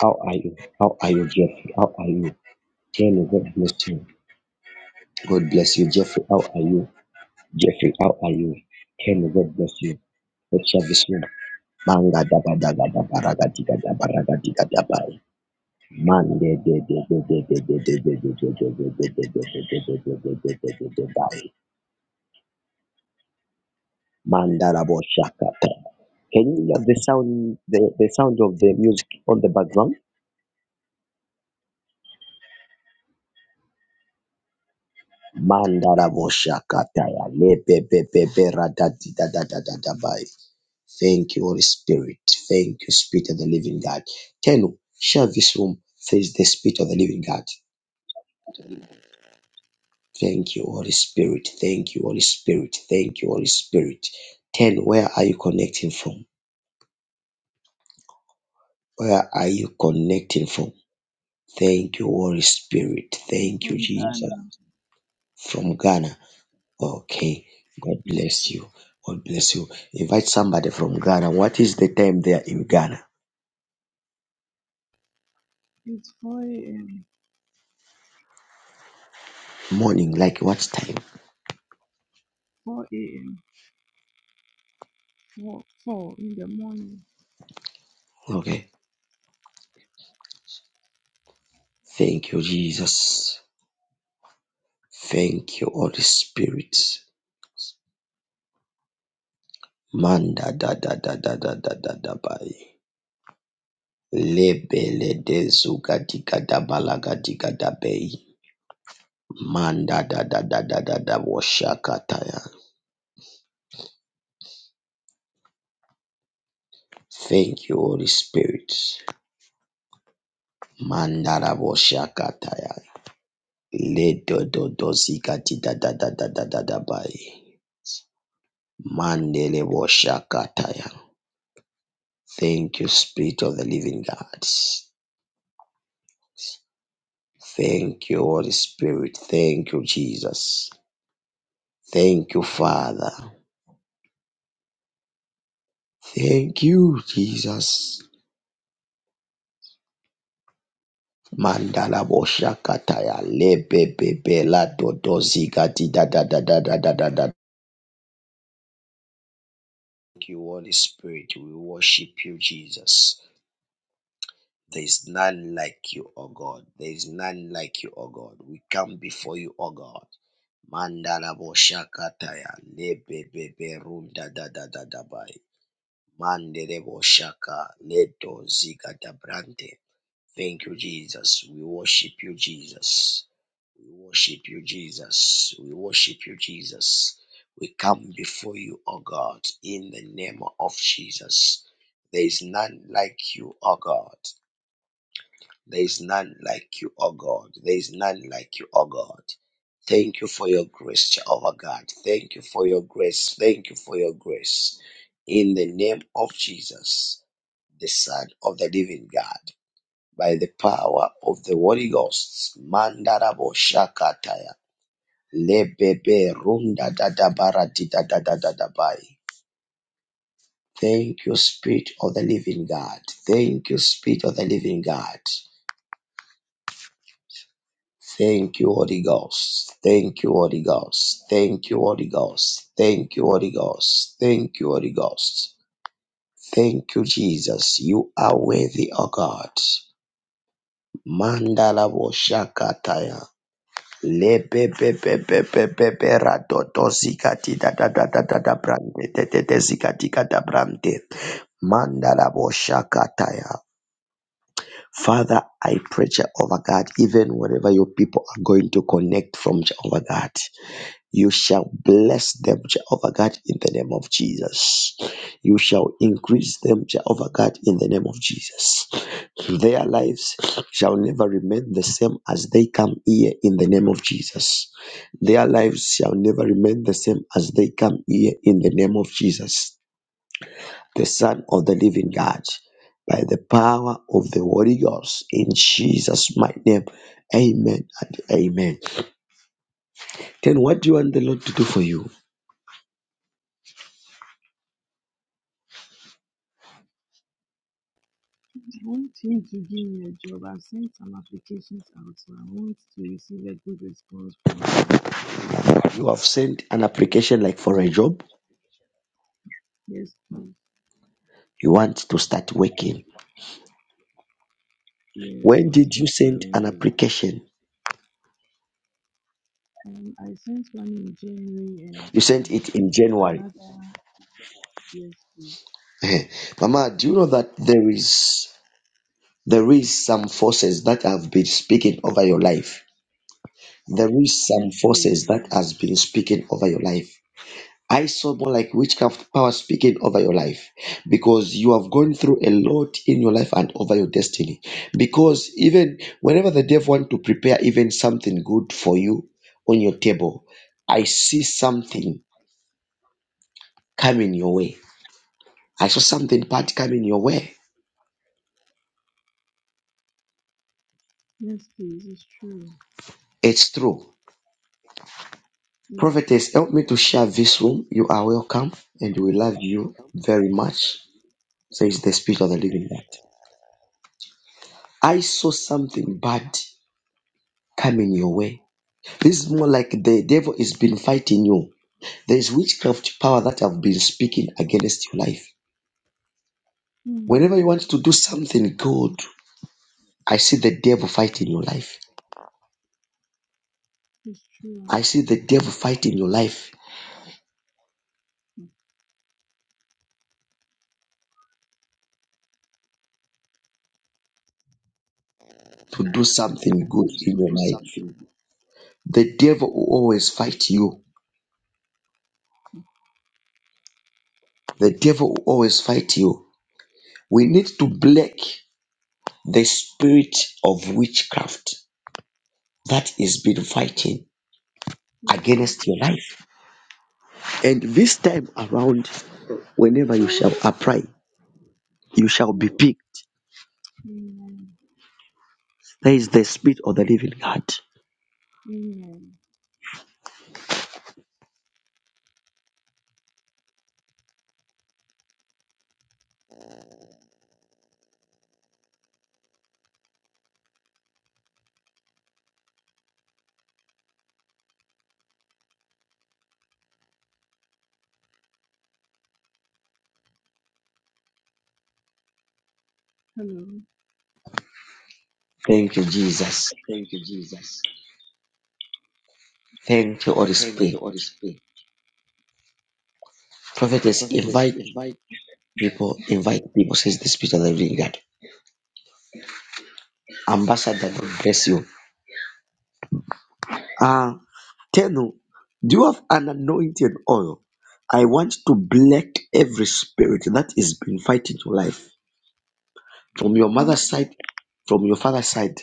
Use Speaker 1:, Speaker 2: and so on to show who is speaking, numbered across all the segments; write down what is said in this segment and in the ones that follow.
Speaker 1: How are you? How are you, Jeffrey? How are you? Kenny, God bless you. God bless you, Jeffrey. How are you? Jeffrey, how are you? Kenny, God bless you. Good service, man. Manga daba daba daba raga diga daba raga diga daba. Man de de de de de de de de de de de de de de de de de de de de de de de de de Mandara bo shakata. Can you hear the sound, the, the sound of the music on the background? Mandara boshakataya lepepepepe ratatitatatatatabai. Thank you, Holy Spirit. Thank you, Spirit of the Living God. Tenu, share this room. Face the Spirit of the Living God. Thank you, Holy Spirit. Thank you, Holy Spirit. Thank you, Holy Spirit. Ten, where are you connecting from? Where are you connecting from? Thank you, Holy Spirit. Thank you,
Speaker 2: From
Speaker 1: Je-
Speaker 2: Ghana,
Speaker 1: from Ghana. Okay. God bless you.
Speaker 2: UK,
Speaker 1: God bless you. Invite somebody from Ghana. What is the time there in Ghana?
Speaker 2: it's 4 a.m.
Speaker 1: Morning, like what time?
Speaker 2: 4 a.m. 4, 4 in the morning.
Speaker 1: Okay. Thank you, Jesus. Thank you, Holy Spirit. Manda da da da da da da da da bai. Lebele de zuga diga da balaga diga da bei. Manda da da da da da da washakataya. Thank you, Holy Spirit. Manda da washakataya. Le do do do ziga di da da da da da da da bai. Mandele Boshakataya. Thank you, Spirit of the Living God. Thank you, Holy Spirit. Thank you, Jesus. Thank you, Father. Thank you, Jesus. Mandala Boshakataya. Lebebebela Dodoziga di da da da da da da da da. Thank you, Holy Spirit. We worship you, Jesus. There is none like you, O God. There is none like you, O God. We come before you, O God. Mandala boshakataya lebebebe runda da da da da bai. Mandele boshaka leto ziga da brante. Thank you, Jesus. We worship you, Jesus. We worship you, Jesus. We worship you, Jesus. We come before you, O God, in the name of Jesus. There is none like you, O God. There is none like you, O God. There is none like you, O God. Thank you for your grace, Jehovah God. Thank you for your grace. Thank you for your grace. In the name of Jesus, the Son of the Living God, by the power of the Holy Ghost. Mandarabo Shakataya. Lebebe Runda Dadabarati Dadadadabai. Thank you, Spirit of the Living God. Thank you, Spirit of the Living God. Thank you, Holy Ghost. Thank you, Holy Ghost. Thank you, Holy Ghost. Thank you, Holy Ghost. Thank you, Holy Ghost. Thank you, Jesus. You are worthy, O God. Mandala boshakataya. Lebebebebebebera dodo zikati da da da da da da brande te te te zikati kata brande. Mandala boshakataya. Father, I pray, Jehovah God, even wherever your people are going to connect from Jehovah God. You shall bless them, Jehovah God, in the name of Jesus. You shall increase them, Jehovah God, in the name of Jesus. Their lives shall never remain the same as they come here in the name of Jesus. Their lives shall never remain the same as they come here in the name of Jesus, the Son of the living God. By the power of the Holy Ghost, in Jesus' mighty name, amen and amen. Then, what do you want the Lord to do for you?
Speaker 2: I want him to give me a job. I've sent some applications out, so I want to receive a good response from them.
Speaker 1: You have sent an application like for a job.
Speaker 2: Yes, please.
Speaker 1: You want to start working.
Speaker 2: Yes,
Speaker 1: When
Speaker 2: or
Speaker 1: did you
Speaker 2: start my
Speaker 1: send
Speaker 2: own business.
Speaker 1: application?
Speaker 2: Um, I sent one in January and
Speaker 1: You sent it in
Speaker 2: um,
Speaker 1: January.
Speaker 2: another. Yes, please.
Speaker 1: Mama, do you know that there is there is some forces that have been speaking over your life? There is some
Speaker 2: Yes, please.
Speaker 1: forces that
Speaker 2: madam.
Speaker 1: has been speaking over your life. I saw more like witchcraft power speaking over your life because you have gone through a lot in your life and over your destiny. Because even whenever the devil want to prepare even something good for you on your table, I see something coming your way. I saw something bad coming your way.
Speaker 2: Yes, please. It's true.
Speaker 1: It's true.
Speaker 2: Yes.
Speaker 1: Prophetess, help me to share this room. You are welcome and we love you very much, says the Spirit of the Living God. I saw something bad coming your way This is more like the devil has been fighting you. There is witchcraft power that have been speaking against your life. Whenever
Speaker 2: Mm,
Speaker 1: to do something good, I see the devil fighting your life.
Speaker 2: it's true.
Speaker 1: The devil fighting your life
Speaker 2: Mm,
Speaker 1: to do something good in your life. The devil will always fight you. The devil will always fight you. We need to break the spirit of witchcraft that has been fighting
Speaker 2: Thank you.
Speaker 1: against your life. And this time around, whenever you shall apply You shall be picked.
Speaker 2: Amen.
Speaker 1: There is the Spirit of the living God.
Speaker 2: Amen. Hello.
Speaker 1: Thank you, Jesus.
Speaker 2: Thank Thank you, you, Jesus.
Speaker 1: Thank you, Holy
Speaker 2: Thank you,
Speaker 1: Spirit.
Speaker 2: Holy Spirit.
Speaker 1: Prophetess,
Speaker 2: Prophet, let's
Speaker 1: invite
Speaker 2: invite.
Speaker 1: people, invite people, says the Spirit of the living God. Ambassador, God bless you. Ah, Tenu, do you have an anointing oil? I want to black every spirit that is been fighting your life from your
Speaker 2: you
Speaker 1: mother's side, from your father's side.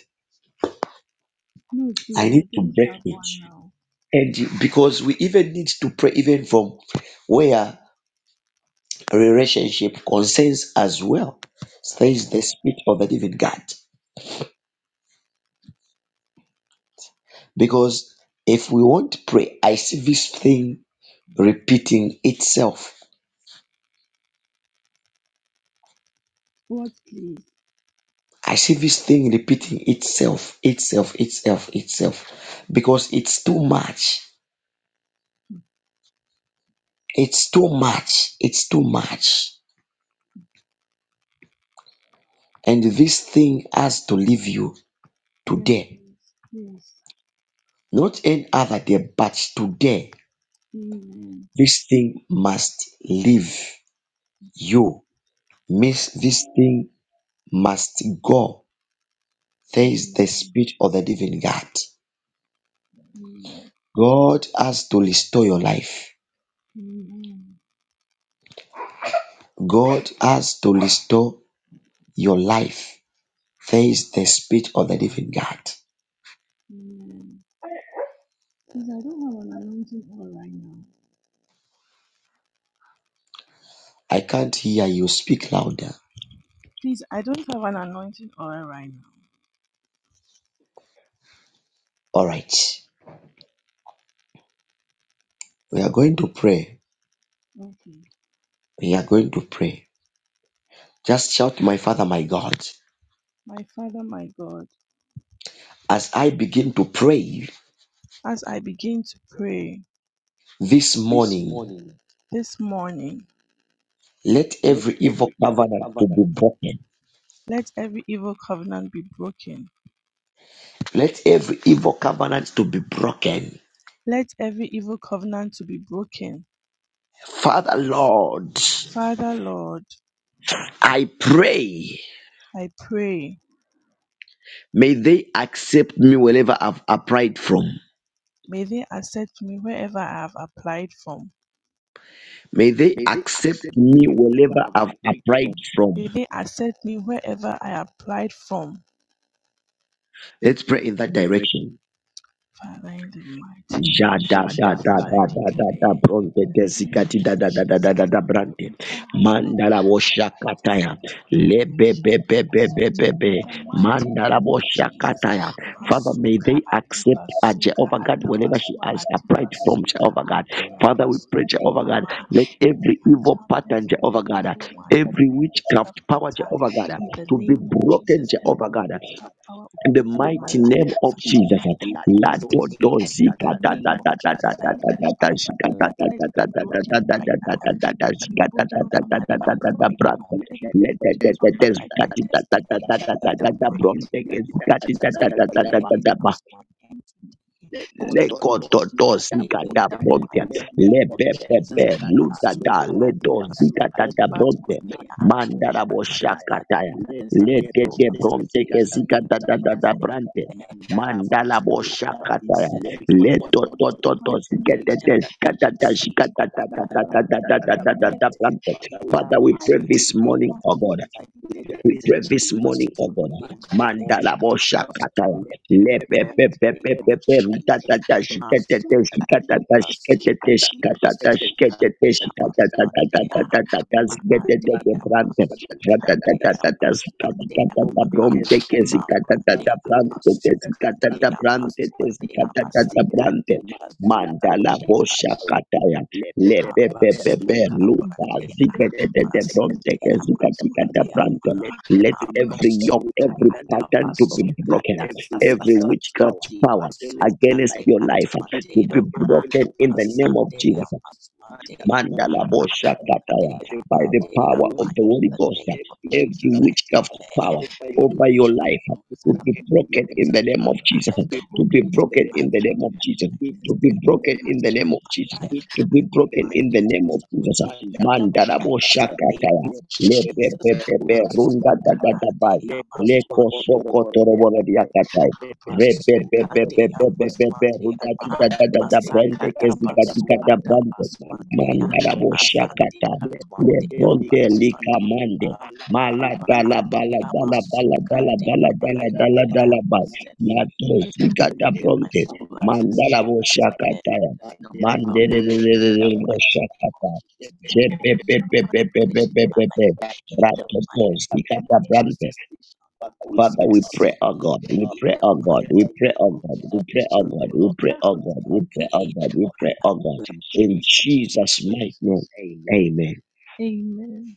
Speaker 2: No please I don't have one now.
Speaker 1: And you- because we even need to pray, even from where relationship concerns as well, says the Spirit of the Living God. Because if we won't pray, I see this thing repeating itself.
Speaker 2: What please?
Speaker 1: I see this thing repeating itself, itself, itself, itself. Because it's too much. It's too much. It's too much. And this thing has to leave you
Speaker 2: Yes
Speaker 1: today.
Speaker 2: please. Yes.
Speaker 1: Not any other day, but today.
Speaker 2: Amen.
Speaker 1: This thing must leave you. Miss this thing must go face
Speaker 2: Amen.
Speaker 1: the Spirit of the living God. God has to restore your life.
Speaker 2: Amen.
Speaker 1: God has to restore your life. Face the Spirit of the living God.
Speaker 2: Amen. Please I don't have an anointing oil right now.
Speaker 1: I can't hear you. Speak louder.
Speaker 2: Please I don't have an anointing oil right
Speaker 1: All right. We are going to pray.
Speaker 2: now. Okay.
Speaker 1: We are going to pray. Just shout, My Father, my God.
Speaker 2: My Father, my God,
Speaker 1: As I begin to pray
Speaker 2: as I begin to pray
Speaker 1: this
Speaker 2: This
Speaker 1: morning,
Speaker 2: morning, this morning,
Speaker 1: let
Speaker 2: let
Speaker 1: every evil
Speaker 2: every evil covenant let every evil covenant be broken.
Speaker 1: let every evil covenant to be broken.
Speaker 2: Let every evil covenant to be broken.
Speaker 1: Father Lord,
Speaker 2: Father Lord,
Speaker 1: I pray,
Speaker 2: I pray,
Speaker 1: may they accept me wherever I've applied from.
Speaker 2: may they accept me wherever I have applied from.
Speaker 1: May they
Speaker 2: May they
Speaker 1: accept
Speaker 2: accept
Speaker 1: me
Speaker 2: me wherever I've applied
Speaker 1: right.
Speaker 2: from. May they accept me wherever I applied from. Let's
Speaker 1: Let's
Speaker 2: pray
Speaker 1: pray.
Speaker 2: in that direction. Father, in the mighty name of
Speaker 1: Jada,
Speaker 2: Ja Jesus, I
Speaker 1: jada,
Speaker 2: declare in
Speaker 1: bronte,
Speaker 2: the
Speaker 1: desikati,
Speaker 2: name
Speaker 1: da,
Speaker 2: of
Speaker 1: da, da, da, da,
Speaker 2: Jesus
Speaker 1: da,
Speaker 2: that
Speaker 1: da,
Speaker 2: whoever
Speaker 1: brante.
Speaker 2: I have
Speaker 1: Mandala
Speaker 2: applied to
Speaker 1: woshakataya.
Speaker 2: from today, I
Speaker 1: Lebe,
Speaker 2: shall
Speaker 1: be,
Speaker 2: be
Speaker 1: be, be, be, be,
Speaker 2: accepted in
Speaker 1: be.
Speaker 2: the mighty name of Jesus.
Speaker 1: Mandataya. Father, may
Speaker 2: Masuka
Speaker 1: they uh,
Speaker 2: adibasuka
Speaker 1: Jehovah God, whenever she
Speaker 2: atabaswa
Speaker 1: has applied from
Speaker 2: adibasuka
Speaker 1: Jehovah God. Father, we
Speaker 2: andeyabaswa
Speaker 1: pray, Jehovah God,
Speaker 2: andeyama.
Speaker 1: let
Speaker 2: Every
Speaker 1: every evil
Speaker 2: enchantment
Speaker 1: pattern,
Speaker 2: from the
Speaker 1: Jehovah God, uh,
Speaker 2: evil one,
Speaker 1: every
Speaker 2: every witchcraft
Speaker 1: witchcraft power,
Speaker 2: attack.
Speaker 1: Jehovah God.
Speaker 2: In the name of
Speaker 1: Locate
Speaker 2: Jesus,
Speaker 1: Jehovah
Speaker 2: every
Speaker 1: God
Speaker 2: witchcraft power
Speaker 1: and the
Speaker 2: operating in in
Speaker 1: mighty
Speaker 2: my life, name fighting my life and
Speaker 1: light
Speaker 2: destiny. In the name of Jesus, I declare by my life, let it be broken by now. Let it be broken over my life right now. Let it be broken over my life and destiny. In the mighty name of Jesus, I declare it comes to an end
Speaker 1: of
Speaker 2: Potolosi
Speaker 1: doors.
Speaker 2: In the in the mighty name name
Speaker 1: Lebada,
Speaker 2: of of Jesus, Jesus. my soul body, my soul body, but on me, ah, he that says that he
Speaker 1: Lebadaya,
Speaker 2: that is son of man shall set me free indeed. Therefore, I declare that from today I
Speaker 1: Shak,
Speaker 2: will be set free from every yoke of
Speaker 1: Lebados,
Speaker 2: manipulation, every siege over my life. I declare it lifted in Father, we the pray this mighty morning, name Father, of Jesus. I we declare pray there is this a morning. change of story.
Speaker 1: Badabagona,
Speaker 2: Mandala
Speaker 1: Man,
Speaker 2: There is us
Speaker 1: Akata,
Speaker 2: to live in the
Speaker 1: Lebada,
Speaker 2: mighty name of Jesus. Masuka Sikati Masukandea Maswandea Maandea Masukandea Maswandea Ma Mabradea Masukandea
Speaker 1: Shadadikata,
Speaker 2: Maswandea
Speaker 1: Abram,
Speaker 2: Masikati
Speaker 1: Man,
Speaker 2: Masukandea
Speaker 1: Leb,
Speaker 2: Habasuka Bradia,
Speaker 1: Zika,
Speaker 2: Masatea Masoradia, Ma, Habasuka Adabasuka power Tasasaswati, against Pasuka my life. Dea Matea Ma, In the name
Speaker 1: in
Speaker 2: of
Speaker 1: the
Speaker 2: Jesus,
Speaker 1: name,
Speaker 2: Masatea
Speaker 1: Man,
Speaker 2: Maswatea
Speaker 1: Dakaya,
Speaker 2: Monday, Father, power Monday, in the name of every Jesus, witchcraft I power
Speaker 1: power,
Speaker 2: declare over your your
Speaker 1: to be
Speaker 2: life. angel
Speaker 1: in the name of Jesus,
Speaker 2: of Be rules and of broken in the name of in Jesus. my Be broken in the name of Jesus. covenant Be broken in the name of attached
Speaker 1: name
Speaker 2: Jesus.
Speaker 1: of
Speaker 2: to my life. I broken in the name of to be Jesus. broken in Mandala the mighty Boshakataya. name of Let Jesus. the Masuka Upadalabaya. Monday, Let the Maswande.
Speaker 1: Dakaya, Red,
Speaker 2: Masukadea Maswatea Masakada Basukada
Speaker 1: Man,
Speaker 2: Baswatea Masandika Twatea Baswatea
Speaker 1: Kama,
Speaker 2: Abba Andea
Speaker 1: Dala,
Speaker 2: Masukadea I
Speaker 1: Dala, Dala,
Speaker 2: declare I will set free. I
Speaker 1: Natos,
Speaker 2: declare my soul has escaped the
Speaker 1: Oshaka,
Speaker 2: snare of the
Speaker 1: Man,
Speaker 2: fowler in the mighty that which
Speaker 1: Jebebe,
Speaker 2: you want to finish in my life back in the mighty name of Jesus. They shall not succeed
Speaker 1: pray, oh
Speaker 2: in the
Speaker 1: God, we pray, oh,
Speaker 2: mighty name of Jesus.
Speaker 1: we
Speaker 2: They
Speaker 1: pray, oh
Speaker 2: shall
Speaker 1: God, we
Speaker 2: block out their
Speaker 1: pray, oh
Speaker 2: way by
Speaker 1: God,
Speaker 2: the mighty name of God.
Speaker 1: Jesus' mighty name.
Speaker 2: Jesus. Amen.
Speaker 1: Amen.
Speaker 2: Amen.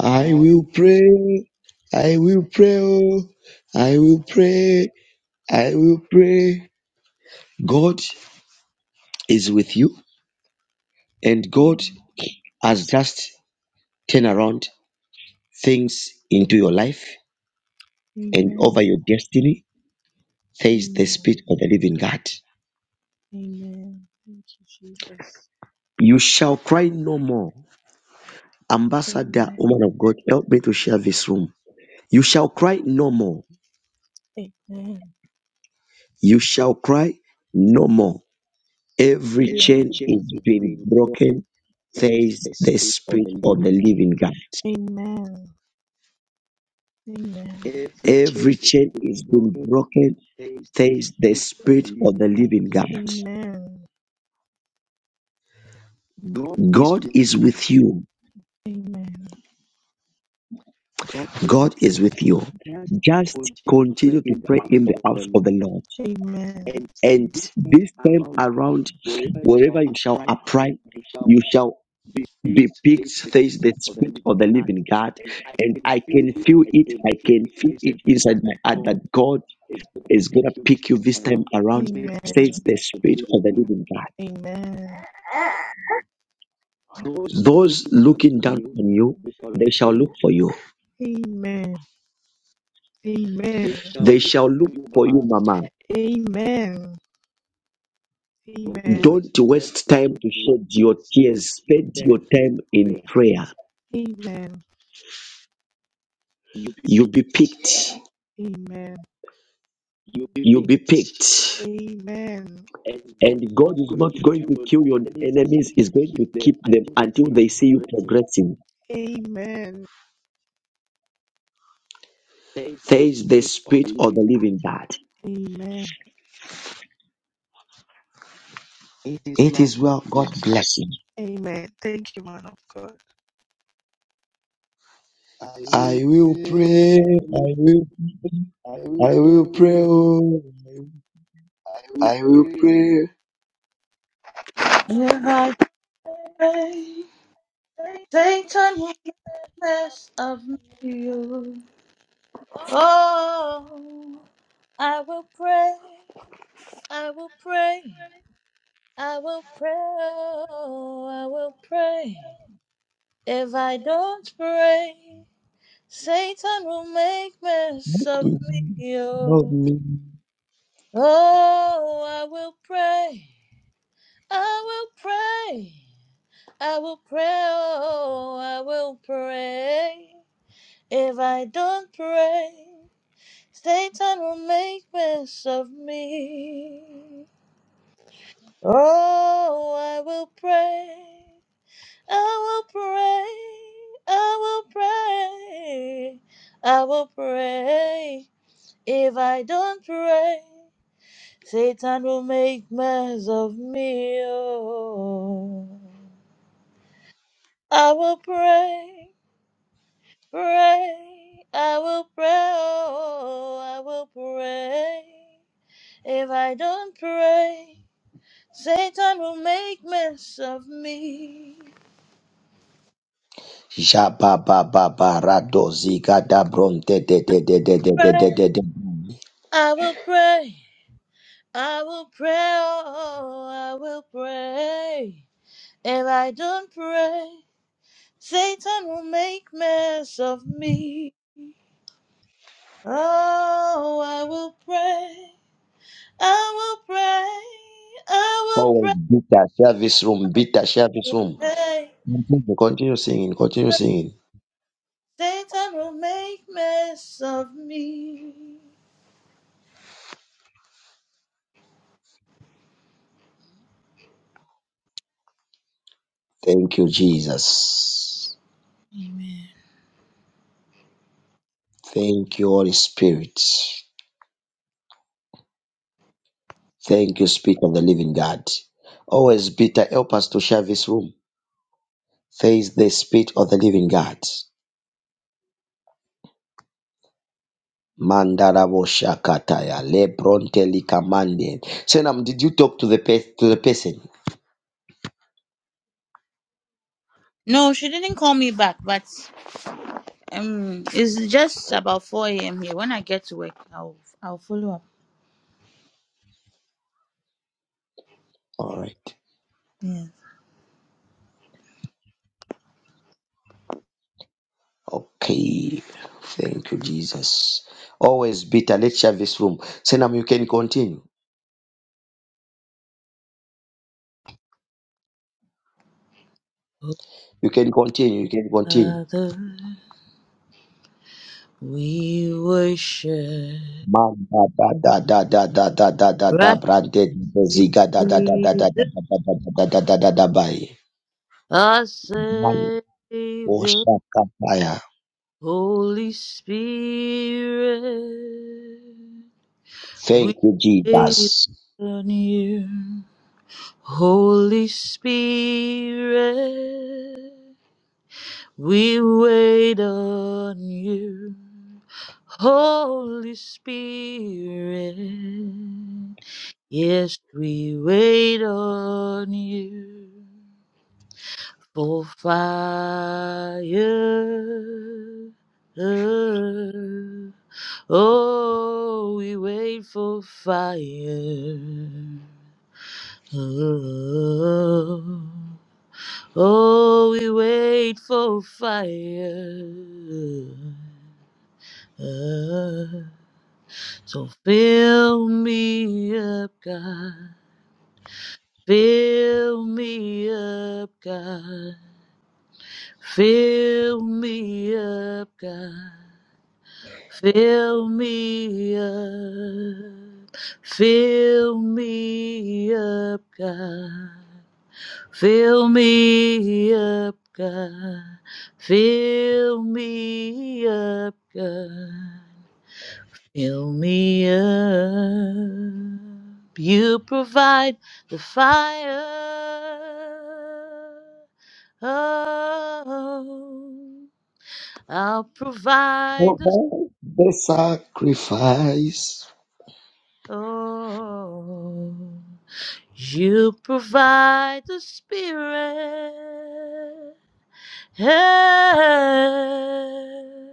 Speaker 1: I will
Speaker 2: Amen.
Speaker 1: pray. I will. I will pray. I will pray. God is with you, and
Speaker 2: Amen. Amen.
Speaker 1: God has just turned around things into your life and your destiny. Says the
Speaker 2: Amen.
Speaker 1: Spirit of the Living God.
Speaker 2: Amen. Thank you, Jesus.
Speaker 1: You shall cry no more. Ambassador,
Speaker 2: Amen.
Speaker 1: woman of God, help me to share this room. You shall cry no more.
Speaker 2: Amen.
Speaker 1: You shall cry no more. Every
Speaker 2: Every Amen.
Speaker 1: chain
Speaker 2: chain is
Speaker 1: been
Speaker 2: being broken,
Speaker 1: broken.
Speaker 2: says
Speaker 1: Says
Speaker 2: the
Speaker 1: the
Speaker 2: Spirit of the Living God. Amen. Amen. Every chain is being broken, says the Spirit of the
Speaker 1: Spirit
Speaker 2: Living
Speaker 1: of the
Speaker 2: God.
Speaker 1: living God.
Speaker 2: Amen. God is with you. Amen. God
Speaker 1: God
Speaker 2: is with you. Just
Speaker 1: just
Speaker 2: continue to pray
Speaker 1: continue to
Speaker 2: in the heart of the Lord. Amen. And this time around, wherever
Speaker 1: work.
Speaker 2: you shall apply, you shall.
Speaker 1: You shall
Speaker 2: The Bible says the spirit of the
Speaker 1: speak
Speaker 2: living God,
Speaker 1: on God,
Speaker 2: and I
Speaker 1: and
Speaker 2: can
Speaker 1: I
Speaker 2: feel
Speaker 1: can feel
Speaker 2: it. I can feel it
Speaker 1: it
Speaker 2: inside my
Speaker 1: inside
Speaker 2: heart
Speaker 1: me.
Speaker 2: that God is going to
Speaker 1: It's
Speaker 2: pick
Speaker 1: gonna be
Speaker 2: you this time around. Take the Amen. spirit of the living God.
Speaker 1: on God.
Speaker 2: Amen. Those looking
Speaker 1: Look,
Speaker 2: down on you, they shall look for you. Amen. They Amen. They shall look for you,
Speaker 1: you,
Speaker 2: Mama.
Speaker 1: Mama.
Speaker 2: Amen. Don't Amen. Don't waste time
Speaker 1: It's
Speaker 2: to
Speaker 1: time
Speaker 2: shed
Speaker 1: to
Speaker 2: your
Speaker 1: shed your
Speaker 2: tears. Spend your
Speaker 1: your
Speaker 2: time
Speaker 1: time
Speaker 2: in
Speaker 1: in
Speaker 2: prayer.
Speaker 1: prayer.
Speaker 2: Amen. You'll be
Speaker 1: You be
Speaker 2: picked.
Speaker 1: it.
Speaker 2: Amen. You'll be picked. Amen. And God is not going to kill your enemies, He's going to keep them until they see you
Speaker 1: I see you
Speaker 2: progressing.
Speaker 1: progress.
Speaker 2: Amen. Thank
Speaker 1: Thank
Speaker 2: the spirit of the living.
Speaker 1: God
Speaker 2: God bless you.
Speaker 1: bless.
Speaker 2: I
Speaker 1: I
Speaker 2: will pray. I will I will pray. oh, I will pray.
Speaker 3: If I pray, Satan will make less of you. Oh, I will pray, I will pray, I will pray, oh, I will pray. If I don't pray, Satan will make mess of
Speaker 1: love
Speaker 3: me. Oh,
Speaker 1: me.
Speaker 3: oh I will pray, I will pray, I will pray, oh, I will pray. If I don't pray, Satan will make mess of me. Oh, I will pray. I will pray. I will pray. I will pray. If I don't pray, Satan will make mess of me. Oh. I will pray, pray. I will pray. Oh, I will pray. If I don't pray, Satan will make mess of me.
Speaker 1: Shabababarado zigada bronte de de de de de de
Speaker 3: Pray.
Speaker 1: de de de.
Speaker 3: I will pray. I will pray. Oh, I will pray. If I don't pray, Satan will make mess of me. Oh, I will pray. I will pray. I will pray.
Speaker 1: Always beat that service room, beat that service room. Continue continue singing. Continue singing.
Speaker 3: Satan will make mess of me.
Speaker 1: Thank you, Jesus.
Speaker 3: Amen.
Speaker 1: Thank you, Holy Spirit. Thank you, Spirit of the Living God. Always bitter, help us to share this room. Face the Spirit of the Living God. Mandarabo Shakataya. Lebronte Likamande. Senam, did you talk to the pe- to the person?
Speaker 3: No, she didn't call me back, but Um, it's just about 4 a.m. here. When I get to work, I'll I'll follow up.
Speaker 1: All right.
Speaker 3: Yes.
Speaker 1: Okay. Thank you, Jesus. Always bitter. Let's share this room. Senam, you can continue.
Speaker 3: Oh,
Speaker 1: You can continue. You can continue.
Speaker 3: Father, we worship
Speaker 1: Manda da da da da da da da da da
Speaker 3: Christ
Speaker 1: brande ziga da da da da da da da
Speaker 3: Jesus,
Speaker 1: da da da da da da da by
Speaker 3: our
Speaker 1: man
Speaker 3: Savior,
Speaker 1: oshakataya.
Speaker 3: Holy Spirit.
Speaker 1: Thank
Speaker 3: We
Speaker 1: you,
Speaker 3: wait
Speaker 1: Jesus.
Speaker 3: on you, Holy Spirit. We wait on you, Holy Spirit. Yes, we wait on you for fire. Oh, we wait for fire. Oh. Oh, we wait for fire. Uh, so fill me up, God. Fill me up, God. Fill me up, God. Fill me up. Fill me up, God. Fill me up, God. Fill me up, God. Fill me up. You provide the fire. Oh, I'll provide
Speaker 1: For
Speaker 3: the
Speaker 1: the sacrifice.
Speaker 3: oh. You provide the spirit. Hey.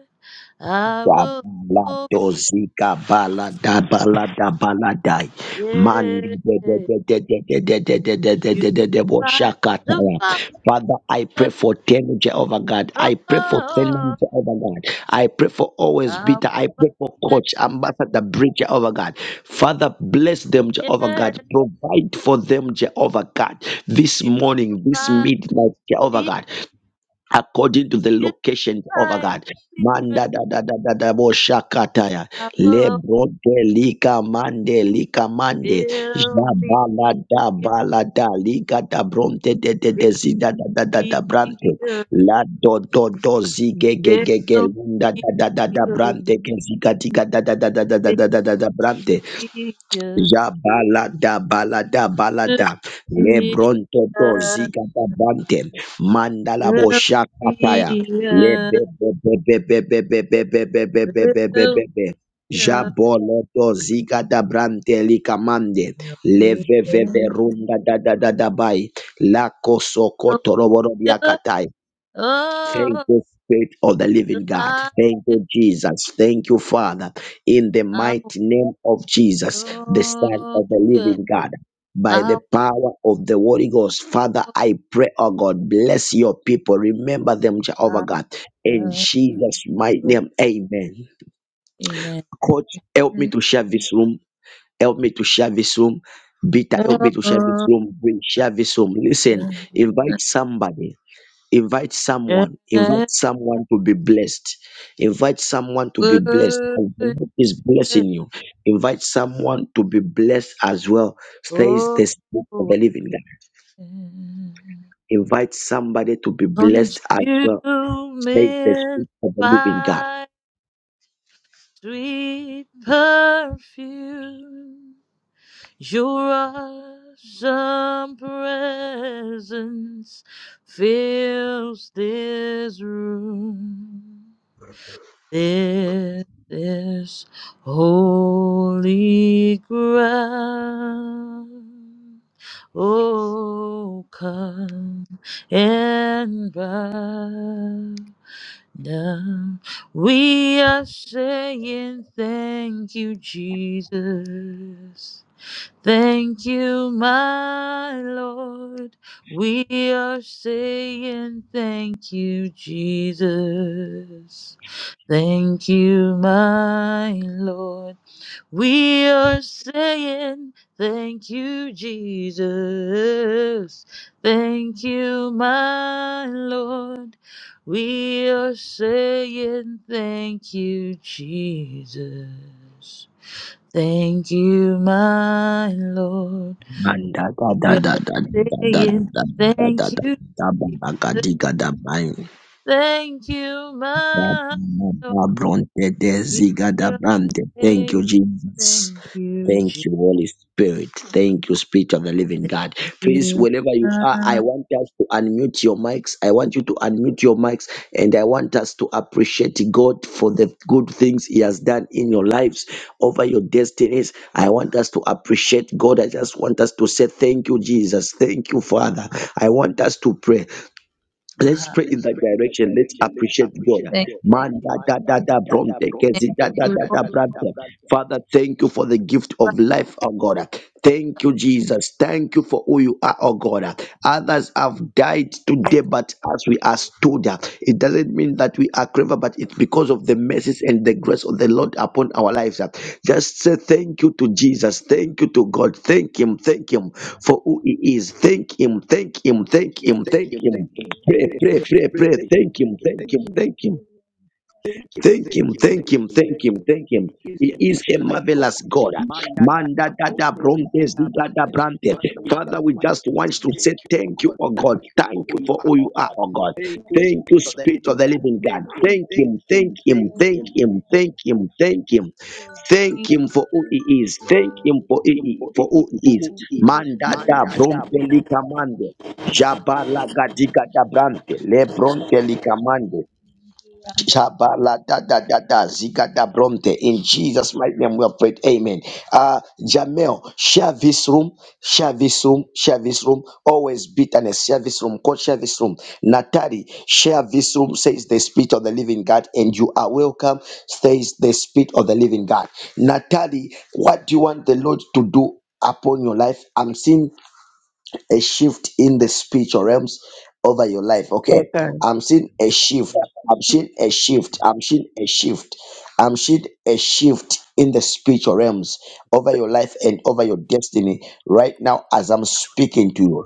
Speaker 3: I will
Speaker 1: Zabalado zika balada balada baladai. Mandi
Speaker 3: forget
Speaker 1: de de de de de de de de de de de
Speaker 3: you
Speaker 1: de de de bo
Speaker 3: by the
Speaker 1: shakataya.
Speaker 3: fire.
Speaker 1: Father, I pray for Tenu Jehovah God. I pray for
Speaker 3: Oh,
Speaker 1: Senam Jehovah God. I pray for always
Speaker 3: I'll
Speaker 1: Peter. I pray for
Speaker 3: provide
Speaker 1: Coach
Speaker 3: that.
Speaker 1: Ambassador Bridge Jehovah God. Father, bless them
Speaker 3: Yes,
Speaker 1: Jehovah God. Provide for them Jehovah God. This
Speaker 3: you
Speaker 1: morning, this
Speaker 3: find
Speaker 1: midnight Jehovah
Speaker 3: me,
Speaker 1: God according to the
Speaker 3: you
Speaker 1: location of a
Speaker 3: find
Speaker 1: God.
Speaker 3: the spirit.
Speaker 1: Manda da da da da da bo shakataya.
Speaker 3: I will
Speaker 1: Lebro de lika mande lika mande.
Speaker 3: fill me, yeah,
Speaker 1: Jabala da
Speaker 3: fill
Speaker 1: bala da lika da bronte de de
Speaker 3: me,
Speaker 1: de zida da da da
Speaker 3: yeah,
Speaker 1: da brante. La do do do zige ge ge ge
Speaker 3: fill
Speaker 1: linda
Speaker 3: me,
Speaker 1: da da da da brante ke zika tika da da da da da da da da da da brante.
Speaker 3: yeah,
Speaker 1: Jabalada balada
Speaker 3: fill
Speaker 1: balada
Speaker 3: me, yeah, fill me, yeah, fill
Speaker 1: lebronto do ziga da bante mandala bo shakataya
Speaker 3: me,
Speaker 1: lebe
Speaker 3: yeah,
Speaker 1: be be be be be be be be be be be
Speaker 3: fill
Speaker 1: be be
Speaker 3: me,
Speaker 1: be be
Speaker 3: yeah.
Speaker 1: jabolo do ziga da brante likamande
Speaker 3: He'll be
Speaker 1: leve ve ve
Speaker 3: good.
Speaker 1: runga da da da da bai la koso
Speaker 3: He'll
Speaker 1: kotoro boro
Speaker 3: be good.
Speaker 1: biakatai Thank
Speaker 3: Oh,
Speaker 1: you, Spirit of the Living God.
Speaker 3: July.
Speaker 1: Thank you, Jesus. Thank you, Father. In the
Speaker 3: I will
Speaker 1: mighty name of Jesus, the Son of the
Speaker 3: good.
Speaker 1: Living God. By
Speaker 3: I
Speaker 1: the power of the Holy Ghost, Father,
Speaker 3: will
Speaker 1: I pray, oh God, bless your people. Remember them, Jehovah
Speaker 3: I
Speaker 1: God. In
Speaker 3: will
Speaker 1: Jesus' mighty
Speaker 3: good.
Speaker 1: name, amen.
Speaker 3: Amen.
Speaker 1: Coach, help me to
Speaker 3: Oh,
Speaker 1: share this room. Help me to share this room. Beta,
Speaker 3: that
Speaker 1: help me to share this room. Bring share this room. Listen, invite somebody Invite someone. Invite someone to be blessed. Invite someone to be blessed.
Speaker 3: word
Speaker 1: And the Lord is blessing you. Invite someone to be blessed as well. Says the spirit of the living God. Invite somebody to be
Speaker 3: oh,
Speaker 1: blessed as well. Says the
Speaker 3: consuming
Speaker 1: spirit of the living God.
Speaker 3: by sweet perfume. Your awesome presence fills this room. This is holy ground. Oh, come and bow down. We are saying thank you, Jesus. Thank you, my Lord. We are saying thank you, Jesus. Thank you, my Lord. We are saying thank you, Jesus. Thank you, my Lord. We are saying thank you, Jesus. Thank you, my Lord.
Speaker 1: And da da da
Speaker 3: We
Speaker 1: da da
Speaker 3: are
Speaker 1: da da da da
Speaker 3: saying
Speaker 1: da da
Speaker 3: thank
Speaker 1: da.
Speaker 3: you,
Speaker 1: da ba da ga
Speaker 3: Jesus.
Speaker 1: di ga da ba yin.
Speaker 3: Thank you,
Speaker 1: Sa ba
Speaker 3: my
Speaker 1: ba
Speaker 3: Lord.
Speaker 1: ba bron te te
Speaker 3: We
Speaker 1: zi ga da
Speaker 3: are
Speaker 1: bram te. Thank you,
Speaker 3: saying
Speaker 1: Jesus.
Speaker 3: thank you,
Speaker 1: Thank you, Holy Spirit. Thank you, Spirit of the Living God. Please,
Speaker 3: Jesus.
Speaker 1: wherever you are, I want us to unmute your mics. I want you to unmute your mics and I want us to appreciate God for the good things He has done in your lives, over your destinies. I want us to appreciate God. I just want us to say, Thank you, Jesus. Thank you, Father. I want us to pray. Let's
Speaker 3: Baha.
Speaker 1: pray in
Speaker 2: Let's
Speaker 1: that
Speaker 2: pray in that
Speaker 1: direction.
Speaker 2: direction. Let's appreciate
Speaker 3: Thank
Speaker 2: God.
Speaker 3: you,
Speaker 2: Man, da
Speaker 1: Man,
Speaker 2: da da da, from
Speaker 3: thank
Speaker 2: take
Speaker 3: you,
Speaker 2: da
Speaker 3: Lord.
Speaker 2: da da da, bra-
Speaker 1: Thank you for the gift of life, oh God. Thank you, Jesus. Thank you for who you are, oh God. Others have died today, but as we are stood, it doesn't mean that we are clever, but it's because of the mercies and the grace of the Lord upon our lives. Just say thank you to Jesus. Thank you to God. Thank Him. Thank Him for who He is. Thank Him. Thank Him. Thank
Speaker 2: thank Him,
Speaker 1: Him.
Speaker 2: thank
Speaker 1: Thank
Speaker 2: Him, thank Him.
Speaker 1: Him.
Speaker 2: Pray,
Speaker 1: Pray.
Speaker 2: pray, pray, pray. Thank Him, thank Him, thank Him. Thank you, thank you, thank you, thank you. Is
Speaker 1: He
Speaker 2: que
Speaker 1: is
Speaker 2: no ve las colas. Manda data bondes y data
Speaker 1: the other
Speaker 2: bandes.
Speaker 1: branded.
Speaker 2: Father, we just want to say thank you for God.
Speaker 1: Oh God.
Speaker 2: Thank you for who you are, oh God. Thank you, Spirit of the Living God. Thank Him, thank Him, thank Him,
Speaker 1: Him,
Speaker 2: thank
Speaker 1: thank Him, thank Him, thank
Speaker 3: Bahi.
Speaker 1: Him for who He is. Thank Him for
Speaker 2: Him for,
Speaker 1: He for
Speaker 2: Him for who He is.
Speaker 1: Adab
Speaker 2: Manda data
Speaker 1: Amande. Jabala Gadiga Dabrante, Lebronte da da da Shabaladadadada, Zigadabromte. In Jesus' mighty name, we have prayed. Amen. Uh, Jamel, share this room, share this room, share this room. Always bitterness, share this room, God, share this room. Natari, share this room, says the Spirit of the Living God, and you are welcome, says the Spirit of the Living God. Natari, what do you want the Lord to do upon your life? I'm seeing a shift in the spiritual realms over your life. Okay.
Speaker 4: Okay.
Speaker 1: I'm seeing a shift. I'm seeing a shift. I'm seeing a shift. I'm seeing a shift in the spiritual realms over your life and over your destiny right now as I'm speaking to you.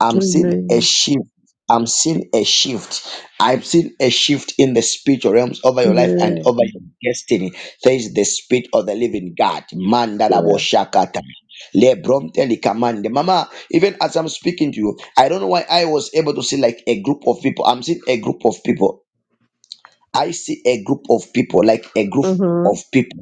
Speaker 1: I'm seeing a
Speaker 4: Amen.
Speaker 1: shift. I'm seeing a shift. I've seen a shift in the spiritual realms over your life and
Speaker 4: Yeah.
Speaker 1: over your destiny. Says the spirit of the living God. Mandala
Speaker 4: Yeah.
Speaker 1: boshakata. Lebrom telikamande. Mama even as I'm speaking to you, I don't know why I was able to see like a group of people. I'm seeing a group of people. I see a group of people, like a group
Speaker 4: Uh huh.
Speaker 1: of people.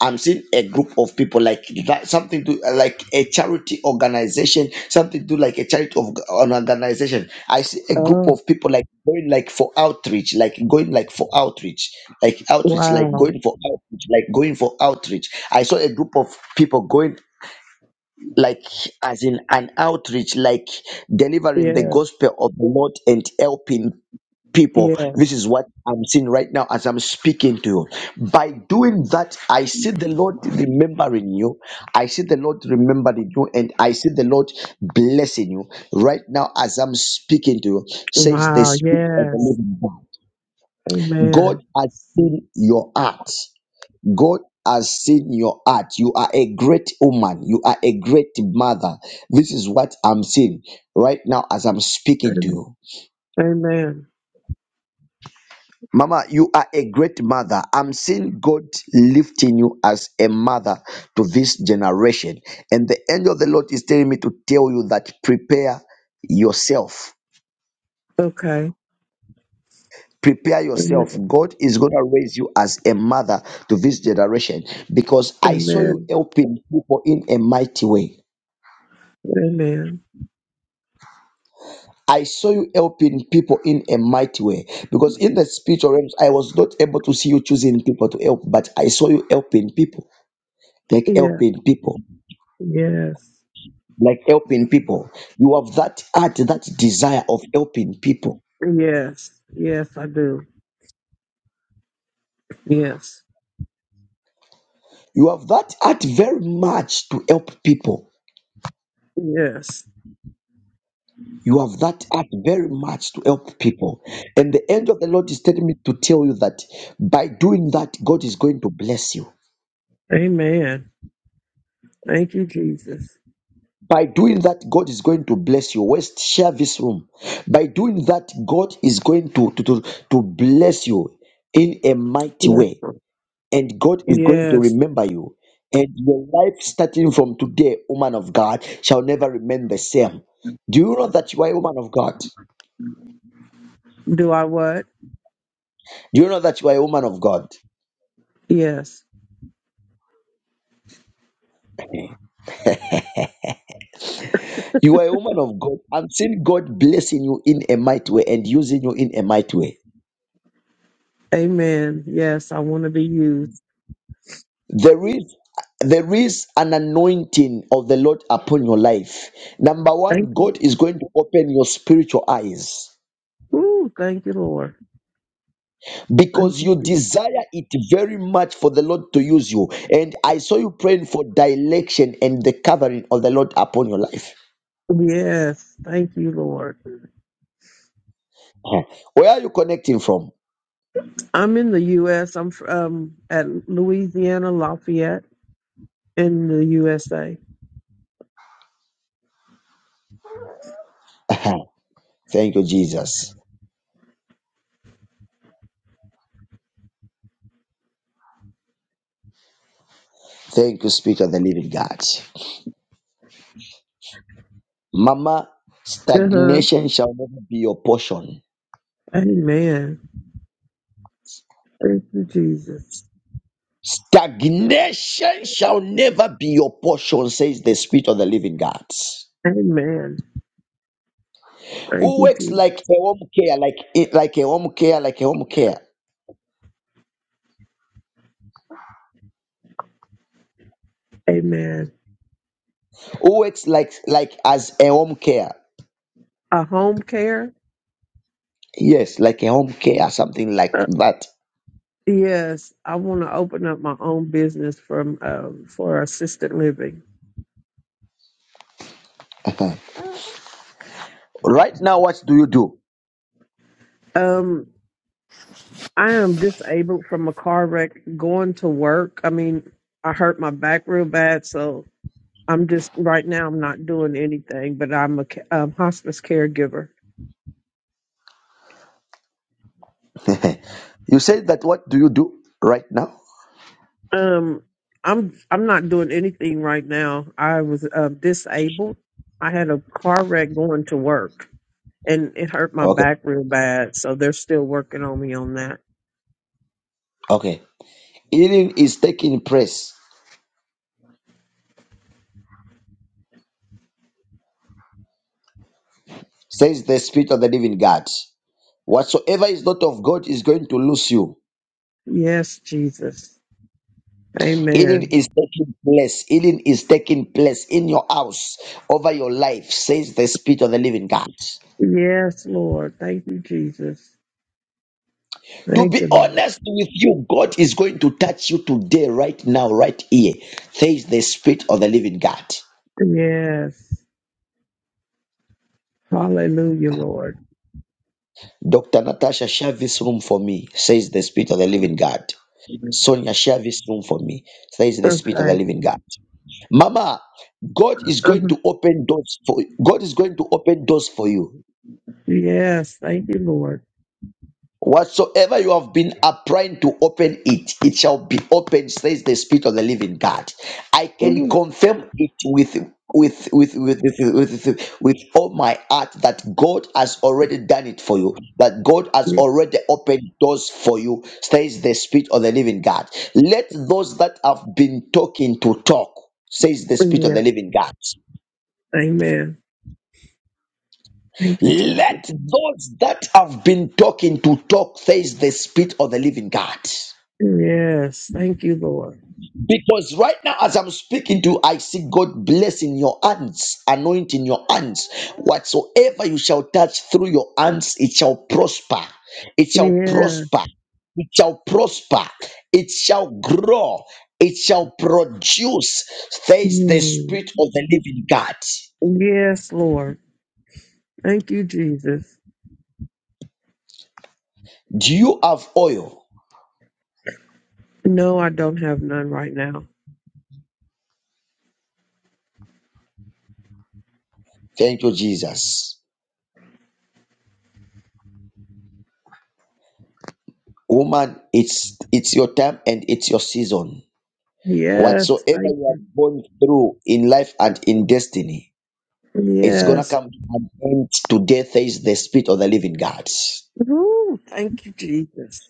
Speaker 1: I'm seeing a group of people like that, something to like a charity organization, something to do like a charity of an organization. I see a group
Speaker 4: Oh,
Speaker 1: of people like going like for outreach, like going like for outreach, like outreach, like
Speaker 4: wow.
Speaker 1: going for outreach, like going for outreach. I saw a group of people going like as in an outreach like delivering the
Speaker 4: Yeah.
Speaker 1: gospel of the lord and helping people
Speaker 4: Yeah.
Speaker 1: this is what i'm seeing right now as i'm speaking to you by doing that i see the lord remembering you i see the lord remembering you and i see the lord blessing you right now as i'm speaking to you says the
Speaker 4: Wow.
Speaker 1: spirit of the
Speaker 4: Yes.
Speaker 1: living god god
Speaker 4: Amen.
Speaker 1: has seen your heart God has seen your heart. You are a great woman. You are a great mother. This is what I'm seeing right now as I'm speaking to you.
Speaker 4: Amen.
Speaker 1: Mama, you are a great mother. I'm seeing God lifting you as a mother to this generation. And the angel of the Lord is telling me to tell you that prepare yourself.
Speaker 4: Okay.
Speaker 1: Prepare yourself.
Speaker 4: Amen.
Speaker 1: God is going to raise you as a mother to this generation because I saw you
Speaker 4: Amen.
Speaker 1: helping people in a mighty way.
Speaker 4: Amen.
Speaker 1: I saw you helping people in a mighty way because in the spiritual realms, I was not able to see you choosing people to help, but I saw you helping people, like
Speaker 4: Yeah.
Speaker 1: helping people,
Speaker 4: Yes.
Speaker 1: like helping people. You have that heart, that desire of helping people.
Speaker 4: Yes. Yes, I do. Yes.
Speaker 1: You have that heart very much to help people.
Speaker 4: Yes.
Speaker 1: You have that heart very much to help people. And the angel of the Lord is telling me to tell you that by doing that, God is going to bless you.
Speaker 4: Amen. Thank you, Jesus.
Speaker 1: By doing that, God is going to bless you. West, share this room. By doing that, God is going to, to, to, to bless you in a mighty
Speaker 4: Yes.
Speaker 1: way. And God is going to
Speaker 4: Yes.
Speaker 1: remember you. And your life starting from today, woman of God, shall never remain the same. Do you know that you are a woman of God?
Speaker 4: Do I what?
Speaker 1: Do you know that you are a woman of God?
Speaker 4: Yes.
Speaker 1: You are a woman of God. I'm seeing God blessing you in a mighty way and using you in a mighty way.
Speaker 4: Amen. Yes, I want to be used.
Speaker 1: There is there is an anointing of the Lord upon your life. Number
Speaker 4: Thank
Speaker 1: one,
Speaker 4: you.
Speaker 1: God is going to open your spiritual eyes
Speaker 4: Ooh, thank you, Lord. Thank
Speaker 1: because
Speaker 4: you,
Speaker 1: you
Speaker 4: Jesus.
Speaker 1: desire it very much for the Lord to use you. And I saw you praying for direction and the covering of the Lord upon your life.
Speaker 4: Yes, thank you, Lord.
Speaker 1: Uh-huh. Where are you connecting from?
Speaker 4: I'm in the U.S. I'm from at Louisiana Lafayette in the USA.
Speaker 1: Uh-huh. Thank you, Jesus. Thank you, Spirit of the Living God. Mama,
Speaker 4: Uh huh.
Speaker 1: stagnation shall never be your portion.
Speaker 4: Amen. Thank you, Jesus.
Speaker 1: Stagnation shall never be your portion, says the Spirit of the Living God.
Speaker 4: Amen. Thank
Speaker 1: Who
Speaker 4: you,
Speaker 1: works like a
Speaker 4: Jesus.
Speaker 1: home care, like it, like a home care, like a home care?
Speaker 4: Amen.
Speaker 1: Who works like like as a home care?
Speaker 4: A home care.
Speaker 1: Yes, like a home care, something like
Speaker 4: Uh,
Speaker 1: that.
Speaker 4: yes, I want to open up my own business from um, for assisted living.
Speaker 1: Right now, what do you do?
Speaker 4: Um, I am disabled from a car wreck going to work. I mean, I hurt my back real bad, so I'm just right now. I'm not doing anything, but I'm a ca- um, hospice caregiver.
Speaker 1: you said that. What do you do right now?
Speaker 4: Um, I'm I'm not doing anything right now. I was uh, disabled. I had a car wreck going to work, and it hurt my
Speaker 1: Okay,
Speaker 4: back real bad. So they're still working on me on that.
Speaker 1: okay. Healing is taking place, says the Spirit of the Living God. Whatsoever is not of God is going to lose you.
Speaker 4: Yes, Jesus.
Speaker 1: Healing
Speaker 4: Amen.
Speaker 1: is taking place. Healing is taking place in your house, over your life, says the Spirit of the Living God.
Speaker 4: Yes, Lord. Thank you, Jesus.
Speaker 1: To
Speaker 4: Thank
Speaker 1: be
Speaker 4: you, Lord.
Speaker 1: honest with you, God is going to touch you today, right now, right here, says the Spirit of the Living God.
Speaker 4: Yes. Hallelujah, Lord.
Speaker 1: Dr. Natasha, share this room for me, says the Spirit of the Living God. Sonia, share this room for me, says the Spirit of the
Speaker 4: Okay.
Speaker 1: Living God. Mama, God is going
Speaker 4: Uh-huh.
Speaker 1: to open doors for God is going to open doors for you
Speaker 4: Yes. Thank you, Lord.
Speaker 1: Whatsoever you have been applying to open it, it shall be open, says the Spirit of the Living God. I can
Speaker 4: Mhm.
Speaker 1: confirm it with with with with with, with, with all my heart that God has already done it for you, that God has already opened doors for you, says the Spirit of the Living God. Let those that have been talking to talk, says the Spirit of
Speaker 4: Amen.
Speaker 1: the Living God.
Speaker 4: Amen. Thank you,
Speaker 1: Let
Speaker 4: Jesus.
Speaker 1: those that have been talking to talk, says the Spirit of the Living God.
Speaker 4: Yes. Thank you, Lord.
Speaker 1: Because right now, as I'm speaking to you, I see God blessing your hands, anointing your hands. Whatsoever you shall touch through your hands, it shall prosper. It shall
Speaker 4: Yes.
Speaker 1: prosper. It shall prosper. It shall grow. It shall produce. Says the
Speaker 4: Mm.
Speaker 1: Spirit of the Living God.
Speaker 4: Yes, Lord. Thank you, Jesus.
Speaker 1: Do you have oil?
Speaker 4: No, I don't have none right now.
Speaker 1: Thank you, Jesus. Woman, it's it's your time and it's your season. Whatsoever
Speaker 4: Yes. Thank
Speaker 1: you have gone through in life and in destiny, It's gonna
Speaker 4: Yes.
Speaker 1: come to an end today, says the Spirit of the Living God.
Speaker 4: Ooh, thank you, Jesus.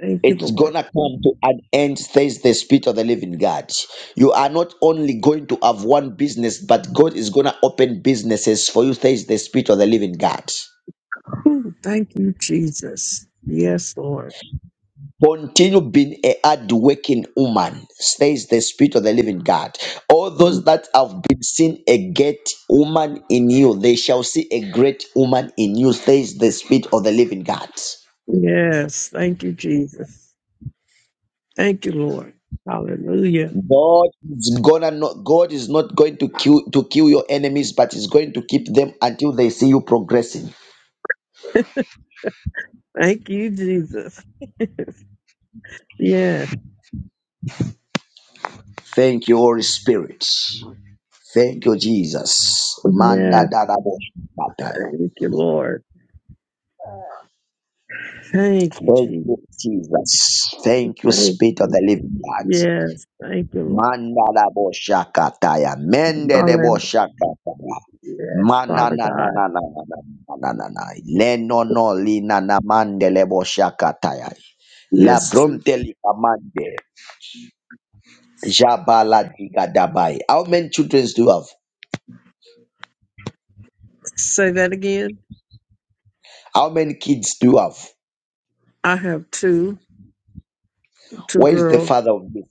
Speaker 4: Thank you,
Speaker 1: It's
Speaker 4: Lord.
Speaker 1: gonna come to an end, says the Spirit of the Living God. You are not only going to have one business, but God is gonna open businesses for you, says the Spirit of the Living God.
Speaker 4: Ooh, thank you, Jesus. Yes, Lord.
Speaker 1: Continue being a hard working woman, says the Spirit of the Living God. All
Speaker 4: Mm.
Speaker 1: those that have been seen a great woman in you, they shall see a great woman in you, says the Spirit of the Living God.
Speaker 4: Yes. Thank you, Jesus. Thank you, Lord. Hallelujah.
Speaker 1: God is gonna not God is not going to kill to kill your enemies, but is going to keep them until they see you progressing.
Speaker 4: Thank you, Jesus. Yes.
Speaker 1: Thank you, Holy Spirit. Thank you, Jesus. Manda
Speaker 4: Yes.
Speaker 1: da da
Speaker 4: Thank you, Lord. Thank you,
Speaker 1: Thank
Speaker 4: Jesus.
Speaker 1: you, Jesus. Thank you,
Speaker 4: Thank
Speaker 1: Spirit of
Speaker 4: you.
Speaker 1: the Living God.
Speaker 4: Yes. Thank you, Lord.
Speaker 1: Manda da shakataya. Mende de
Speaker 4: Hallelujah.
Speaker 1: shakataya.
Speaker 4: Yes,
Speaker 1: Mana
Speaker 4: Father
Speaker 1: na na
Speaker 4: God.
Speaker 1: na na na na na na na na. Leno no li na mande le shakataya. La
Speaker 4: Yes, Jesus.
Speaker 1: bronte li amande. Jabala diga dabai. How many children do you have?
Speaker 4: Say that again.
Speaker 1: How many kids do you have?
Speaker 4: I have two, two
Speaker 1: Where is the
Speaker 4: girls.
Speaker 1: father of this?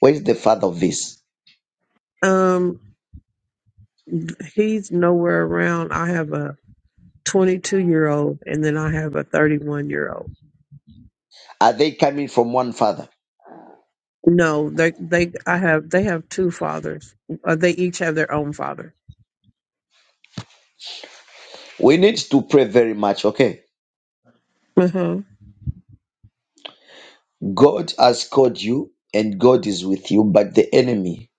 Speaker 1: Where is the father of this?
Speaker 4: Um, he's nowhere around. I have a 22 year old and then I have a 31 year old.
Speaker 1: Are they coming from one father?
Speaker 4: No, they, they, I have, they have two fathers. Uh, they each have their own father.
Speaker 1: We need to pray very much, okay?
Speaker 4: Uh huh.
Speaker 1: God has called you and God is with you, but the enemy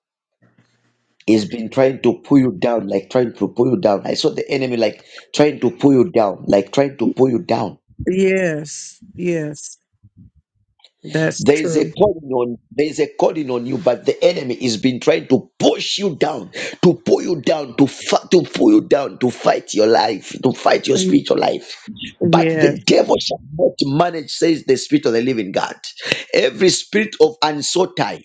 Speaker 1: has been trying to pull you down, like trying to pull you down. I saw the enemy like trying to pull you down, like trying to pull you down
Speaker 4: Yes. Yes. That's
Speaker 1: There is a
Speaker 4: true.
Speaker 1: calling on there is a calling on you, but the enemy has been trying to push you down, to pull you down, to fa- to pull you down, to fight your life, to fight your
Speaker 4: Thank-
Speaker 1: spiritual life. But
Speaker 4: Yes.
Speaker 1: the devil shall not manage, says the spirit of the living God. Every spirit of uncertainty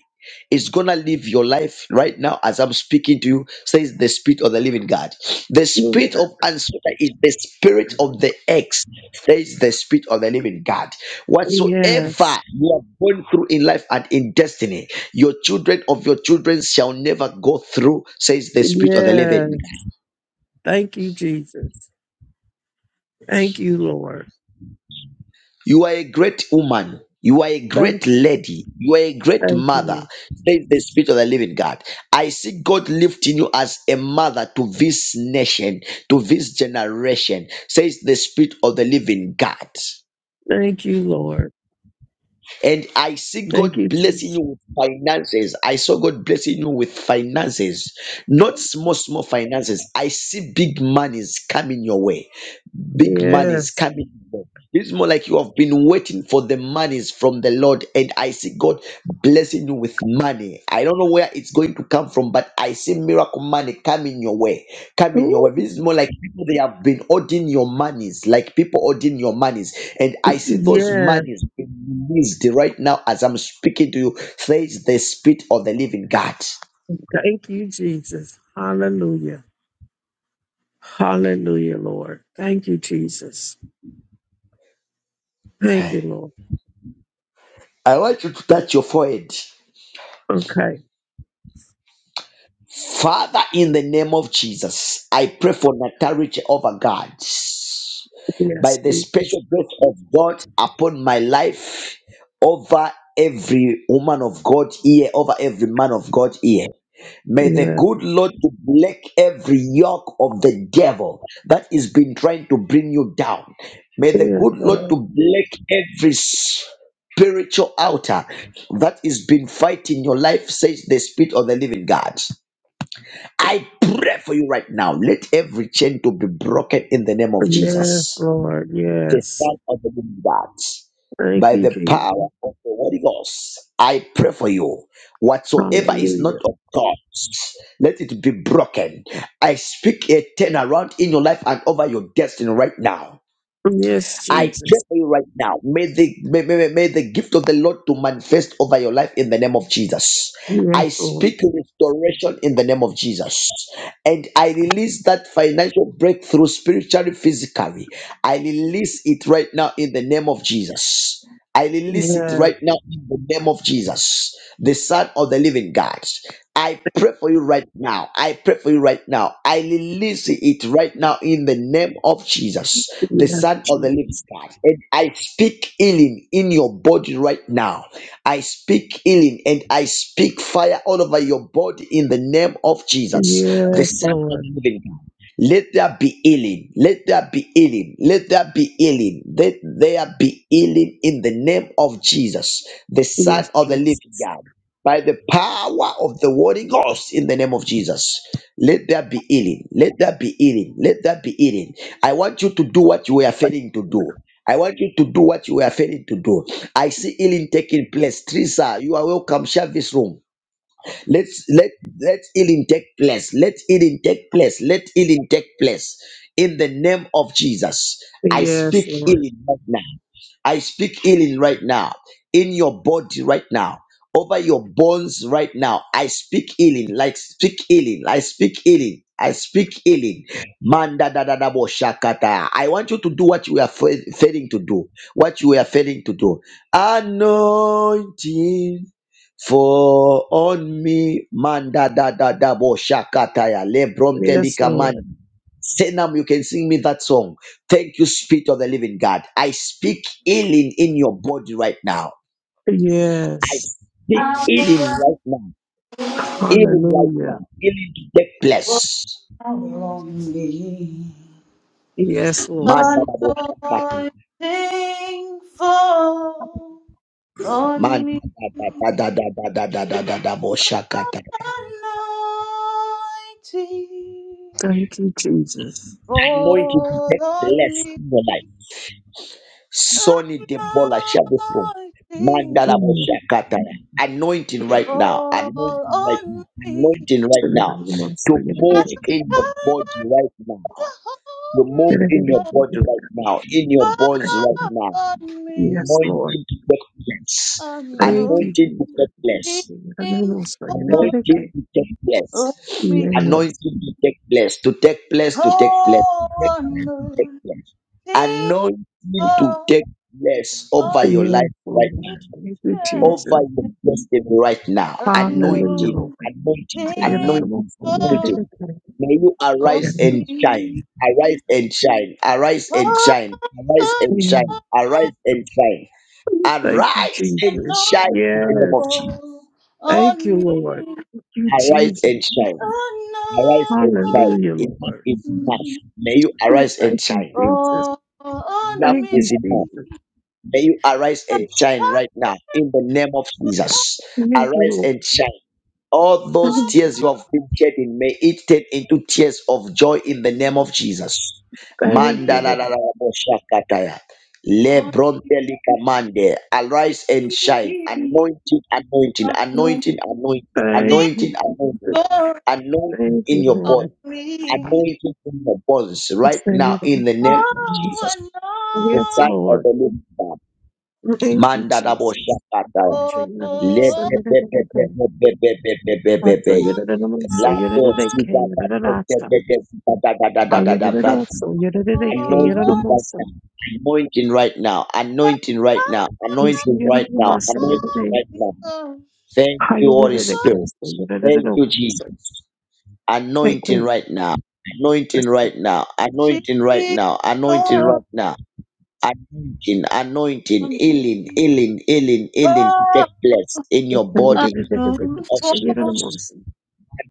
Speaker 1: is gonna live your life right now as I'm speaking to you, says the spirit of the living God. The spirit of uncertainty is the spirit of the ex, says the spirit of the living God.
Speaker 4: Yes.
Speaker 1: Whatsoever you are going through in life and in destiny, your children of your children shall never go through, says the Spirit of the Living.
Speaker 4: Yes. Thank you, Jesus. Thank you, Lord.
Speaker 1: You are a great woman. You are a
Speaker 4: Thank,
Speaker 1: great lady. You are a great
Speaker 4: thank
Speaker 1: mother,
Speaker 4: you.
Speaker 1: says the Spirit of the Living God. I see God lifting you as a mother to this nation, to this generation, says the Spirit of the Living God.
Speaker 4: Thank you, Lord.
Speaker 1: And I see
Speaker 4: Thank
Speaker 1: God
Speaker 4: you,
Speaker 1: blessing
Speaker 4: Jesus.
Speaker 1: you with finances. I saw God blessing you with finances, not small, small finances. I see big monies coming your way. Big monies
Speaker 4: Yes.
Speaker 1: coming your way. It's more like you have been waiting for the monies from the Lord, and I see God blessing you with money. I don't know where it's going to come from, but I see miracle money coming your way. Coming your
Speaker 4: Ooh,
Speaker 1: way. This is more like people they have been ordering your monies, like people ordering your monies and I see those
Speaker 4: yes.
Speaker 1: monies being released right now as I'm speaking to you. Says the Spirit of the Living God.
Speaker 4: Thank you, Jesus. Hallelujah. Hallelujah, Lord. Thank you, Jesus. Thank you, Lord.
Speaker 1: I want you to touch your forehead.
Speaker 4: Okay.
Speaker 1: Father, in the name of Jesus, I pray for natarity over God. By
Speaker 4: Yes,
Speaker 1: the
Speaker 4: Jesus.
Speaker 1: special grace of God upon my life, over every woman of God here, over every man of God here. May the
Speaker 4: Yes,
Speaker 1: good Lord break every yoke of the devil that has been trying to bring you down. May the
Speaker 4: yes,
Speaker 1: good
Speaker 4: Lord.
Speaker 1: Lord to break every spiritual altar that has been fighting your life, says the Spirit of the Living God. I pray for you right now. Let every chain to be broken in the name of
Speaker 4: Yes,
Speaker 1: Jesus
Speaker 4: Lord.
Speaker 1: the
Speaker 4: Yes.
Speaker 1: Son of the Living God.
Speaker 4: Thank
Speaker 1: By
Speaker 4: you,
Speaker 1: the power
Speaker 4: Jesus.
Speaker 1: of the Holy Ghost, I pray for you. Whatsoever is not
Speaker 4: Hallelujah.
Speaker 1: of God, let it be broken. I speak a turnaround in your life and over your destiny right now.
Speaker 4: Yes,
Speaker 1: I
Speaker 4: Jesus.
Speaker 1: pray for you right now. May the may, may, may the gift of the Lord to manifest over your life in the name of Jesus.
Speaker 4: Yes,
Speaker 1: I
Speaker 4: Lord.
Speaker 1: speak restoration in the name of Jesus. And I release that financial breakthrough spiritually, physically. I release it right now in the name of Jesus. I release it
Speaker 4: Yes.
Speaker 1: right now in the name of Jesus, the Son of the Living God. I pray for you right now. I pray for you right now. I release it right now in the name of Jesus the
Speaker 4: Yes,
Speaker 1: Son of the Living
Speaker 4: Jesus.
Speaker 1: God. And I speak healing in your body right now. I speak healing and I speak fire all over your body in the name of Jesus, the
Speaker 4: Yes,
Speaker 1: Son of
Speaker 4: Lord.
Speaker 1: the Living God. Let there be healing. Let there be healing. Let there be healing. Let there be healing in the name of Jesus, the Son
Speaker 4: Yes,
Speaker 1: of the Living
Speaker 4: Jesus.
Speaker 1: God. By the power of the Holy Ghost in the name of Jesus. Let there be healing. Let there be healing. Let there be healing I want you to do what you were failing to do. I want you to do what you were failing to do. I see healing taking place. Teresa, you are welcome. Share this room. Let's let let healing take place. Let healing take place. Let healing take place in the name of Jesus. I
Speaker 4: Yes,
Speaker 1: speak
Speaker 4: Lord.
Speaker 1: healing I speak healing right now in your body right now. Over your bones right now. I speak healing. Like speak healing. I speak healing. I speak healing. Manda da da da bo shakata. I want you to do what you are fa- failing to do. What you are failing to do. Anointing for on me. Manda da da da bo shakata ya. Lebron
Speaker 4: Yes,
Speaker 1: telika man.
Speaker 4: Lord.
Speaker 1: Say now you can sing me that song. Thank you, Spirit of the Living God. I speak healing in your body right now.
Speaker 4: Yes.
Speaker 1: Speak
Speaker 3: Anointing
Speaker 1: healing right now. Healing right
Speaker 4: Hallelujah.
Speaker 1: now. Healing to take place.
Speaker 3: fall on me.
Speaker 4: Yes,
Speaker 1: Man,
Speaker 4: Lord.
Speaker 1: da, da, bo, shakata.
Speaker 3: Anointing fall on
Speaker 1: Man,
Speaker 3: me.
Speaker 1: da, da, da, da, da, da, da, da, da, da, bo, shakata.
Speaker 3: Anointing
Speaker 4: Thank you, Jesus.
Speaker 1: Anointing to
Speaker 3: fall
Speaker 1: take
Speaker 3: on
Speaker 1: place
Speaker 3: me.
Speaker 1: in your life.
Speaker 3: Let
Speaker 1: Sonny
Speaker 3: the
Speaker 1: Debola, share this room.
Speaker 3: power
Speaker 1: Man, da, da, bo,
Speaker 4: Mm.
Speaker 1: shakata. Anointing right now. Anointing right now. Anointing
Speaker 4: Yes,
Speaker 1: right now.
Speaker 4: Lord.
Speaker 1: To
Speaker 4: Thank
Speaker 1: move in your body right now.
Speaker 3: of
Speaker 1: You move
Speaker 3: the
Speaker 1: in your
Speaker 4: you,
Speaker 3: Holy
Speaker 1: body
Speaker 4: Jesus.
Speaker 1: right now, in your bones right
Speaker 4: Yes.
Speaker 1: now.
Speaker 3: On me
Speaker 4: Yes, Lord.
Speaker 1: Anointing to take place.
Speaker 4: Thank
Speaker 3: anointing
Speaker 4: you,
Speaker 1: Anointing to take
Speaker 4: Jesus.
Speaker 1: place.
Speaker 3: for
Speaker 4: Hallelujah,
Speaker 1: Anointing to take place.
Speaker 3: me.
Speaker 1: Anointing to take place. To take place. To take place. To
Speaker 3: Oh,
Speaker 1: take place. To take
Speaker 3: anointing
Speaker 1: place. Anointing to
Speaker 3: fall
Speaker 1: take place over
Speaker 3: on
Speaker 1: your life right
Speaker 3: me.
Speaker 1: now.
Speaker 3: Yeah.
Speaker 1: Over your destiny right now. Anointing.
Speaker 3: Anointing for
Speaker 1: Anointing.
Speaker 3: me.
Speaker 1: Anointing.
Speaker 3: Oh,
Speaker 1: Anointing May you arise
Speaker 4: Lord.
Speaker 1: and shine. Arise and shine. Arise and shine. Arise and
Speaker 4: Thank
Speaker 1: shine. Arise and shine.
Speaker 4: you,
Speaker 1: Arise and
Speaker 4: Jesus.
Speaker 1: shine in
Speaker 4: Yes.
Speaker 1: the
Speaker 3: anointing
Speaker 1: name of Jesus.
Speaker 3: for
Speaker 4: Thank you,
Speaker 3: on
Speaker 4: Lord.
Speaker 3: me.
Speaker 4: Thank you,
Speaker 1: Arise
Speaker 4: Jesus.
Speaker 1: and shine. Arise and shine.
Speaker 4: Hallelujah,
Speaker 1: Enough
Speaker 4: Lord.
Speaker 1: is
Speaker 3: Anointing
Speaker 1: enough. May you
Speaker 4: Oh,
Speaker 1: arise
Speaker 4: Thank
Speaker 1: and
Speaker 4: you,
Speaker 1: shine.
Speaker 4: Jesus.
Speaker 3: Oh,
Speaker 1: Enough
Speaker 3: on
Speaker 4: Thank
Speaker 3: me,
Speaker 4: you,
Speaker 1: is enough.
Speaker 4: Jesus.
Speaker 1: May you arise and shine right now in the name of Jesus.
Speaker 4: Thank you,
Speaker 1: Arise
Speaker 4: Lord.
Speaker 1: and shine All those
Speaker 3: on
Speaker 4: Thank
Speaker 1: tears
Speaker 4: you.
Speaker 1: you have been shedding, may it turn into tears of joy in the name of Jesus.
Speaker 4: Thank
Speaker 3: me,
Speaker 4: you, Lord.
Speaker 1: Mandalalalalaboshakataya.
Speaker 3: Oh,
Speaker 1: Lebrontelika Arise and shine. Anointing, anointing, anointing, anointing,
Speaker 4: Thank you,
Speaker 1: anointing, anointing,
Speaker 4: Jesus.
Speaker 1: anointing
Speaker 4: Thank you,
Speaker 1: in your
Speaker 4: Lord.
Speaker 1: body, anointing in your bones
Speaker 4: I
Speaker 1: right
Speaker 4: say
Speaker 1: now
Speaker 4: it in
Speaker 1: in the
Speaker 4: my
Speaker 1: name
Speaker 4: name.
Speaker 1: of
Speaker 4: of Jesus.
Speaker 1: Jesus, the
Speaker 4: Yes,
Speaker 1: Son of the
Speaker 4: Lord.
Speaker 1: Living God.
Speaker 4: Thank you, Jesus. I
Speaker 1: Mandalaboshakataya.
Speaker 4: am sure you my name. So
Speaker 1: Anointing
Speaker 4: you did it again. I say it
Speaker 3: no,
Speaker 4: in my name. So you did it again. Hayırlısı yerlere ke yaramosa.
Speaker 1: right now. Anointing right now. Anointing right now.
Speaker 4: Şu
Speaker 1: Anointing
Speaker 4: yerlere
Speaker 1: right now.
Speaker 4: masa
Speaker 1: Anointing
Speaker 4: yerlere
Speaker 1: right now. Thank you, Holy
Speaker 4: hayırlısı
Speaker 1: Spirit.
Speaker 4: kense yerlere
Speaker 1: Thank you,
Speaker 4: dokusa.
Speaker 1: Jesus. Anointing
Speaker 4: Peki
Speaker 1: right now. Anointing right now. Anointing right now. Anointing
Speaker 3: oh,
Speaker 1: right now. Anointing, anointing,
Speaker 3: on
Speaker 1: healing,
Speaker 3: me,
Speaker 1: healing, healing, healing to take
Speaker 3: on
Speaker 1: place in your
Speaker 3: me, oh, I
Speaker 1: body in
Speaker 4: yerlere
Speaker 1: the
Speaker 3: know
Speaker 1: name of
Speaker 4: de şey
Speaker 1: Jesus.
Speaker 4: yerlere
Speaker 3: for
Speaker 4: mosa.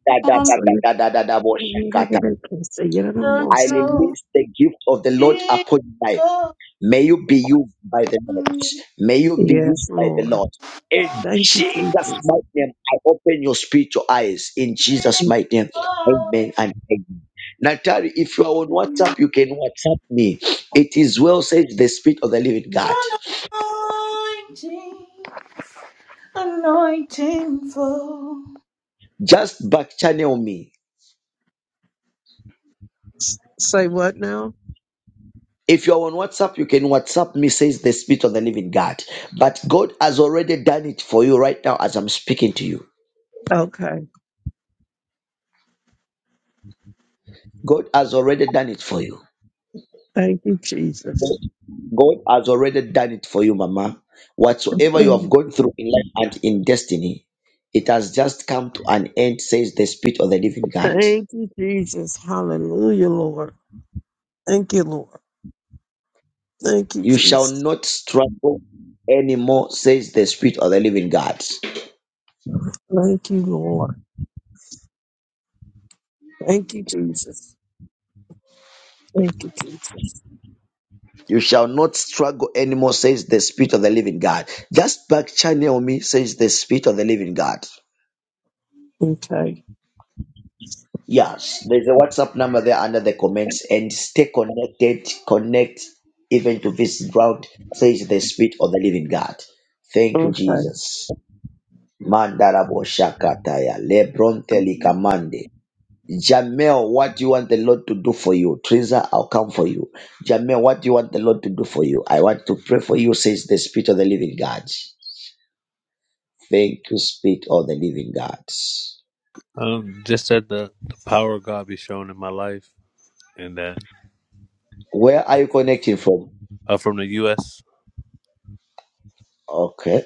Speaker 1: Da, da, da,
Speaker 3: on
Speaker 1: da,
Speaker 4: Aslında
Speaker 1: da, da, da, da, bo
Speaker 4: yerlere
Speaker 1: shakata.
Speaker 4: de kense yerlere
Speaker 3: the
Speaker 1: I
Speaker 4: mosa.
Speaker 3: no,
Speaker 1: release the gift of the Lord
Speaker 3: she
Speaker 1: upon you. life.
Speaker 3: on
Speaker 1: May you be used by the Lord.
Speaker 3: me,
Speaker 1: May you be used
Speaker 4: Yes,
Speaker 1: by the
Speaker 4: Lord.
Speaker 1: Lord. In
Speaker 4: Thank you,
Speaker 1: Jesus'
Speaker 4: Jesus.
Speaker 1: mighty name, I open your spiritual eyes. In Jesus' mighty name, amen
Speaker 3: oh.
Speaker 1: and amen. Natari, if you are on WhatsApp, you can WhatsApp me. It is well said, the Spirit of the Living God.
Speaker 3: Anointing, anointing flow.
Speaker 1: Just back channel me
Speaker 4: Say what now?
Speaker 1: If you're on WhatsApp, you can WhatsApp me, says the Spirit of the Living God. But God has already done it for you right now as I'm speaking to you.
Speaker 4: Okay.
Speaker 1: God has already done it for you.
Speaker 4: Thank you, Jesus.
Speaker 1: God God has already done it for you, Mama. Whatsoever you have
Speaker 4: Okay.
Speaker 1: gone through in life and in destiny, it has just come to an end, says the Spirit of the Living God.
Speaker 4: Thank you, Jesus. Hallelujah, Lord. Thank you, Lord. Thank you,
Speaker 1: You shall
Speaker 4: Jesus.
Speaker 1: not struggle anymore, says the Spirit of the Living God.
Speaker 4: Thank you, Lord. Thank you, Jesus. Thank you, Jesus.
Speaker 1: You shall not struggle anymore, says the Spirit of the Living God. Just back channel me, says the Spirit of the Living God.
Speaker 4: Okay.
Speaker 1: Yes, there's a WhatsApp number there under the comments and stay connected. Connect even to this drought," says the Spirit of the Living God. Thank you,
Speaker 4: Okay.
Speaker 1: Jesus. Mandarabo Shakataya, Lebronte Likamande. Jamel, what do you want the Lord to do for you? Teresa, I'll come for you. Jamel, what do you want the Lord to do for you? I want to pray for you, says the Spirit of the Living God. Thank you, Spirit of the Living God.
Speaker 5: Um, just that the, the power of God be shown in my life, and that
Speaker 1: Where are you connecting from?
Speaker 5: uh, from the U.S.
Speaker 1: Okay.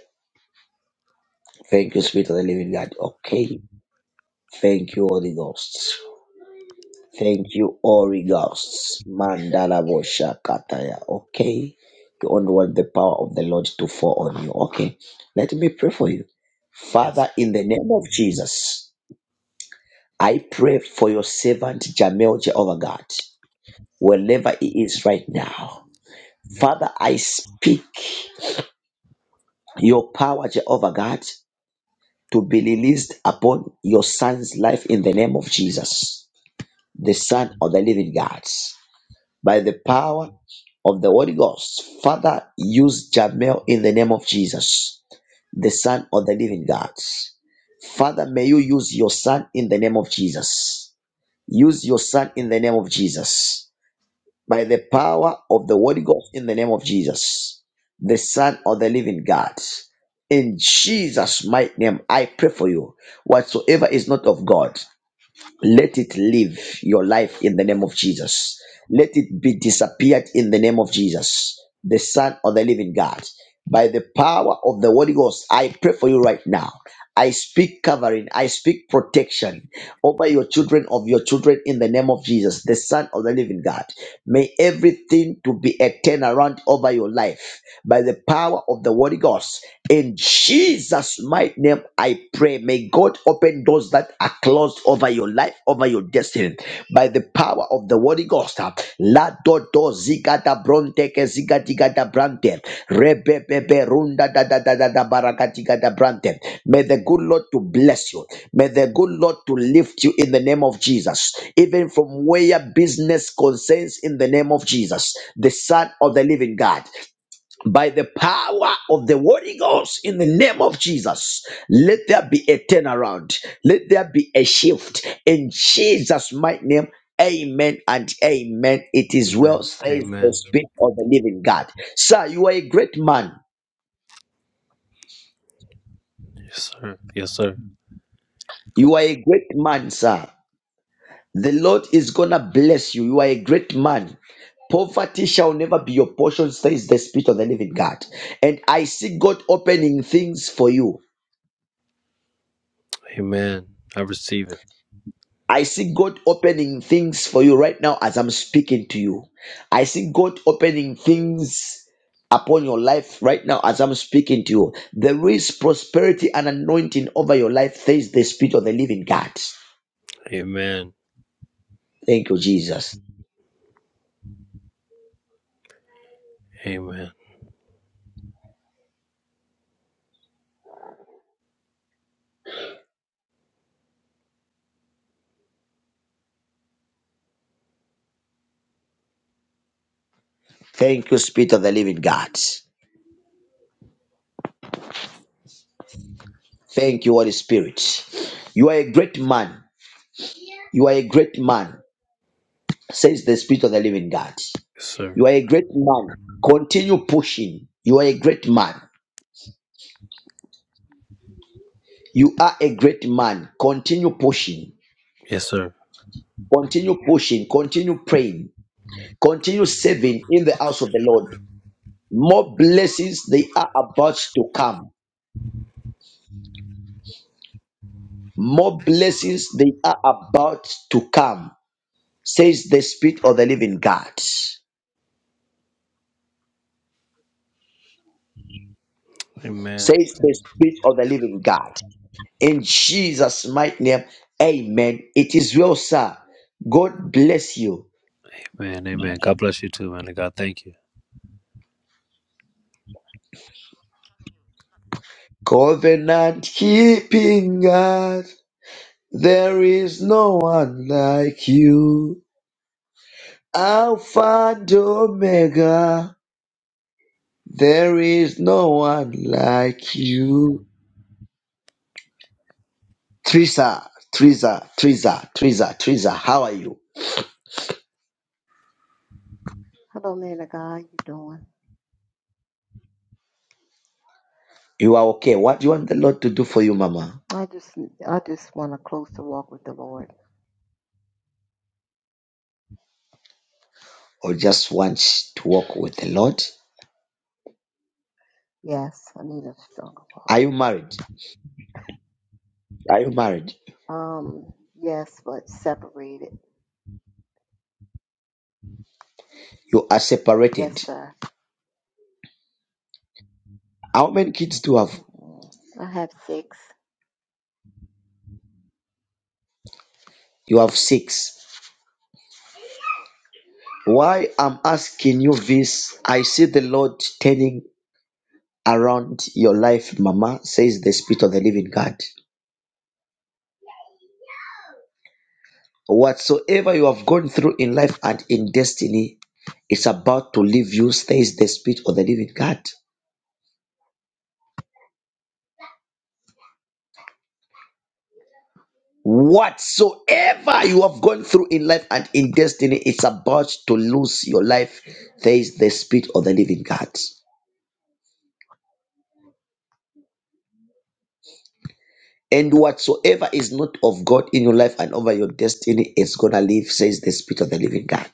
Speaker 1: Thank you, Spirit of the Living God. Okay. Thank you, Holy Ghost. Thank you, Holy Ghost. Mandala Bosha Kataya. Okay. You only want the power of the Lord to fall on you. Okay. Let me pray for you.
Speaker 5: Yes,
Speaker 1: Father,
Speaker 5: sir.
Speaker 1: in the name of Jesus, I pray for your servant Jamel Jehovah God, wherever he is right now. Father, I speak. your power, Jehovah God, to be released upon your son's life in the name of Jesus, the Son of the Living God. By the power of the Holy Ghost, Father, use Jamel in the name of Jesus, the Son of the Living God. Father, may you use your son in the name of Jesus. Use your son in the name of Jesus by the power of the Holy Ghost in the name of Jesus, the Son of the Living God. In Jesus' mighty name, I pray for you. Whatsoever is not of God, let it live your life in the name of Jesus. Let it be disappeared in the name of Jesus, the Son of the Living God. By the power of the Holy Ghost, I pray for you right now. I speak covering, I speak protection over your children, of your children, in the name of Jesus, the Son of the Living God May everything to be a turnaround over your life by the power of the Holy Ghost. In Jesus' mighty name, I pray. May God open doors that are closed over your life, over your destiny, by the power of the Holy Ghost. La do da bronte ke ziga diga da brante. Rebebebe runda da da da da da baragadiga da brante. May the good Lord to bless you. May the good Lord to lift you in the name of Jesus. Even from where business concerns in the name of Jesus, the Son of the Living God by the power of the Holy Ghost in the name of Jesus. Let there be a turnaround. Let there be a shift in Jesus' mighty name. Amen and amen. It is
Speaker 5: Amen.
Speaker 1: well, says the
Speaker 5: Amen.
Speaker 1: Spirit of the living God. Sir, you are a great man.
Speaker 5: Yes, sir. Yes, sir.
Speaker 1: You are a great man, sir. The Lord is gonna bless you. You are a great man. Poverty shall never be your portion, says the Spirit of the living God. And I see God opening things for you.
Speaker 5: Amen. I receive it.
Speaker 1: I see God opening things for you right now as I'm speaking to you. I see God opening things upon your life right now as I'm speaking to you. There is prosperity and anointing over your life. Says the Spirit of the Living God.
Speaker 5: Amen.
Speaker 1: Thank you, Jesus.
Speaker 5: Amen.
Speaker 1: Thank you, Spirit of the Living God. Thank you, Holy Spirit. You are a great man. You are a great man, says the Spirit of the Living God.
Speaker 5: Yes, sir.
Speaker 1: You are a great man. Continue pushing. You are a great man. You are a great man. Continue pushing.
Speaker 5: Yes, sir.
Speaker 1: Continue pushing. Continue praying. Continue serving in the house of the Lord. More blessings they are about to come. More blessings they are about to come. Says the Spirit of the Living God. Says
Speaker 5: Amen.
Speaker 1: the Spirit of the Living God. In Jesus' mighty name, Amen. It is well, sir. God bless you.
Speaker 5: Amen. Amen. God bless you too, man. And God, thank you.
Speaker 1: Covenant keeping God. There is no one like you, Alpha and Omega. There is no one like you. Teresa, Teresa, Teresa, Teresa, Teresa, how are you?
Speaker 6: Hello, man of God. You doing?
Speaker 1: You are okay. What do you want the Lord to do for you, Mama?
Speaker 6: I just, I just want a closer walk with the Lord.
Speaker 1: Or just want to walk with the Lord?
Speaker 6: Yes, I need a stronger walk.
Speaker 1: Are you married? Are you married?
Speaker 6: Um, yes, but separated.
Speaker 1: You are separated.
Speaker 6: Yes, sir.
Speaker 1: How many kids do you have?
Speaker 6: Mm-mm. I have six.
Speaker 1: You have six. Why I'm asking you this, I see the Lord turning around your life, Mama, says the Spirit of the Living God. Whatsoever you have gone through in life and in destiny it's about to leave you, says the Spirit of the Living God. Whatsoever you have gone through in life and in destiny, it's about to lose your life, says the Spirit of the Living God. And whatsoever is not of God in your life and over your destiny it's gonna live, says the Spirit of the Living God.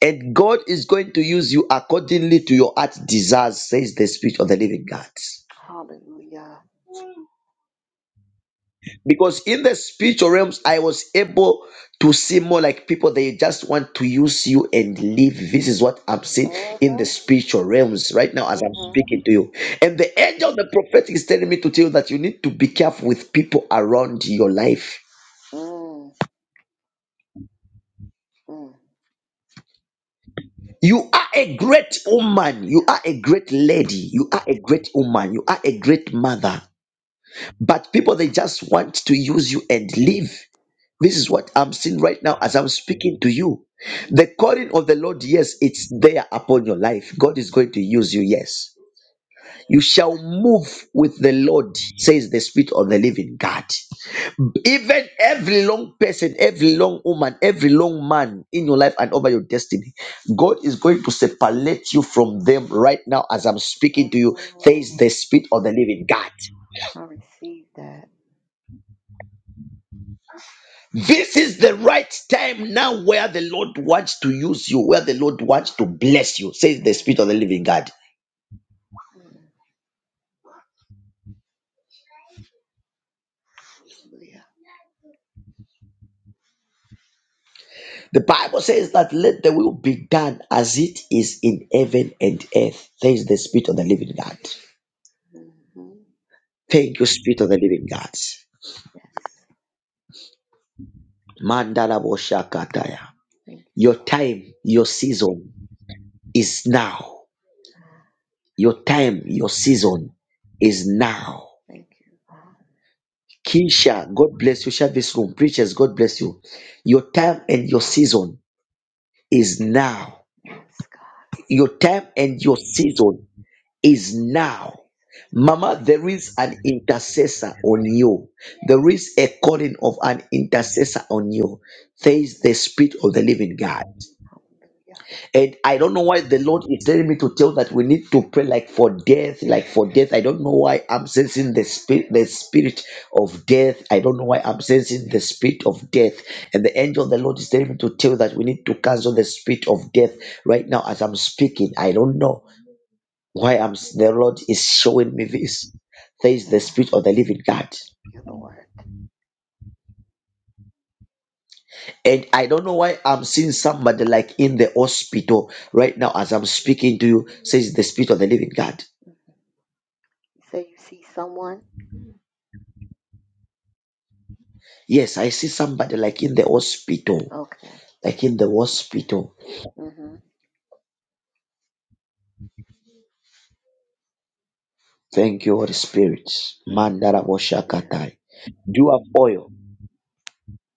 Speaker 1: And God is going to use you accordingly to your heart desires, says the Spirit of the Living God.
Speaker 6: Hallelujah.
Speaker 1: Because in the spiritual realms, I was able to see more like people, they just want to use you and leave. This is what I'm seeing in the
Speaker 6: Mhm.
Speaker 1: spiritual realms right now as I'm
Speaker 6: Mhm.
Speaker 1: speaking to you. And the angel of the prophetic is telling me to tell you that you need to be careful with people around your life.
Speaker 6: Mm. Mm.
Speaker 1: You are a great woman. You are a great lady. You are a great woman. You are a great mother. But people, they just want to use you and leave. This is
Speaker 6: Mm.
Speaker 1: what I'm seeing right now as I'm speaking to you. The
Speaker 6: Mm.
Speaker 1: calling of the Lord, yes, it's there upon your life. God is going to use you, yes. You shall move with the Lord, says the Spirit of the living God. Even every long person, every long woman, every long man in your life and over your destiny, God is going to separate you from them right now as I'm speaking to you, says
Speaker 6: Mm.
Speaker 1: the Spirit of the living God.
Speaker 6: I receive that.
Speaker 1: This is the right time now where the Lord wants to use you, where the Lord wants to bless you, says the
Speaker 6: Mm.
Speaker 1: Spirit of the Living God.
Speaker 6: Mm. Hallelujah.
Speaker 1: The Bible says that let the will be done as it is in heaven and earth, says the Spirit of the Living God.
Speaker 6: Mhm.
Speaker 1: Thank you, Spirit of the Living God.
Speaker 6: Yes.
Speaker 1: Mandala Boshakataya.
Speaker 6: Thank you,
Speaker 1: Your
Speaker 6: Lord.
Speaker 1: time, your season is now.
Speaker 6: Thank
Speaker 1: Your
Speaker 6: you.
Speaker 1: time, your season is now.
Speaker 6: Thank you.
Speaker 1: Kisha, God bless you. Share this room. Preachers, God bless you. Your time and your season is now.
Speaker 6: Yes, God.
Speaker 1: Your time and your season is now. Mama, there is an intercessor on you.
Speaker 6: Mm,
Speaker 1: There is a calling of an intercessor on you.
Speaker 6: Yes,
Speaker 1: There is the Spirit of the Living God.
Speaker 6: hallelujah.
Speaker 1: And I don't know why the Lord is telling me to tell that we need to pray like for death, like for death. I don't know why I'm sensing the spirit, the spirit of death. I don't know why I'm sensing the spirit of death. And the angel of the Lord is telling me to tell that we need to cancel the spirit of death right now as I'm speaking. I don't know why
Speaker 6: Mm,
Speaker 1: I'm. s- The Lord is showing me this. There is the
Speaker 6: Yeah,
Speaker 1: spirit of the living God.
Speaker 6: thank you, Lord.
Speaker 1: And I don't know why I'm seeing somebody like in the hospital right now as I'm speaking to you, says the spirit of the living God
Speaker 6: hmm You say you see someone?
Speaker 1: Yes, I see somebody like in the hospital,
Speaker 6: Okay.
Speaker 1: like in the hospital.
Speaker 6: hmm
Speaker 1: Thank you, Holy Spirit.
Speaker 6: Thank you, Holy Spirit.
Speaker 1: Mandarabashakatai. Do you have oil?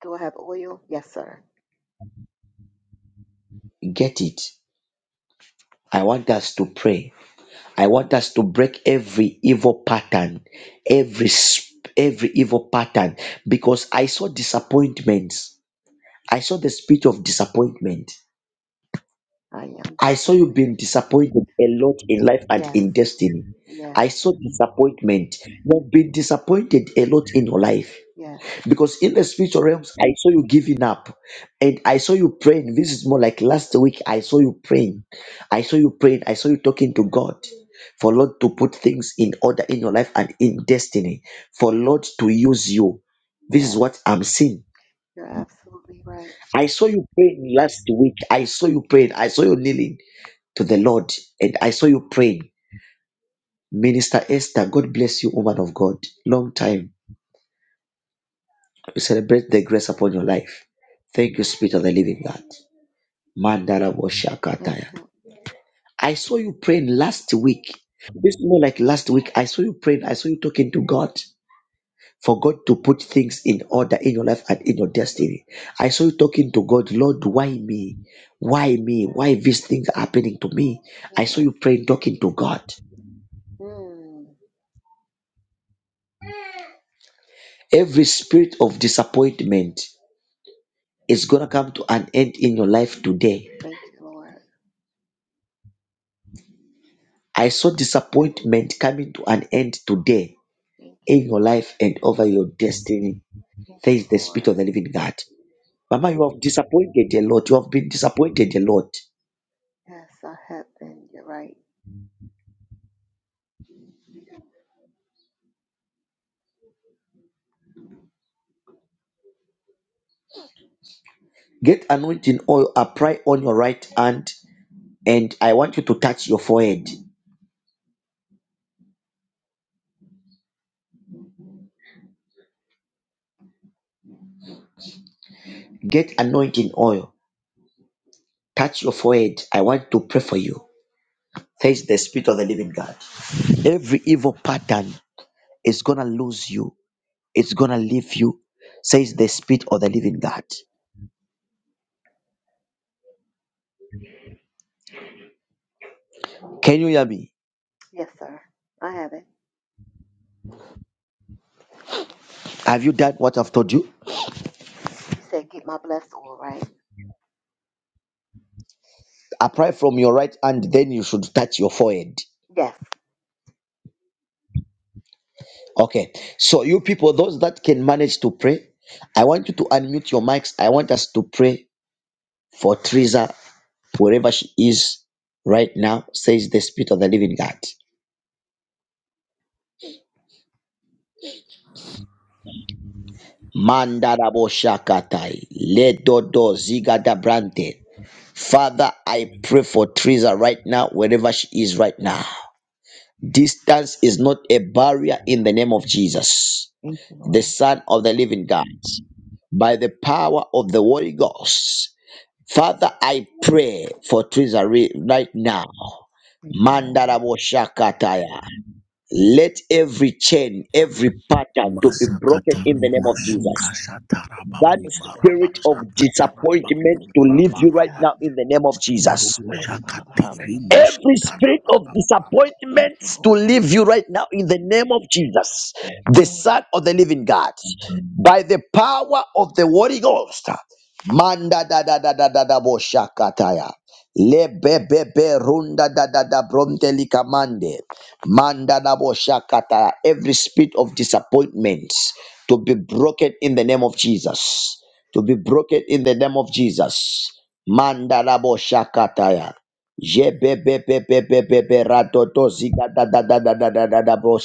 Speaker 6: Do I have oil? Yes, sir.
Speaker 1: Get it. I want us to pray. I want us to break every evil pattern, every sp- every evil pattern, because I saw disappointments. I saw the spirit of disappointment.
Speaker 6: I am
Speaker 1: I saw you being
Speaker 6: disappointment.
Speaker 1: disappointed a lot in life and
Speaker 6: Yes,
Speaker 1: in destiny.
Speaker 6: yes,
Speaker 1: I saw disappointment. You've been disappointed a lot in your life.
Speaker 6: yes,
Speaker 1: Because in the spiritual realms, I saw you giving up and I saw you praying. This is more like last week. I saw you praying. I saw you praying. I saw you talking to God for Lord to put things in order in your life and in destiny, for Lord to use you. This is
Speaker 6: yes.
Speaker 1: what I'm seeing.
Speaker 6: You're absolutely right.
Speaker 1: I saw you praying last week. I saw you praying. I saw you kneeling to the Lord and I saw you praying. Minister Esther, God bless you, woman of God. Long time. We celebrate the grace upon your life. Thank you, Spirit of the Living God. Mandarabashakataya.
Speaker 6: Thank you.
Speaker 1: I saw you praying last week. This more like last week. I saw you praying. I saw you talking to God for God to put things in order in your life and in your destiny. I saw you talking to God, Lord, why me? Why me? Why these things are happening to me? I saw
Speaker 6: Yes.
Speaker 1: you praying, talking to God.
Speaker 6: Mm.
Speaker 1: Every spirit of disappointment is gonna come to an end in your life today.
Speaker 6: Thank you, Lord.
Speaker 1: I saw disappointment coming to an end today
Speaker 6: Thank you.
Speaker 1: in your life and over your destiny
Speaker 6: Thank
Speaker 1: There
Speaker 6: you,
Speaker 1: is the Spirit of
Speaker 6: Lord.
Speaker 1: the living God. Mama,
Speaker 6: Mhm.
Speaker 1: you have disappointed a lot. You have been disappointed a lot.
Speaker 6: Yes, I have been. You're right.
Speaker 1: Get anointing oil, apply on your right hand, and I want you to touch your forehead. Get anointing oil, touch your forehead. I want to pray for you. There is the Spirit of the living God. Every evil pattern is going to lose you, it's going to leave you, says the Spirit of the living God. Can you hear me?
Speaker 6: Yes, sir. I have it.
Speaker 1: Have you done what I've told you?
Speaker 6: You said get my blessed oil, right?
Speaker 1: Apply from your right hand, then you should touch your forehead.
Speaker 6: Yes.
Speaker 1: Okay. So you people, those that can manage to pray, I want you to unmute your mics. I want us to pray for Teresa, wherever she is right now, says the Spirit of the Living God. Mandarabo shakatai, ledodo zigada brante. Father, I pray for Teresa right now, wherever she is right now. Distance is not a barrier in the name of Jesus,
Speaker 6: Thank you, Lord.
Speaker 1: the Son of the Living God by the power of the Holy Ghost. Father, I pray for Treasury right now.
Speaker 6: Thank you, Lord.
Speaker 1: Mandarabo Shakataya. Let every chain, every pattern to be broken in
Speaker 7: Masakataru
Speaker 1: the name of
Speaker 7: masuka
Speaker 1: Jesus. That
Speaker 7: satarabaru
Speaker 6: Thank you, Lord.
Speaker 7: baraba
Speaker 1: spirit of
Speaker 7: sakatarabaru
Speaker 1: disappointment to leave you right
Speaker 6: Yes,
Speaker 7: barabaraba
Speaker 1: now
Speaker 6: God.
Speaker 1: in the name of Jesus.
Speaker 7: tanduru
Speaker 6: Yes, Father.
Speaker 7: sakatiri
Speaker 6: Hallelujah.
Speaker 1: Every spirit of
Speaker 7: musatarabaraba.
Speaker 6: Thank
Speaker 1: disappointment
Speaker 6: you,
Speaker 1: to
Speaker 6: Lord.
Speaker 1: leave you right now in the name of Jesus,
Speaker 6: Thank you,
Speaker 1: the
Speaker 6: Lord.
Speaker 1: Son of the Living God, by the power of the Holy Ghost. Manda da da da da da da bo shakataya. Lebebebe runda da da da bronte likamande. Manda da bo shakataya. Every spirit of disappointment to be broken in the name of Jesus. To be broken in the name of Jesus. Manda da bo shakataya. Jebebebebebebe radodo ziga da da da da da da da da bo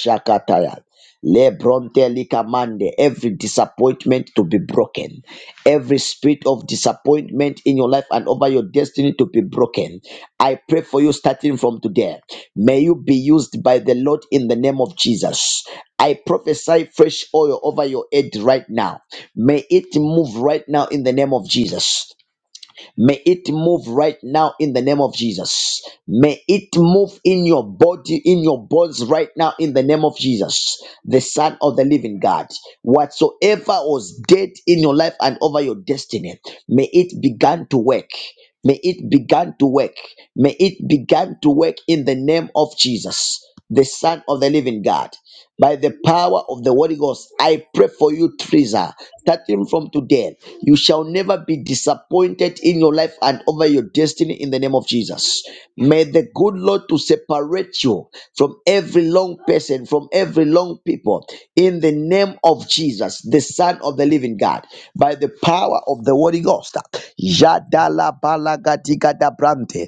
Speaker 1: Lebronte likamande. Every disappointment to be broken. Every spirit of disappointment in your life and over your destiny to be broken. I pray for you starting from today. May you be used by the Lord in the name of Jesus. I prophesy fresh oil over your head right now. May it move right now in the name of Jesus. May it move right now in the name of Jesus. May it move in your body, in your bones right now in the name of Jesus, the Son of the Living God. Whatsoever was dead in your life and over your destiny, may it begin to work. May it begin to work. May it begin to work in the name of Jesus, the Son of the Living God by the power of the Holy Ghost. I pray for you, Teresa. Starting from today, you shall never be disappointed in your life and over your destiny in the name of Jesus. May the good Lord to separate you from every long person, from every long people, in the name of Jesus, the Son of the Living God, by the power of the Holy Ghost. Yadala balagadigadabrante.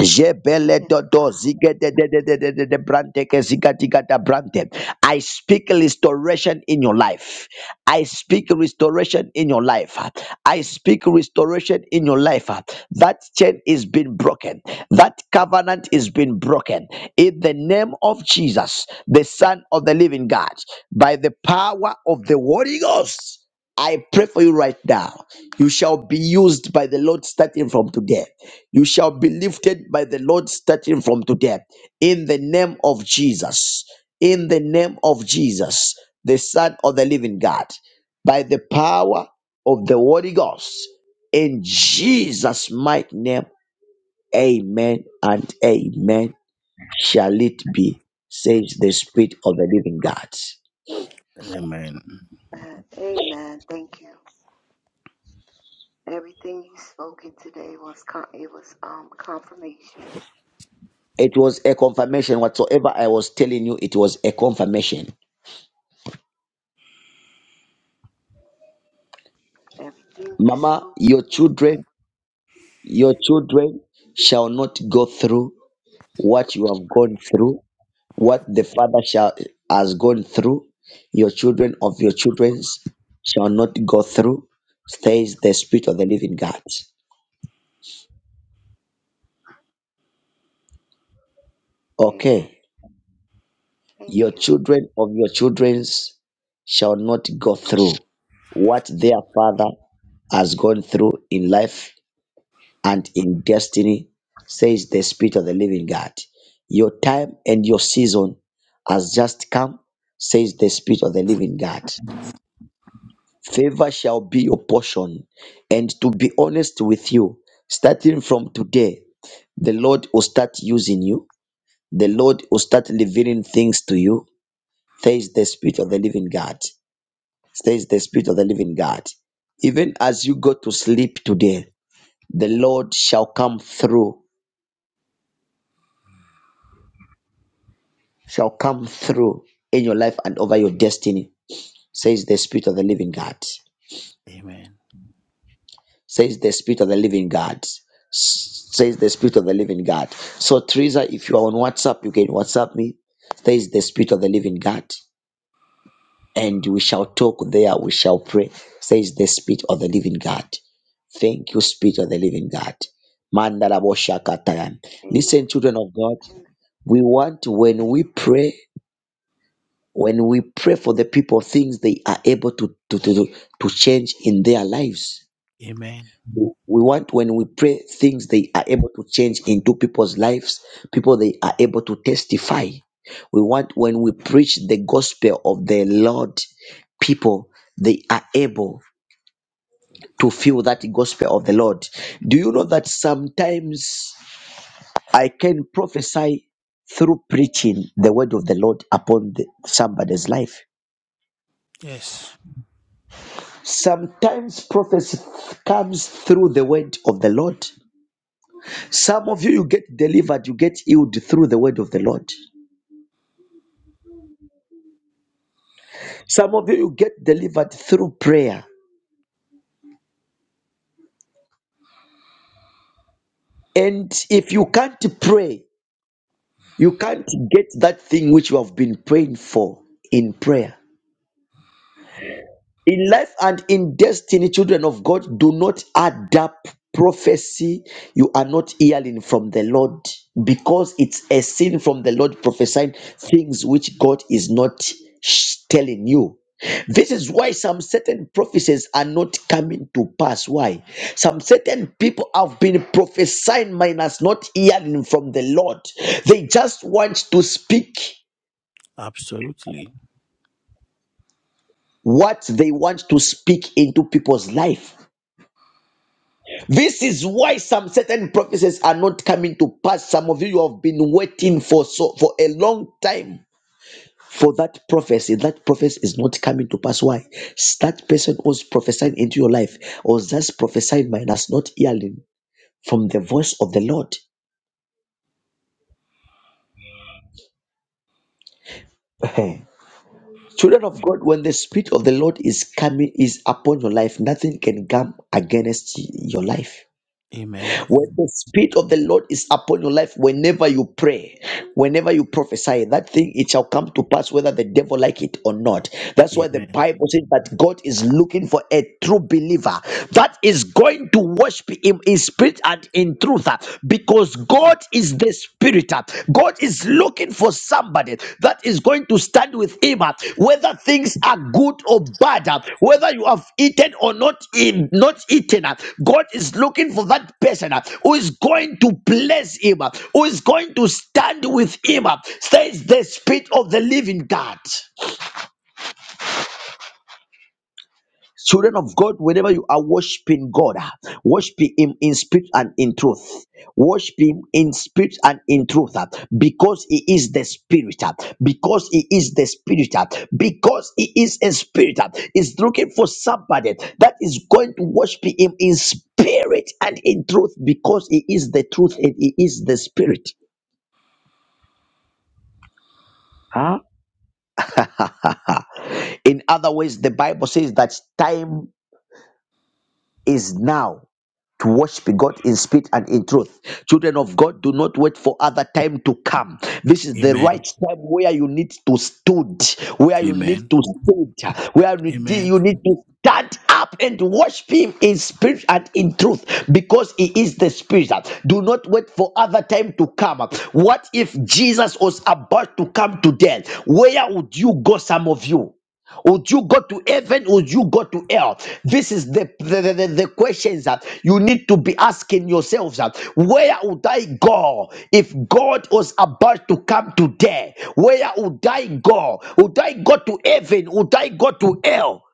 Speaker 1: Jebele
Speaker 6: Yes,
Speaker 1: dodo zige de de de de de de de brante ke ziga diga da brante. I speak restoration in your life. I speak restoration in your life. I speak restoration in your life. That chain is being broken. That covenant is being broken. In the name of Jesus, the Son of the Living God, by the power of the Holy Ghost, I pray for you right now. You shall be used by the Lord starting from today. You shall be lifted by the Lord starting from today. In the name of Jesus. In the name of Jesus, the Son of the Living God. By the power of the Holy Ghost. In Jesus' mighty name. Amen and amen. Shall it be, says the Spirit of the Living God.
Speaker 7: Amen.
Speaker 6: God. Amen. Thank you. Everything you spoke in today was con- it was um confirmation.
Speaker 1: It was a confirmation. Whatsoever I was telling you, it was a confirmation.
Speaker 6: Everything you
Speaker 1: Mama,
Speaker 6: spoke.
Speaker 1: your
Speaker 6: Yes.
Speaker 1: children, your children shall not go through what you have gone through, what the Father shall, has gone through, your children of your children's shall not go through, says the Spirit of the living God.
Speaker 6: Amen.
Speaker 1: Okay,
Speaker 6: Thank
Speaker 1: your
Speaker 6: you.
Speaker 1: children of your children's shall not go through what their Father has gone through in life and in destiny, says the Spirit of the living God. Your time and your season has just come, says the Spirit of the living God. Favor shall be your portion. And to be honest with you, starting from today, the Lord will start using you. The Lord will start delivering things to you. There is the Spirit of the Living God. There is the Spirit of the Living God. Even as you go to sleep today, the Lord shall come through, shall come through in your life and over your destiny, says the Spirit of the Living God.
Speaker 7: Amen.
Speaker 1: says the spirit of the living god S- says the spirit of the living god so teresa if you are on whatsapp you can whatsapp me says the spirit of the living god and we shall talk there we shall pray says the spirit of the living god thank you spirit of the living god Mandalaboshakataya.
Speaker 6: Amen.
Speaker 1: listen children of god
Speaker 6: Amen.
Speaker 1: we want when we pray when we pray for the people things they are able to to, to, to to change in their lives
Speaker 7: Amen.
Speaker 1: We want when we pray things they are able to change into people's lives, people they are able to testify. We want when we preach the gospel of the Lord, people they are able to feel that gospel of the Lord. Do you know that sometimes I can prophesy through preaching the word of the Lord upon the, somebody's life?
Speaker 7: Yes.
Speaker 1: Sometimes prophecy comes through the word of the Lord. Some of you, you get delivered, you get healed through the word of the Lord. Some of you, you get delivered through prayer. And if you can't pray, you can't get that thing which you have been praying for in prayer. in life and in destiny children of god do not adapt prophecy you are not hearing from the lord because it's a sin from the lord prophesying things which god is not sh- telling you this is why some certain prophecies are not coming to pass why some certain people have been prophesying minus not hearing from the lord they just want to speak
Speaker 7: Absolutely.
Speaker 1: what they want to speak into people's life This is why some certain prophecies are not coming to pass. Some of you, you have been waiting for so for a long time for that prophecy. That prophecy is not coming to pass. Why? That person was prophesying into your life, or just prophesying minus not hearing from the voice of the Lord. Children of God, when the spirit of the Lord is coming is upon your life, nothing can come against your life.
Speaker 7: Amen.
Speaker 1: When the Spirit of the Lord is upon your life, whenever you pray, whenever you prophesy, that thing it shall come to pass whether the devil like it or not. That's why the
Speaker 7: Amen.
Speaker 1: Bible says that God is looking for a true believer that is going to worship him in spirit and in truth uh, because God is the spirit. uh, God is looking for somebody that is going to stand with him, uh, whether things are good or bad, uh, whether you have eaten or not, in, not eaten. uh, God is looking for that person uh, who is going to bless him, uh, who is going to stand with him. uh, Says the Spirit of the Living God. Children of God, whenever you are worshiping God, ah, worship Him in spirit and in truth. Worship Him in spirit and in truth ah, because He is the Spirit, ah, because He is the Spirit, ah, because He is a Spirit. ah. He's looking for somebody that is going to worship Him in spirit and in truth because He is the truth and He is the Spirit. Huh? in other ways, the Bible says that time is now to worship God in spirit and in truth. Children of God, do not wait for other time to come. This is the
Speaker 7: Amen.
Speaker 1: right time where you need to stood, where you
Speaker 7: Amen.
Speaker 1: need to stood, where you need
Speaker 7: Amen.
Speaker 1: you need to stand up and worship Him in spirit and in truth, because He is the Spirit. Do not wait for other time to come. What if Jesus was about to come today? Where would you go, some of you? Would you go to heaven? Would you go to hell? This is the the, the, the- questions that you need to be asking yourselves. That Where would I go if God was about to come today? Where would I go? Would I go to heaven? Would I go to hell?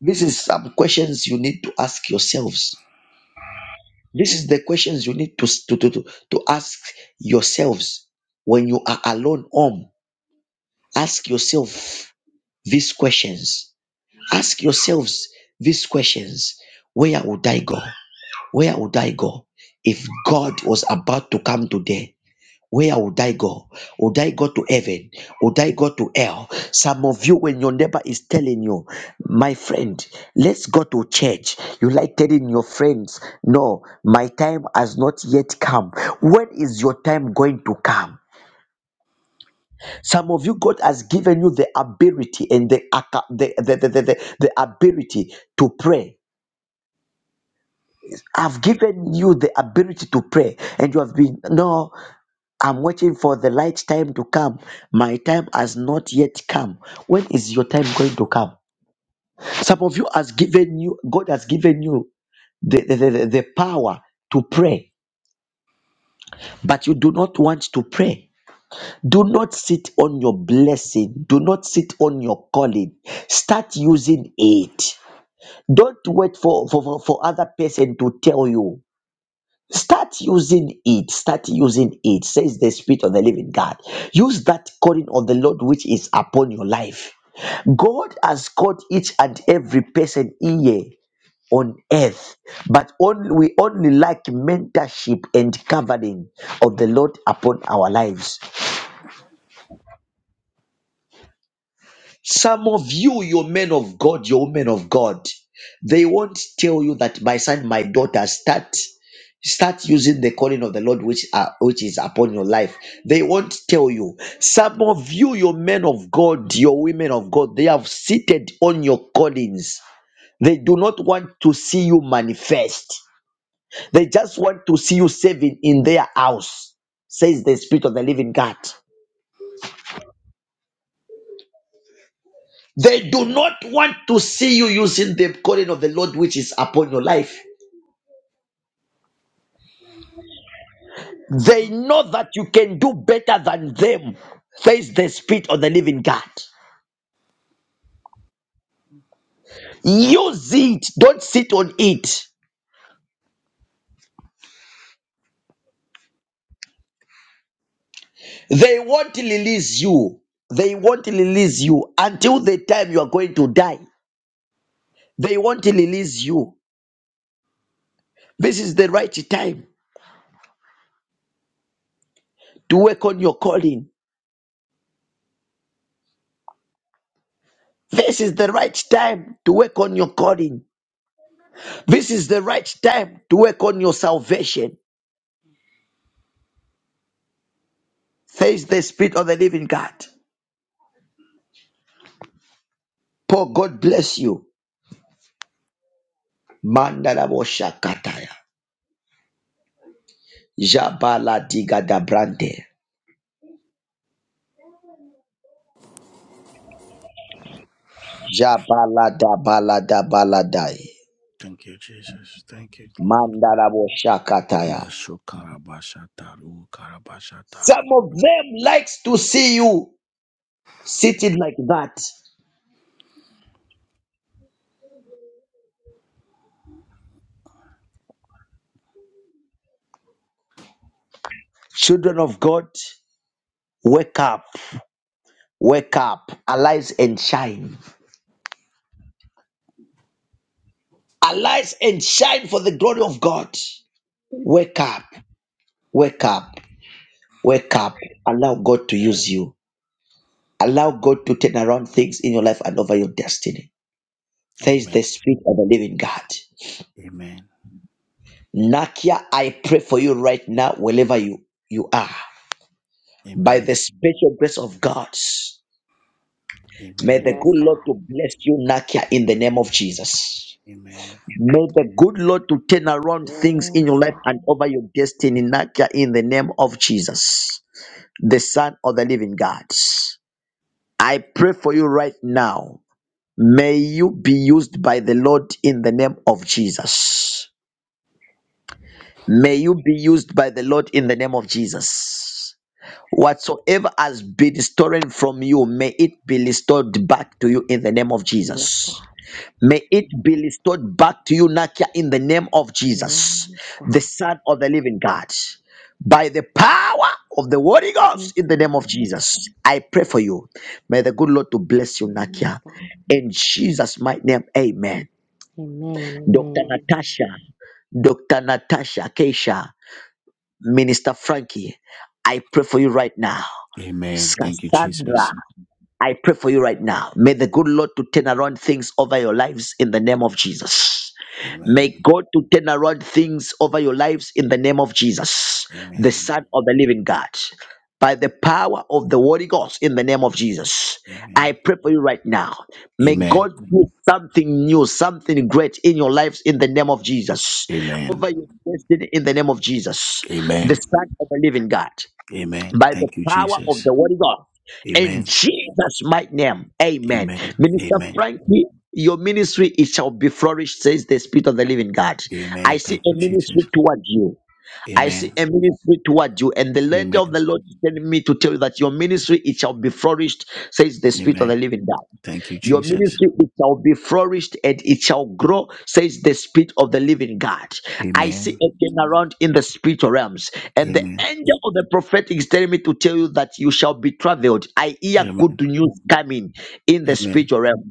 Speaker 1: This is some questions you need to ask yourselves. This is the questions you need to, to, to, to to ask yourselves when you are alone home. Ask yourself these questions Ask yourselves these questions Where would I go? Where would I go if God was about to come today? Where would I go? Would I go to heaven? Would I go to hell? Some of you, when your neighbor is telling you, my friend, let's go to church, you like telling your friends, no, my time has not yet come. When is your time going to come? Some of you, God has given you the ability and the, aca- the, the, the, the, the the ability to pray I've given you the ability to pray, and you have been, no, I'm waiting for the light time to come. My time has not yet come. When is your time going to come? Some of you has given you, God has given you the, the, the, the the power to pray, but you do not want to pray. Do not sit on your blessing. Do not sit on your calling. Start using it. Don't wait for, for, for, for other person to tell you. Start using it. Start using it, says the Spirit of the living God. Use that calling of the Lord which is upon your life. God has called each and every person here on earth, but only, we only lack mentorship and covering of the Lord upon our lives. Some of you, your men of God, your women of God, they won't tell you that my son, my daughter, start start using the calling of the Lord which are which is upon your life. They won't tell you. Some of you, your men of God, your women of God, they have seated on your callings. They do not want to see you manifest. They just want to see you serving in their house, says the Spirit of the Living God. They do not want to see you using the calling of the Lord which is upon your life. They know that you can do better than them. Face the Spirit of the living God. Use it. Don't sit on it. They won't release you. They won't release you until the time you are going to die. They won't release you. This is the right time to work on your calling. This is the right time to work on your calling. This is the right time to work on your salvation. Face the Spirit of the living God. Paul, God bless you. Mandala Jabala diga da brande. Jabala da bala da baladai.
Speaker 7: Thank you, Jesus. Thank you, Lord.
Speaker 1: Mandala
Speaker 7: Masukarabasha taru, Masukarabasataru
Speaker 1: Some
Speaker 7: tarab.
Speaker 1: of them likes to see you sitting like that. Children of God, wake up, wake up, arise and shine. Arise and shine for the glory of God. Wake up, wake up, wake up. Allow God to use you. Allow God to turn around things in your life and over your destiny. There is
Speaker 7: Amen.
Speaker 1: the Spirit of the Living God.
Speaker 7: Amen.
Speaker 1: Nakia, I pray for you right now, wherever you, you are, by the
Speaker 7: Amen.
Speaker 1: special grace of God. May the
Speaker 7: Amen.
Speaker 8: Yes,
Speaker 1: good
Speaker 8: God.
Speaker 1: Lord to bless you, Nakia, in the name of Jesus.
Speaker 7: Amen.
Speaker 1: May the good Lord to turn around things in your
Speaker 8: Yes,
Speaker 1: life
Speaker 8: God.
Speaker 1: and over your destiny, Nakia, in the name of Jesus, the Son of the Living God. I pray for you right now May you be used by the Lord in the name of Jesus. May you be used by the Lord in the name of Jesus. Whatsoever has been stolen from you, may it be restored back to you in the name of
Speaker 8: Yes, God.
Speaker 1: Jesus. May it be restored back to you, Nakia, in the name of Jesus,
Speaker 8: Yes, God.
Speaker 1: the Son of the Living God. By the power of the Holy Ghost,
Speaker 8: Yes,
Speaker 1: in the
Speaker 8: God.
Speaker 1: name of Jesus, I pray for you. May the good Lord to bless you,
Speaker 8: Yes,
Speaker 1: Nakia.
Speaker 8: God.
Speaker 1: In Jesus' mighty name, amen.
Speaker 8: Amen.
Speaker 1: Dr.
Speaker 8: Amen.
Speaker 1: Natasha, Dr. Natasha Keisha, Minister Frankie, I pray for you right now.
Speaker 7: Amen. Thank you,
Speaker 1: Cassandra,
Speaker 7: Jesus.
Speaker 1: I pray for you right now. May the good Lord to turn around things over your lives in the name of Jesus.
Speaker 7: Amen.
Speaker 1: May God to turn around things over your lives in the name of Jesus, the
Speaker 7: Amen.
Speaker 1: Son of the Living God. By the power of the Holy Ghost in the name of Jesus, I
Speaker 7: Amen.
Speaker 1: pray for you right now. May
Speaker 7: Amen.
Speaker 1: God do something new, something great in your lives in the name of Jesus,
Speaker 7: Amen.
Speaker 1: over your destiny in the name of Jesus, the
Speaker 7: Amen.
Speaker 1: Son of the Living God
Speaker 7: Amen.
Speaker 1: by the
Speaker 7: Thank you,
Speaker 1: power of
Speaker 7: Jesus.
Speaker 1: the Holy Ghost. In
Speaker 7: Amen.
Speaker 1: Jesus' mighty name, amen.
Speaker 7: Amen.
Speaker 1: Minister
Speaker 7: Amen.
Speaker 1: Frankie, your ministry it shall be flourished, says the Spirit of the Living God. I
Speaker 7: Amen.
Speaker 1: see
Speaker 7: Thank
Speaker 1: a
Speaker 7: you,
Speaker 1: ministry
Speaker 7: Jesus.
Speaker 1: towards you. I see
Speaker 7: Amen.
Speaker 1: a ministry toward you, and the land of
Speaker 7: Amen.
Speaker 1: the Lord is telling me to tell you that your ministry it shall be flourished, says the Spirit of
Speaker 7: Amen.
Speaker 1: the Living God.
Speaker 7: Thank you,
Speaker 1: Your
Speaker 7: Jesus.
Speaker 1: ministry it shall be flourished and it shall grow, says the Spirit of the Living God. I see
Speaker 7: Amen.
Speaker 1: a turnaround in the spiritual realms, and the
Speaker 7: Amen.
Speaker 1: angel of the prophet is telling me to tell you that you shall be traveled. I hear good
Speaker 7: Amen.
Speaker 1: news coming in
Speaker 7: Amen.
Speaker 1: the
Speaker 7: Amen.
Speaker 1: spiritual realm.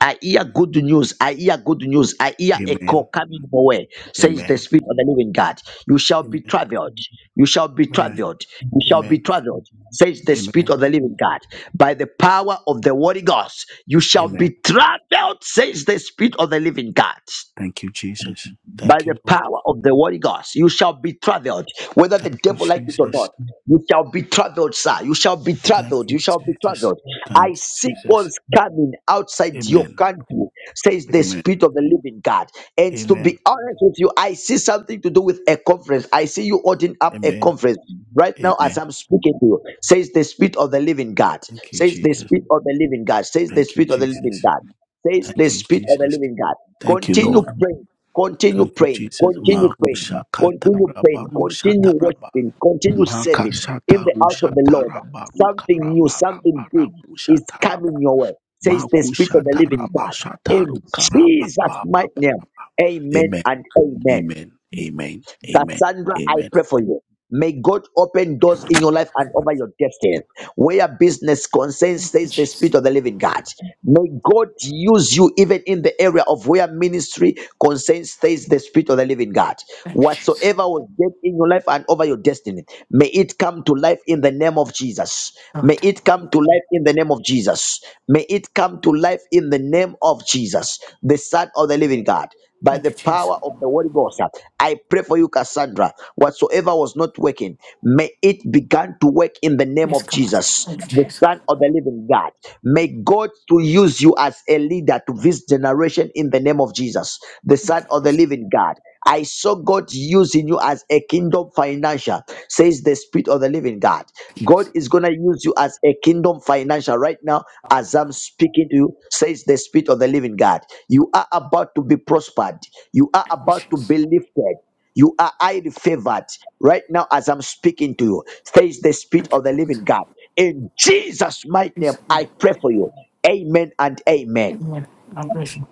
Speaker 1: I hear good news news. I hear good news. I hear a
Speaker 7: Amen.
Speaker 1: call coming your way, says the
Speaker 7: Amen.
Speaker 1: Spirit of the living God. You shall be
Speaker 7: Amen.
Speaker 1: traveled. You shall be
Speaker 7: Amen.
Speaker 1: traveled. You shall be
Speaker 7: Amen.
Speaker 1: traveled, says the Spirit of the living God. By the power of the Holy Ghost, you shall
Speaker 7: Amen.
Speaker 1: be traveled, says the Spirit of the living God
Speaker 7: Thank you, Jesus.
Speaker 1: by
Speaker 7: Thank
Speaker 1: the
Speaker 7: you, Lord.
Speaker 1: power of the Holy Ghost, you shall be traveled, whether the
Speaker 7: Thank you,
Speaker 1: devil like it or
Speaker 7: Jesus.
Speaker 1: not. You shall be traveled, sir. You shall be
Speaker 7: Thank
Speaker 1: traveled.
Speaker 7: you,
Speaker 1: You shall be
Speaker 7: Jesus.
Speaker 1: traveled. I
Speaker 7: Thank you,
Speaker 1: see
Speaker 7: Jesus.
Speaker 1: ones coming outside your
Speaker 7: Amen.
Speaker 1: country, says the
Speaker 7: Amen.
Speaker 1: Spirit of the Living God. And to be
Speaker 7: Amen.
Speaker 1: honest with you, I see something to do with a conference. I see you holding up a
Speaker 7: Amen.
Speaker 1: conference right now as
Speaker 7: Amen.
Speaker 1: I'm speaking to you, says the Spirit of the Living God.
Speaker 7: Thank you,
Speaker 1: Says the
Speaker 7: Jesus.
Speaker 1: Spirit of the Living God. Says the
Speaker 7: Thank you,
Speaker 1: Spirit of the Living
Speaker 7: Jesus.
Speaker 1: God says the
Speaker 7: Thank you,
Speaker 1: Spirit of the
Speaker 7: Jesus.
Speaker 1: living God.
Speaker 7: Thank you,
Speaker 1: Continue
Speaker 7: Lord.
Speaker 1: praying, continue
Speaker 7: Thank you,
Speaker 1: praying,
Speaker 7: Jesus.
Speaker 1: continue praying,
Speaker 7: Marusha
Speaker 1: continue
Speaker 7: kataraba
Speaker 1: praying,
Speaker 7: rusha
Speaker 1: continue
Speaker 7: taraba.
Speaker 1: worshiping, continue serving
Speaker 7: Makasha
Speaker 1: in the house of
Speaker 7: tarusha
Speaker 1: the Lord.
Speaker 7: taraba
Speaker 1: Something new,
Speaker 7: rukaraba
Speaker 1: something
Speaker 7: raba
Speaker 1: big
Speaker 7: rabusha
Speaker 1: is
Speaker 7: taraba.
Speaker 1: coming your way, says the Spirit
Speaker 7: Makusha
Speaker 1: of the living
Speaker 7: taraba
Speaker 1: God.
Speaker 7: shataru
Speaker 1: In
Speaker 7: karaba
Speaker 1: Jesus'
Speaker 7: ba ba
Speaker 1: mighty
Speaker 7: ba.
Speaker 1: name, amen
Speaker 7: Amen.
Speaker 1: and amen.
Speaker 7: Amen. Amen. Amen.
Speaker 1: Cassandra, I pray for you. May God open doors in your life and over your destiny. Where business concerns,
Speaker 9: Thank you,
Speaker 1: says the
Speaker 9: Jesus.
Speaker 1: Spirit of the Living God. May God use you even in the area of where ministry concerns, says the Spirit of the Living God.
Speaker 9: Thank you, Jesus.
Speaker 1: Whatsoever was dead in your life and over your destiny, may it come to life in the name of Jesus.
Speaker 9: Oh,
Speaker 1: May
Speaker 9: God.
Speaker 1: it come to life in the name of Jesus. May it come to life in the name of Jesus, the Son of the Living God by
Speaker 9: Thank
Speaker 1: the
Speaker 9: you, Jesus.
Speaker 1: power of the Holy Ghost. I pray for you, Cassandra. Whatsoever was not working, may it begin to work in the name
Speaker 9: Yes,
Speaker 1: of
Speaker 9: God.
Speaker 1: Jesus,
Speaker 9: Thank you,
Speaker 1: the
Speaker 9: Jesus.
Speaker 1: Son of the Living God. May God to use you as a leader to this generation in the name of Jesus, the Son of the Living God. I saw God using you as a kingdom financial, says the Spirit of the Living God.
Speaker 9: Thank you,
Speaker 1: God
Speaker 9: Jesus.
Speaker 1: is going to use you as a kingdom financial right now as I'm speaking to you, says the Spirit of the Living God. You are about to be prospered. You are
Speaker 9: Thank you,
Speaker 1: about to
Speaker 9: Jesus.
Speaker 1: be lifted. You are highly favored right now as I'm speaking to you. Says the Spirit
Speaker 9: Thank you,
Speaker 1: of the
Speaker 9: Jesus.
Speaker 1: Living God. In Jesus' mighty name,
Speaker 9: Jesus, name.
Speaker 1: I pray for you. Amen and amen.
Speaker 9: Amen. I'm grateful.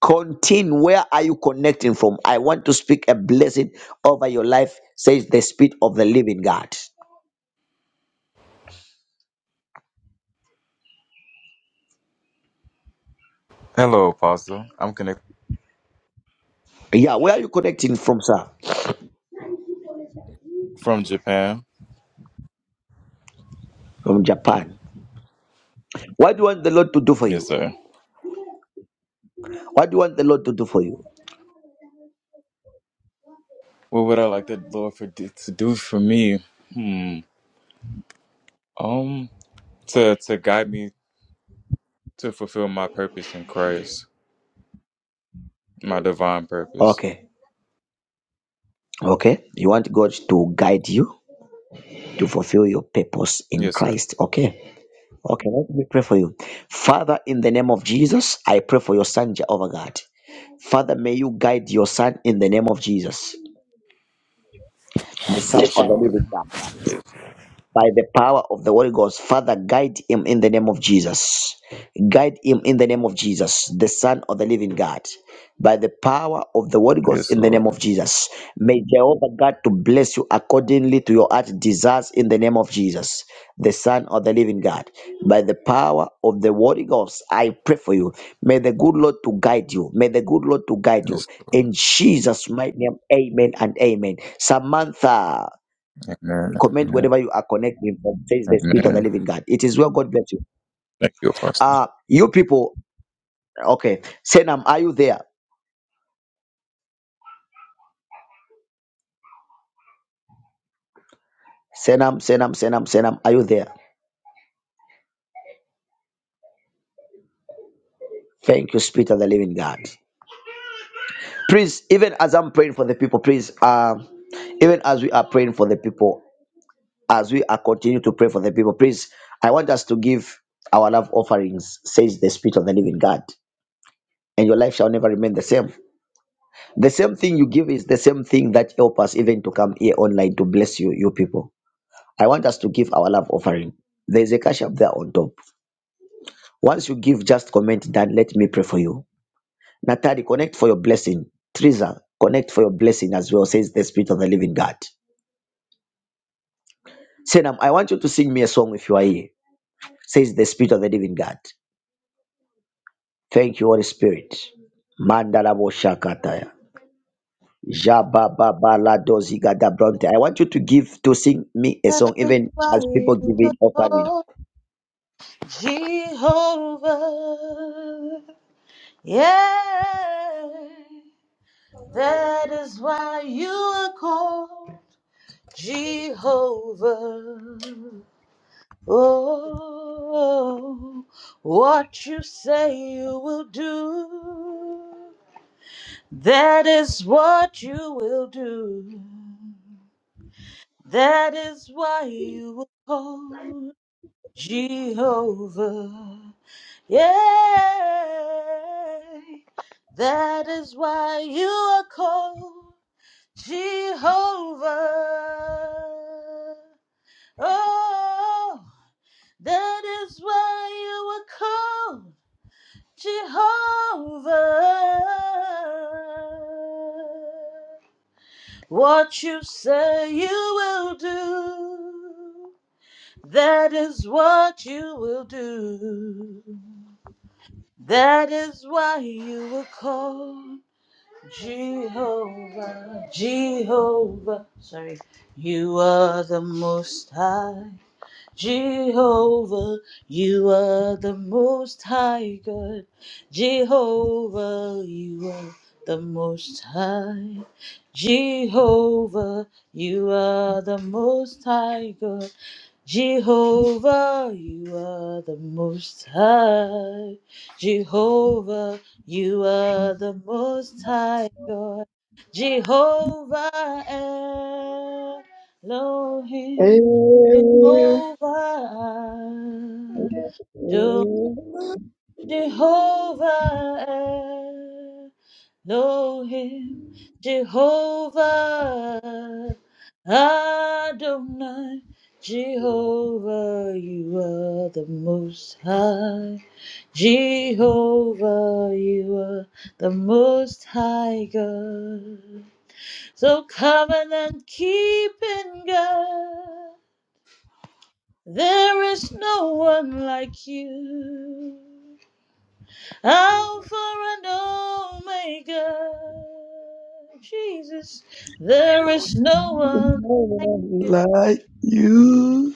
Speaker 1: Continue. Where are you connecting from? I want to speak a blessing over your life, says the Spirit of the Living God.
Speaker 10: Hello, Apostle. I'm connected
Speaker 1: Yeah, where are you connecting from, sir?
Speaker 10: from Japan.
Speaker 1: From Japan. What do you want the Lord to do for
Speaker 10: Yes,
Speaker 1: you?
Speaker 10: sir.
Speaker 1: What do you want the Lord to do for you?
Speaker 10: What would I like the Lord for to do for me? Hmm. Um, to to guide me to fulfill my purpose in Christ, my divine purpose.
Speaker 1: Okay. Okay, you want God to guide you to fulfill your purpose in
Speaker 10: Yes, sir.
Speaker 1: Christ. Okay, okay, let me pray for you. Father, in the name of Jesus, I pray for your son, Jehovah God. Father, may you guide your son in the name of Jesus, the son
Speaker 10: Yes,
Speaker 1: of
Speaker 7: Amen.
Speaker 1: the
Speaker 10: Lord.
Speaker 1: living God. by the power of the Holy Ghost. Father, guide him in the name of Jesus. Guide him in the name of Jesus, the Son of the Living God. By the power of the Holy Ghost
Speaker 10: Yes,
Speaker 1: in the
Speaker 10: Lord.
Speaker 1: name of Jesus. May Jehovah God to bless you accordingly to your heart desires in the name of Jesus, the Son of the Living God. By the power of the Holy Ghost, I pray for you. May the good Lord to guide you. May the good Lord to guide you.
Speaker 10: Yes, Lord.
Speaker 1: In Jesus' mighty name, amen and amen. Samantha
Speaker 10: Amen.
Speaker 1: comment
Speaker 10: Amen.
Speaker 1: wherever you are connecting from. Says the spirit of the
Speaker 10: Amen.
Speaker 1: living God. It is well. God bless you.
Speaker 10: Thank you, Apostle.
Speaker 1: Uh you people. Okay, Senam, are you there? Senam, Senam, Senam, Senam, are you there? Thank you, Spirit of the Living God. Please, even as I'm praying for the people, please, uh, even as we are praying for the people, as we are continue to pray for the people, please, I want us to give our love offerings, says the Spirit of the Living God, and your life shall never remain the same. The same thing you give is the same thing that help us even to come here online to bless you, you people. I want us to give our love offering. There is a cash up there on top. Once you give, just comment that let me pray for you. Natali, connect for your blessing. Teresa, connect for your blessing as well, says the Spirit of the Living God. Senam, I want you to sing me a song if you are here, says the Spirit of the Living God. Thank you, Holy Spirit. Mandalabo Shakataya. Jabababaladozigadabronte. I want you to give to sing me a
Speaker 3: As
Speaker 1: song, even as
Speaker 3: fire
Speaker 1: people give it offering.
Speaker 3: upon Jehovah. Yeah, that is why you are called Jehovah. Oh, what you say you will do, that is what you will do. That is why you were called Jehovah. Yeah. That is why you are called Jehovah. Oh, that is why you were called Jehovah. What you say you will do. That is what you will do. That is why you were called Jehovah. Jehovah. Sorry. You are the most high. Jehovah, you are the most high God. Jehovah, you are the most high. Jehovah, you are the most high God. Jehovah, you are the most high. Jehovah, you are the most high God. Jehovah Elohim. Jehovah, do Jehovah Elohim, Jehovah Adonai, Jehovah, you are the Most High. Jehovah, you are the Most High God. So covenant keeping God. There is no one like you, Alpha and Omega. Jesus, there is no one
Speaker 1: No one like you.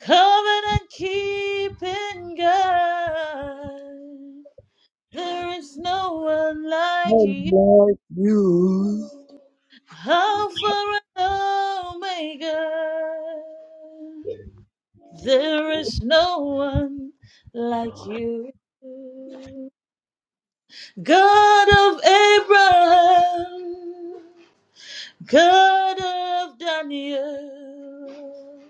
Speaker 3: covenant keeping God. There is no one like
Speaker 1: No
Speaker 3: you,
Speaker 1: one like you.
Speaker 3: Alpha and Omega. There is no one like you. God of Abraham, God of Daniel,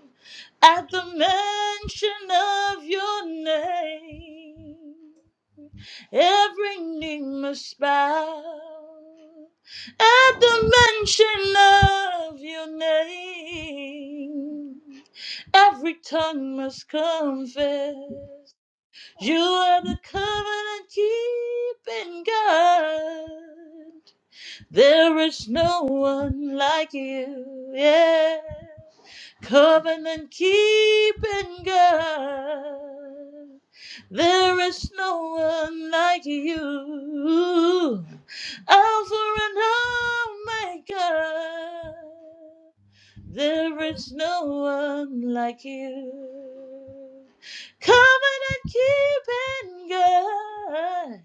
Speaker 3: at the mention of your name, every knee must bow. At the mention of your name, every tongue must confess. You are the covenant keeping God. There is no one like you. Yeah. Covenant keeping God. There is no one like you. Alpha and Omega. There is no one like you. Covenant keeping God.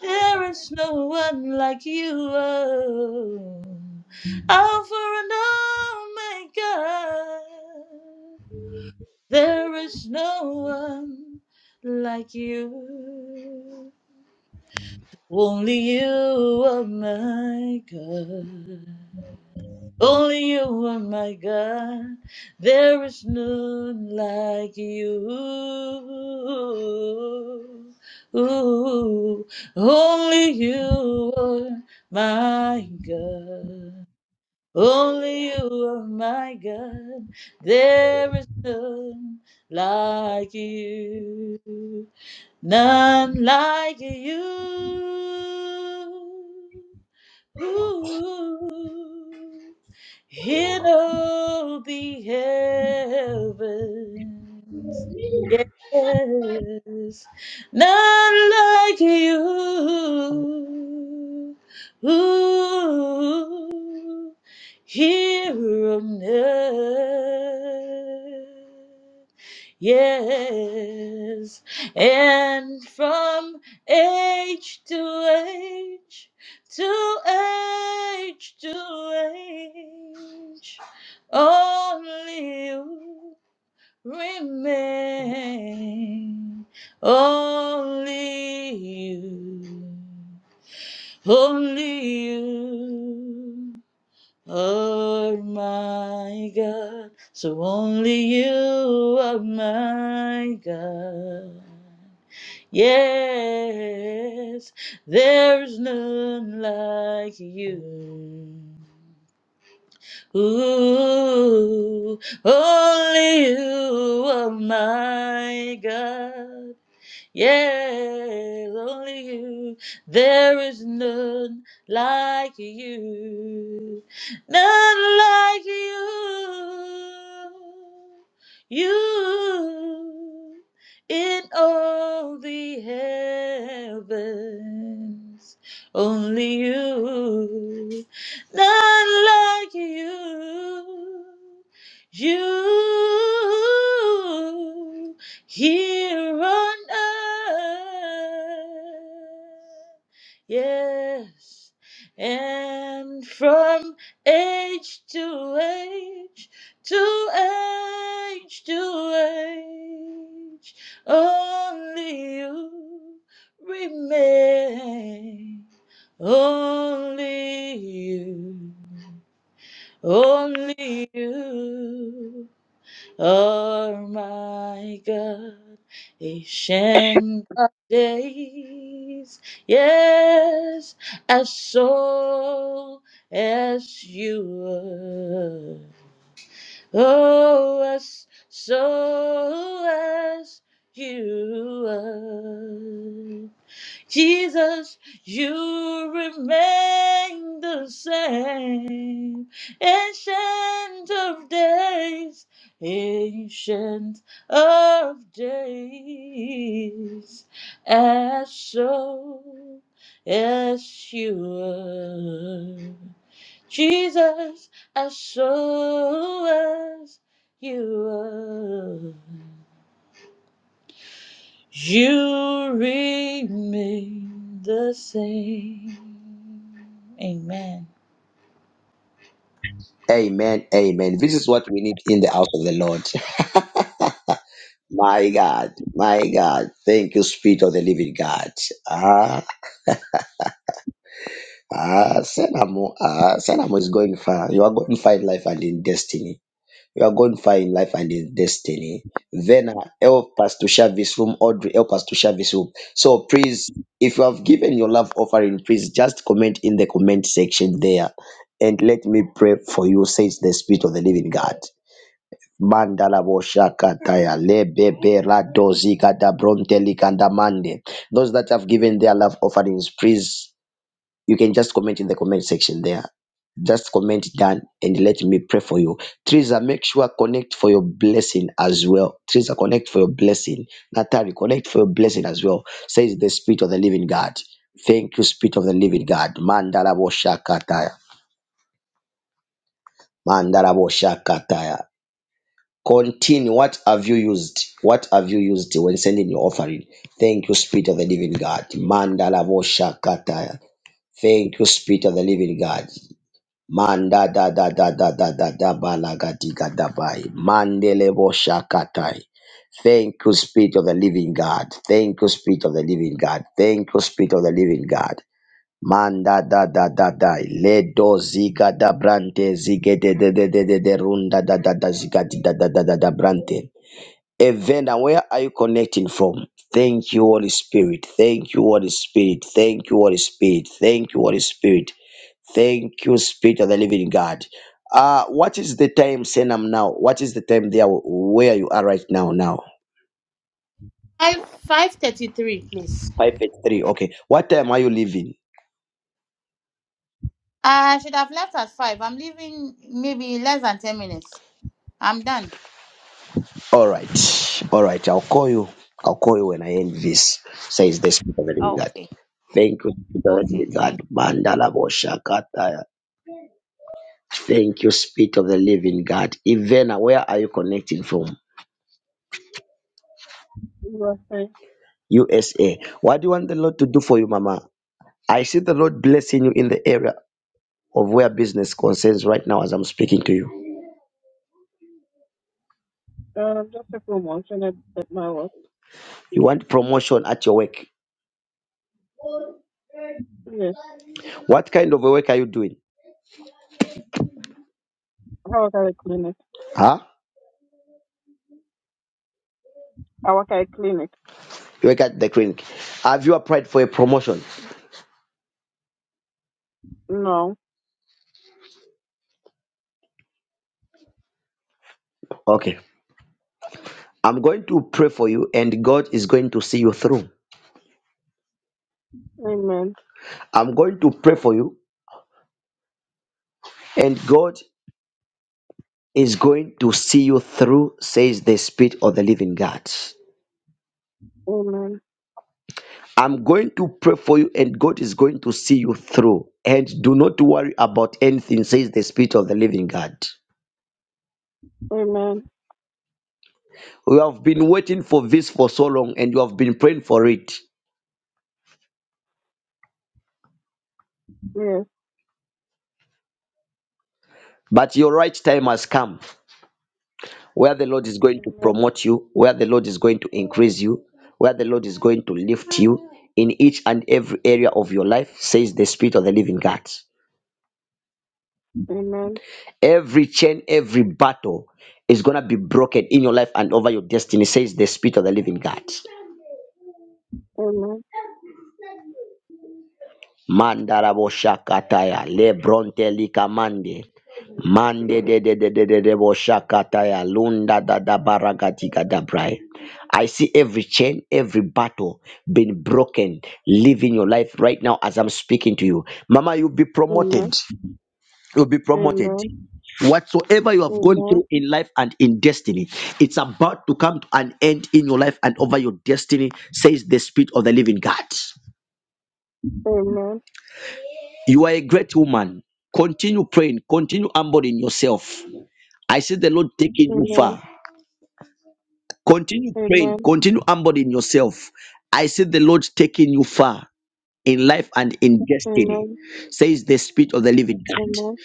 Speaker 3: There is no one like you. Oh. Alpha and Omega. There is no one like you. Only you are my God. Only you are my God. There is none like you. Ooh, only you are my God. Only you are my God. There is none like you. None like you. Ooh in all the heavens. Yes, none like you. Ooh, here on earth. Yes, and from age to age to age to age only you remain only you only you oh my god so only you are my god Yes, there's none like you. Ooh, only you are my God. Yes, only you. There is none like you. None like you. You in all the heavens. Only you. None like you. You here on earth. Yes, and from age to age, to age to age, only you remain. Only you, only you. Oh my God, ancient of days, yes, as so as you were, oh, as so as you were. Jesus, you remain the same. Ancient of days, ancient of days, as so as you are. Jesus, as so as you are. You remain the same. Amen.
Speaker 1: Amen. Amen. This is what we need in the house of the Lord. My God. My God. Thank you, Spirit of the Living God. Ah, ah, Senamo, ah, Senamo is going far. You are going far in life and in destiny. You are going far in life and in destiny. Vena, help us to share this room. Audrey, help us to share this room. So please, if you have given your love offering, please just comment in the comment section there and let me pray for you, says the Spirit of the Living God. Mandala boshakataya lebebe radozika da bronte likanda mande. Those that have given their love offerings, please you can just comment in the comment section there. Just comment done and let me pray for you. Teresa, make sure connect for your blessing as well. Teresa, connect for your blessing. Natalie, connect for your blessing as well. Says the Spirit of the Living God. Thank you, Spirit of the Living God. Mandala boshakataya. Mandala boshakataya. Continue. What have you used? What have you used when sending your offering? Thank you, Spirit of the Living God. Mandala boshakataya. Thank you, Spirit of the Living God. Manda da da da da da da da balagadiga dabai. Mandele bo shakatai. Thank you, Spirit of the Living God. Thank you, Spirit of the Living God. Thank you, Spirit of the Living God. Manda da da da da. Ledo ziga da brante zige de de de de de de runda da da da ziga di da da da da da brante. Evenda, where are you connecting from? Thank you, Holy Spirit. Thank you, Holy Spirit. Thank you, Holy Spirit. Thank you, Holy Spirit. Thank you, Spirit of the Living God. Uh, what is the time, Senam, now? What is the time there where you are right now? Now,
Speaker 3: Five five thirty three, please.
Speaker 1: 583. Okay. What time are you leaving?
Speaker 3: I should have left at five. I'm leaving maybe less than ten minutes. I'm done.
Speaker 1: All right. All right. I'll call you. I'll call you when I end this, says the Spirit of the Living God.
Speaker 3: Okay.
Speaker 1: Thank you, Spirit of the
Speaker 3: Okay.
Speaker 1: Living
Speaker 3: Thank
Speaker 1: God. Mandala Bosha Kataya. Thank you, Spirit of the Living God. Ivana, where are you connecting from?
Speaker 11: Right.
Speaker 1: USA. What do you want the Lord to do for you, Mama? I see the Lord blessing you in the area of where business concerns right now as I'm speaking to you.
Speaker 11: Um, just a promotion at, at my work.
Speaker 1: You want promotion at your work.
Speaker 11: Yes.
Speaker 1: What kind of a work are you doing?
Speaker 11: I work at a clinic.
Speaker 1: Huh?
Speaker 11: I work at a clinic.
Speaker 1: You work at the clinic. Have you applied for a promotion?
Speaker 11: No.
Speaker 1: Okay. I'm going to pray for you and God is going to see you through.
Speaker 11: Amen.
Speaker 1: I'm going to pray for you and God is going to see you through, says the Spirit of the living God.
Speaker 11: Amen.
Speaker 1: I'm going to pray for you and God is going to see you through. And do not worry about anything, says the Spirit of the living God.
Speaker 11: Amen.
Speaker 1: You have been waiting for this for so long and you have been praying for it.
Speaker 11: Yes.
Speaker 1: But your right time has come where the Lord is going to
Speaker 11: Amen.
Speaker 1: promote you, where the Lord is going to increase you, where the Lord is going to lift you in each and every area of your life, says the Spirit of the Living God.
Speaker 11: Amen.
Speaker 1: Every chain, every battle is going to be broken in your life and over your destiny, says the Spirit of the Living God. Mandarabo shakataya lebronte likamande mande de de de de de de bo shakataya lunda da da baragatika da brai. I see every chain, every battle being broken, living your life right now as I'm speaking to you. Mama, you'll be promoted.
Speaker 11: Amen.
Speaker 1: You'll be promoted.
Speaker 11: Amen.
Speaker 1: Whatsoever you have gone
Speaker 11: Amen.
Speaker 1: through in life and in destiny, it's about to come to an end in your life and over your destiny, says the Spirit of the Living God.
Speaker 11: Amen. Amen.
Speaker 1: You are a great woman. Continue praying. Continue humbling yourself. I see the Lord taking you
Speaker 11: Amen.
Speaker 1: far. Continue praying.
Speaker 11: Amen.
Speaker 1: Continue humbling yourself. I see the Lord taking you far in life and in destiny,
Speaker 11: Amen.
Speaker 1: says the Spirit of the living God.
Speaker 11: Amen.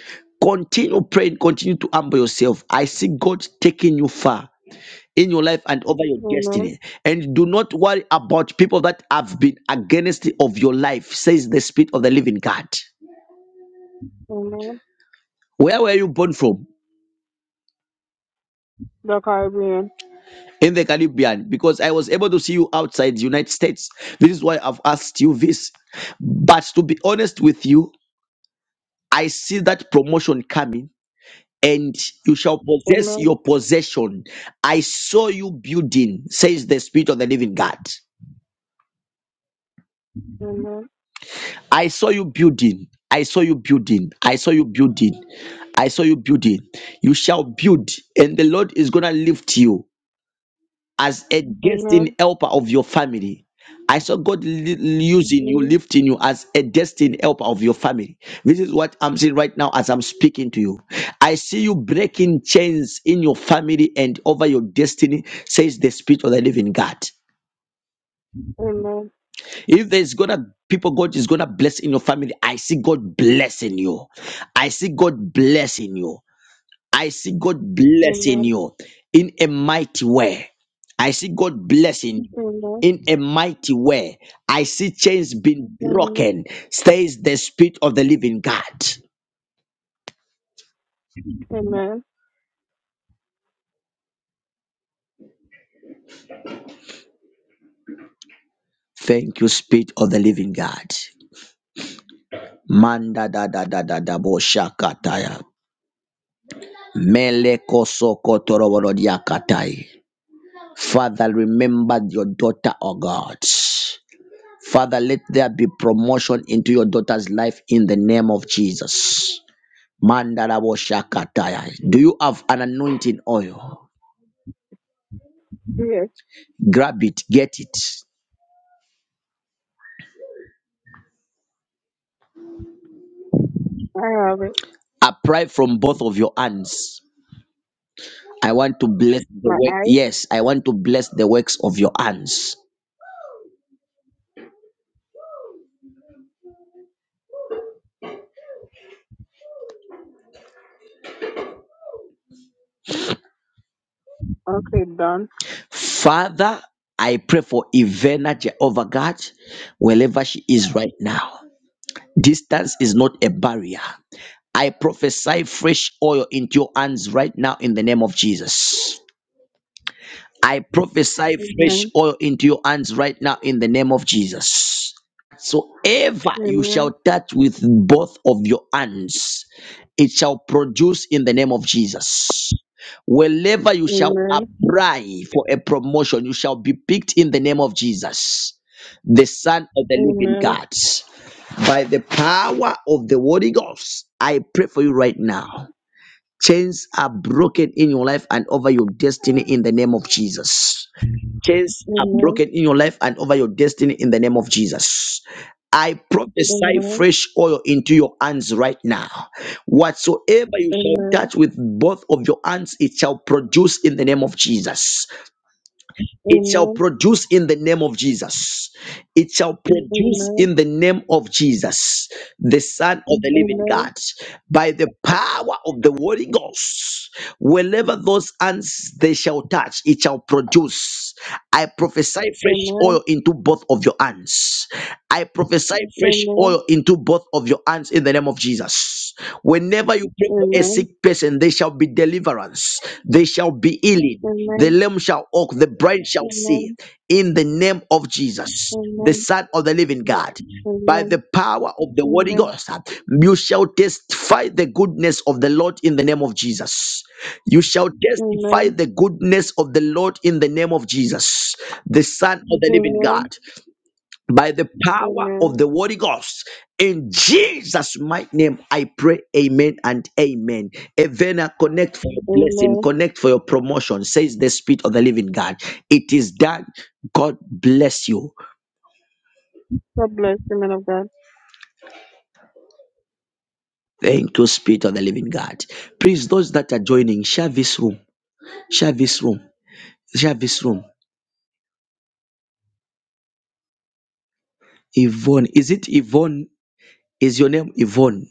Speaker 1: Continue praying. Continue to humble yourself. I see God taking you far in your life and over your
Speaker 11: Amen.
Speaker 1: destiny. And do not worry about people that have been against of your life, says the Spirit of the living God.
Speaker 11: Amen.
Speaker 1: Where were you born from?
Speaker 11: The Caribbean.
Speaker 1: in the Caribbean because I was able to see you outside the United States. This is why I've asked you this. But to be honest with you, I see that promotion coming and you shall possess
Speaker 11: Amen.
Speaker 1: your possession. I saw you building, says the Spirit of the Living God.
Speaker 11: Amen.
Speaker 1: I saw you building. I saw you building. I saw you building. I saw you building. You shall build, and the Lord is going to lift you as a destined
Speaker 11: Amen.
Speaker 1: helper of your family. I saw God li- using you,
Speaker 11: Amen.
Speaker 1: lifting you as a destined helper of your family. This is what I'm seeing right now as I'm speaking to you. I see you breaking chains in your family and over your destiny, says the Spirit of the Living God.
Speaker 11: Amen.
Speaker 1: If there's gonna people God is gonna bless in your family, I see God blessing you. I see God blessing you. I see God
Speaker 11: Amen.
Speaker 1: blessing you in a mighty way. I see God blessing you
Speaker 11: Amen.
Speaker 1: in a mighty way. I see chains being
Speaker 11: Amen.
Speaker 1: broken, says the Spirit of the Living God.
Speaker 11: Amen.
Speaker 1: Thank you, Spirit of the Living God. Manda da da da da da bo shakataya. Mele koso kotoro diakatai. Father, remember your daughter, O God. Father, let there be promotion into your daughter's life in the name of Jesus. Mandarabo Shakataya. Do you have an anointing oil?
Speaker 11: Yes.
Speaker 1: Grab it, get it.
Speaker 11: I have it.
Speaker 1: Apply from both of your hands. I want to bless the
Speaker 11: My
Speaker 1: work.
Speaker 11: eyes?
Speaker 1: Yes, I want to bless the works of your hands.
Speaker 11: Okay, done.
Speaker 1: Father, I pray for Ivana Jehovah God, wherever she is right now. Distance is not a barrier. I prophesy fresh oil into your hands right now in the name of Jesus. I prophesy fresh
Speaker 11: Amen.
Speaker 1: oil into your hands right now in the name of Jesus. Soever you
Speaker 11: Amen.
Speaker 1: shall touch with both of your hands, it shall produce in the name of Jesus. Wherever you shall
Speaker 11: Amen.
Speaker 1: apply for a promotion, you shall be picked in the name of Jesus, the Son of the Living
Speaker 11: Amen.
Speaker 1: God. By the power of the Holy Ghost, I pray for you right now. Chains are broken in your life and over your destiny in the name of Jesus chains are
Speaker 11: Amen.
Speaker 1: broken in your life and over your destiny in the name of Jesus. I prophesy
Speaker 11: Amen.
Speaker 1: fresh oil into your hands right now. Whatsoever you shall touch with both of your hands, it shall produce in the name of Jesus. It shall
Speaker 11: Amen.
Speaker 1: produce in the name of Jesus. It shall
Speaker 11: Amen.
Speaker 1: produce
Speaker 11: Amen.
Speaker 1: in the name of Jesus, the Son of the Living
Speaker 11: Amen.
Speaker 1: God, by the power of the Holy Ghost. Wherever those hands they shall touch, it shall produce. I prophesy fresh oil into both of your hands. I prophesy fresh
Speaker 11: Amen.
Speaker 1: oil into both of your hands in the name of Jesus. Whenever you pray for a
Speaker 11: Amen.
Speaker 1: sick person, there shall be deliverance, there shall be healing. The lame shall walk, the blind
Speaker 11: Amen.
Speaker 1: shall
Speaker 11: Amen.
Speaker 1: see.
Speaker 11: Amen.
Speaker 1: In the name of Jesus, the
Speaker 11: Amen.
Speaker 1: Son of the Living God,
Speaker 11: Amen.
Speaker 1: by
Speaker 11: Amen.
Speaker 1: the power of the Holy Ghost, you shall testify the goodness of the Lord in the name of Jesus. You shall
Speaker 11: Amen.
Speaker 1: testify
Speaker 11: Amen.
Speaker 1: the goodness of the Lord in the name of Jesus, the Son of the living
Speaker 11: Amen.
Speaker 1: God, by the power of the Holy Ghost. In Jesus' mighty name, I pray, Amen and Amen. Evena, connect for your blessing,
Speaker 11: Amen.
Speaker 1: connect for your promotion, says the Spirit of the living God. It is done. God bless you.
Speaker 11: God bless the man of God.
Speaker 1: Thank you, Spirit of the living God. Please, those that are joining, share this room, share this room, share this room. Yvonne, is it Yvonne? Is your name Yvonne?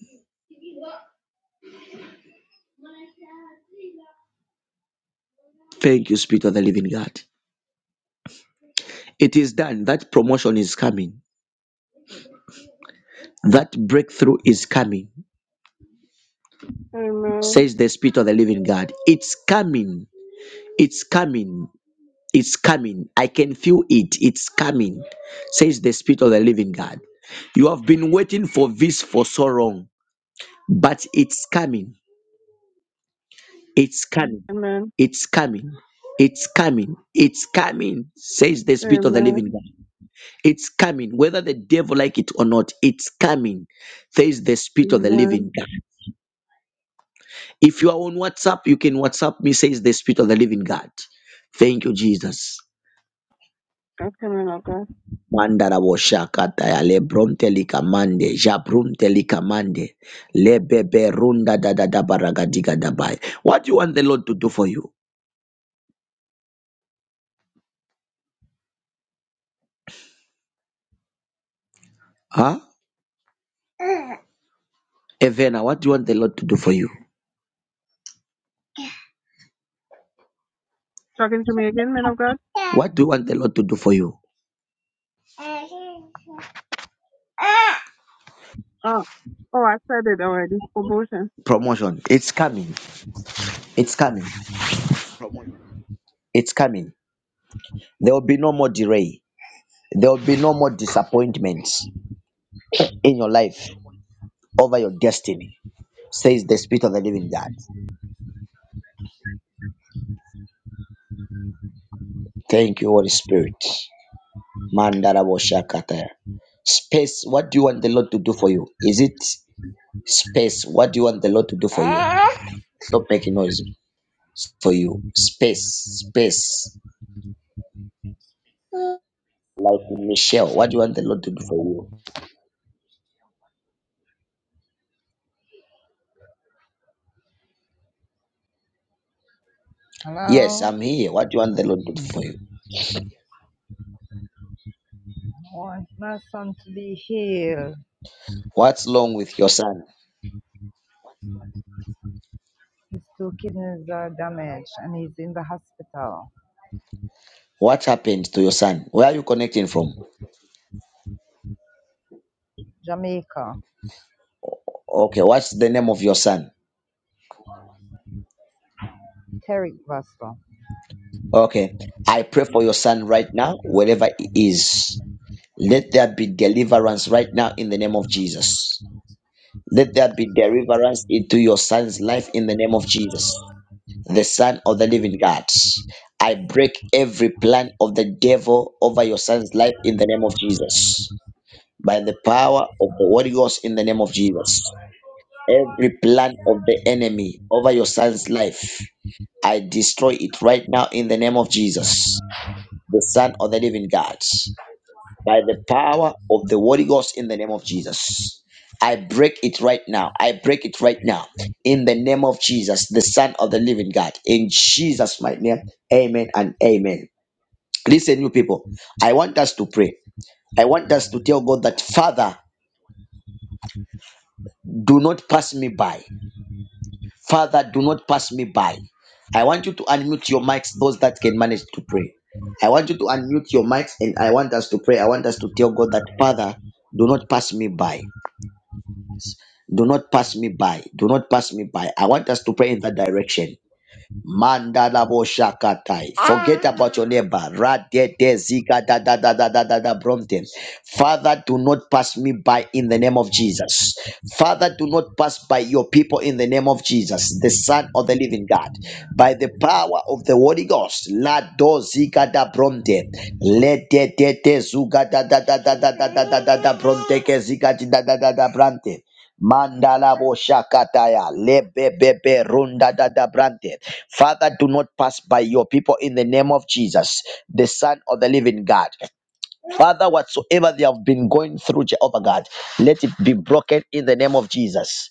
Speaker 1: Thank you, Spirit of the Living God. It is done. That promotion is coming. That breakthrough is coming,
Speaker 11: Amen.
Speaker 1: says the Spirit of the Living God. It's coming. It's coming. It's coming. I can feel it. It's coming, says the Spirit of the Living God. You have been waiting for this for so long, but it's coming. It's coming.
Speaker 11: Amen.
Speaker 1: It's coming. It's coming. It's coming, says the Spirit of the Living
Speaker 11: Amen.
Speaker 1: God. It's coming, whether the devil like it or not. It's coming. Says the Spirit of the
Speaker 11: Amen.
Speaker 1: Living God. If you are on WhatsApp, you can WhatsApp me. Says the Spirit of the Living God. Thank you, Jesus.
Speaker 11: Okay, man of God.
Speaker 1: Mandara wo shaka taya likamande, jabrunte likamande, le runda da da da baragadiga da What do you want the Lord to do for you? Huh? Evena, what do you want the Lord to do for you?
Speaker 11: Talking to me again, man of God?
Speaker 1: What do you want the Lord to do for you?
Speaker 11: Uh, oh, I said it already. Promotion.
Speaker 1: Promotion. It's coming. It's coming. It's coming. There will be no more delay. There will be no more disappointments in your life over your destiny, says the Spirit of the Living God. Thank you, Holy Spirit. Mandarabashakataya. Space, what do you want the Lord to do for you? Is it space? What do you want the Lord to do for you? Stop making noise for you. Space, space. Like Michelle, what do you want the Lord to do for you? Yes,
Speaker 12: Hello?
Speaker 1: I'm here. What do you want the Lord to do for you?
Speaker 12: I want my son to be healed.
Speaker 1: What's wrong with your son?
Speaker 12: His two kidneys are damaged and he's in the hospital.
Speaker 1: What happened to your son? Where are you connecting from?
Speaker 12: Jamaica.
Speaker 1: Okay, what's the name of your son?
Speaker 12: Terry Russell.
Speaker 1: Okay, I pray for your son right now, wherever he is. Let there be deliverance right now in the name of Jesus. Let there be deliverance into your son's life in the name of Jesus, the Son of the Living God. I break every plan of the devil over your son's life in the name of Jesus, by the power of the Holy Ghost in the name of Jesus. Every plan of the enemy over your son's life. I destroy it right now in the name of Jesus, the Son of the Living God, by the power of the Holy Ghost in the name of Jesus. I break it right now. I break it right now in the name of Jesus, the Son of the Living God. In Jesus' mighty name, amen and amen. Listen, you people, I want us to pray. I want us to tell God that, Father, do not pass me by. Father, do not pass me by. I want you to unmute your mics, those that can manage to pray. I want you to unmute your mics and I want us to pray. I want us to tell God that, Father, do not pass me by. Do not pass me by. Do not pass me by. I want us to pray in that direction. Mandala bo shakatai. Forget about your neighbor. Rade de zika da da da da da da da bromte. Father, do not pass me by in the name of Jesus. Father, do not pass by your people in the name of Jesus, the Son of the Living God, by the power of the Holy Ghost. La do zika da bromte. Le de de de zuga da da da da da da da da da da bromte ke zika da da da da brante. Mandala bo shakataya lebebebe runda da da brante. Father, do not pass by your people in the name of Jesus, the Son of the Living God. Father, whatsoever they have been going through, Jehovah God, let it be broken in the name of Jesus.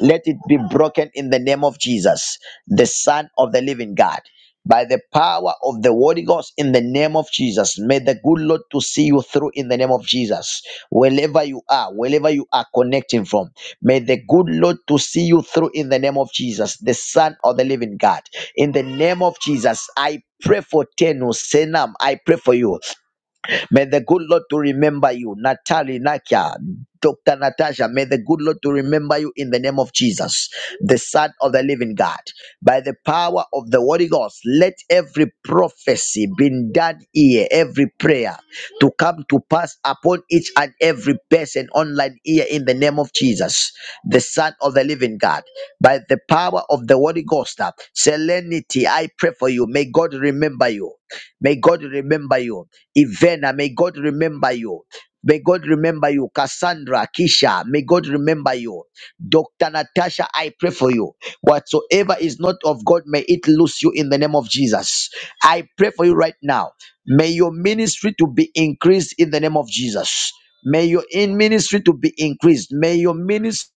Speaker 1: Let it be broken in the name of Jesus, the Son of the living God. By the power of the Holy Ghost in the name of Jesus, may the good Lord to see you through in the name of Jesus. Wherever you are, wherever you are connecting from, may the good Lord to see you through in the name of Jesus, the Son of the living God. In the name of Jesus, I pray for Tenu, Senam, I pray for you. May the good Lord to remember you, Natalie Nakia. Dr. Natasha, may the good Lord to remember you in the name of Jesus, the Son of the Living God. By the power of the Holy Ghost, let every prophecy be done here, every prayer to come to pass upon each and every person online here in the name of Jesus, the Son of the Living God. By the power of the Holy Ghost, uh, Selenity, I pray for you. May God remember you. May God remember you. Ivana, may God remember you. May God remember you. Cassandra, Kisha, may God remember you. Dr. Natasha, I pray for you. Whatsoever is not of God, may it lose you in the name of Jesus. I pray for you right now. May your ministry to be increased in the name of Jesus. May your in ministry to be increased. May your ministry.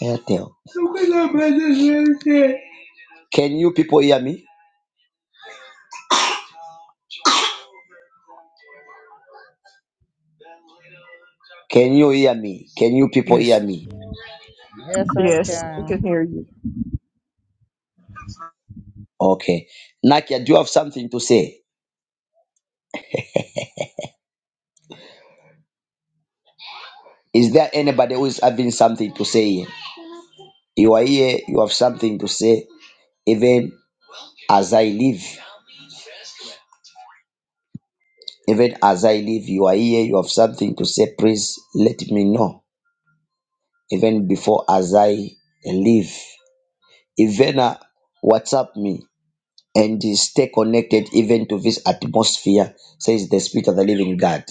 Speaker 1: Can you people hear me? Can you hear me? Can you people hear
Speaker 9: Yes.
Speaker 1: me?
Speaker 12: Yes, I
Speaker 4: Yes, I
Speaker 12: can.
Speaker 4: can hear you.
Speaker 1: Okay. Nakia, do you have something to say? Is there anybody who is having something to say? You are here, you have something to say. Even as I live, even as I live, you are here, you have something to say. Please let me know. Even before as I live. Even uh, WhatsApp me and stay connected even to this atmosphere, says the Spirit of the Living God.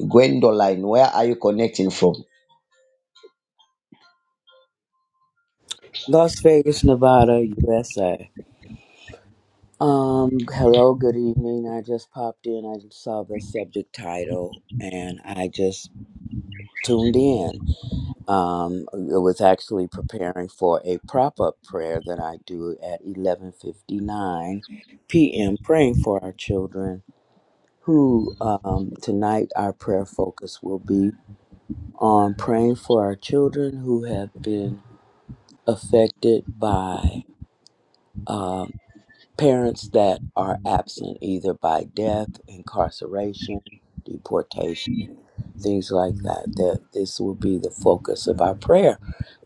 Speaker 1: Gwendoline, where are you connecting from?
Speaker 13: Las Vegas, Nevada, USA. Um, hello, good evening. I just popped in. I just saw the subject title and I just tuned in. Um, I was actually preparing for a prop-up prayer that I do at 11:59 p.m. praying for our children who um, tonight our prayer focus will be on praying for our children who have been affected by um, parents that are absent either by death, incarceration, deportation, things like that. That this will be the focus of our prayer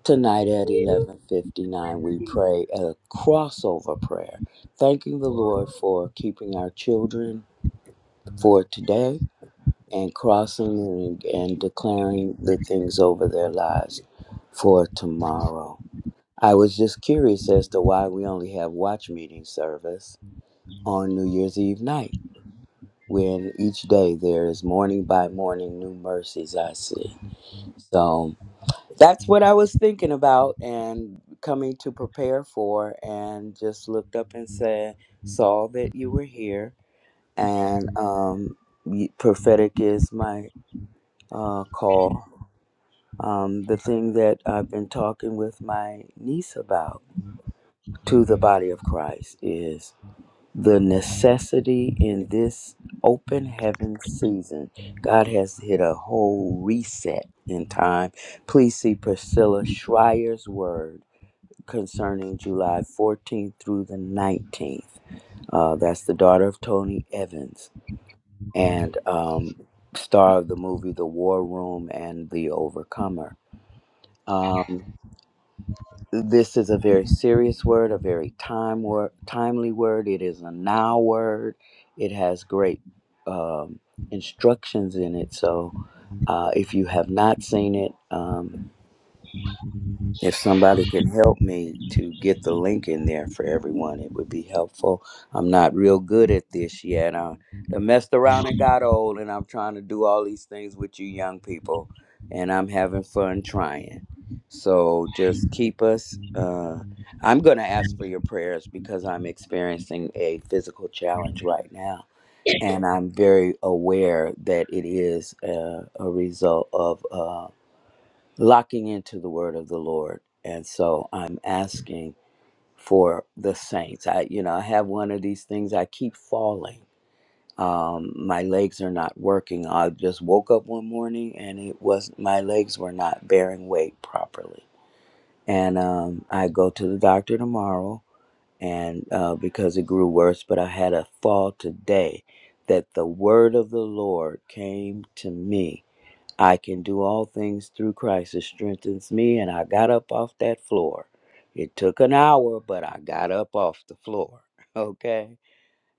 Speaker 13: tonight at 11:59 we pray a crossover prayer, thanking the Lord for keeping our children for today and crossing and, and declaring the things over their lives for tomorrow. I was just curious as to why we only have watch meeting service on New Year's Eve night, when each day there is morning by morning new mercies I see. So that's what I was thinking about and coming to prepare for, and just looked up and said, saw that you were here, and um, y- prophetic is my uh, call. Um, the thing that I've been talking with my niece about to the body of Christ is the necessity in this open heaven season. God has hit a whole reset in time. Please see Priscilla Schreier's word concerning July 14th through the 19th. Uh, that's the daughter of Tony Evans and um, star of the movie The War Room and The Overcomer. Um, this is a very serious word, a very time word, timely word. It is a now word. It has great um, instructions in it. So uh, if you have not seen it, um, if somebody can help me to get the link in there for everyone, it would be helpful. I'm not real good at this yet. I, I messed around and got old, and I'm trying to do all these things with you young people, and I'm having fun trying. So just keep us. Uh, I'm going to ask for your prayers because I'm experiencing a physical challenge right now. And I'm very aware that it is uh, a result of. uh, locking into the word of the Lord. And so I'm asking for the saints. I, you know, I have one of these things, I keep falling. Um, my legs are not working. I just woke up one morning and it was my legs were not bearing weight properly. And um, I go to the doctor tomorrow and uh, because it grew worse, but I had a fall today that the word of the Lord came to me I can do all things through Christ that strengthens me. And I got up off that floor. It took an hour, but I got up off the floor. Okay.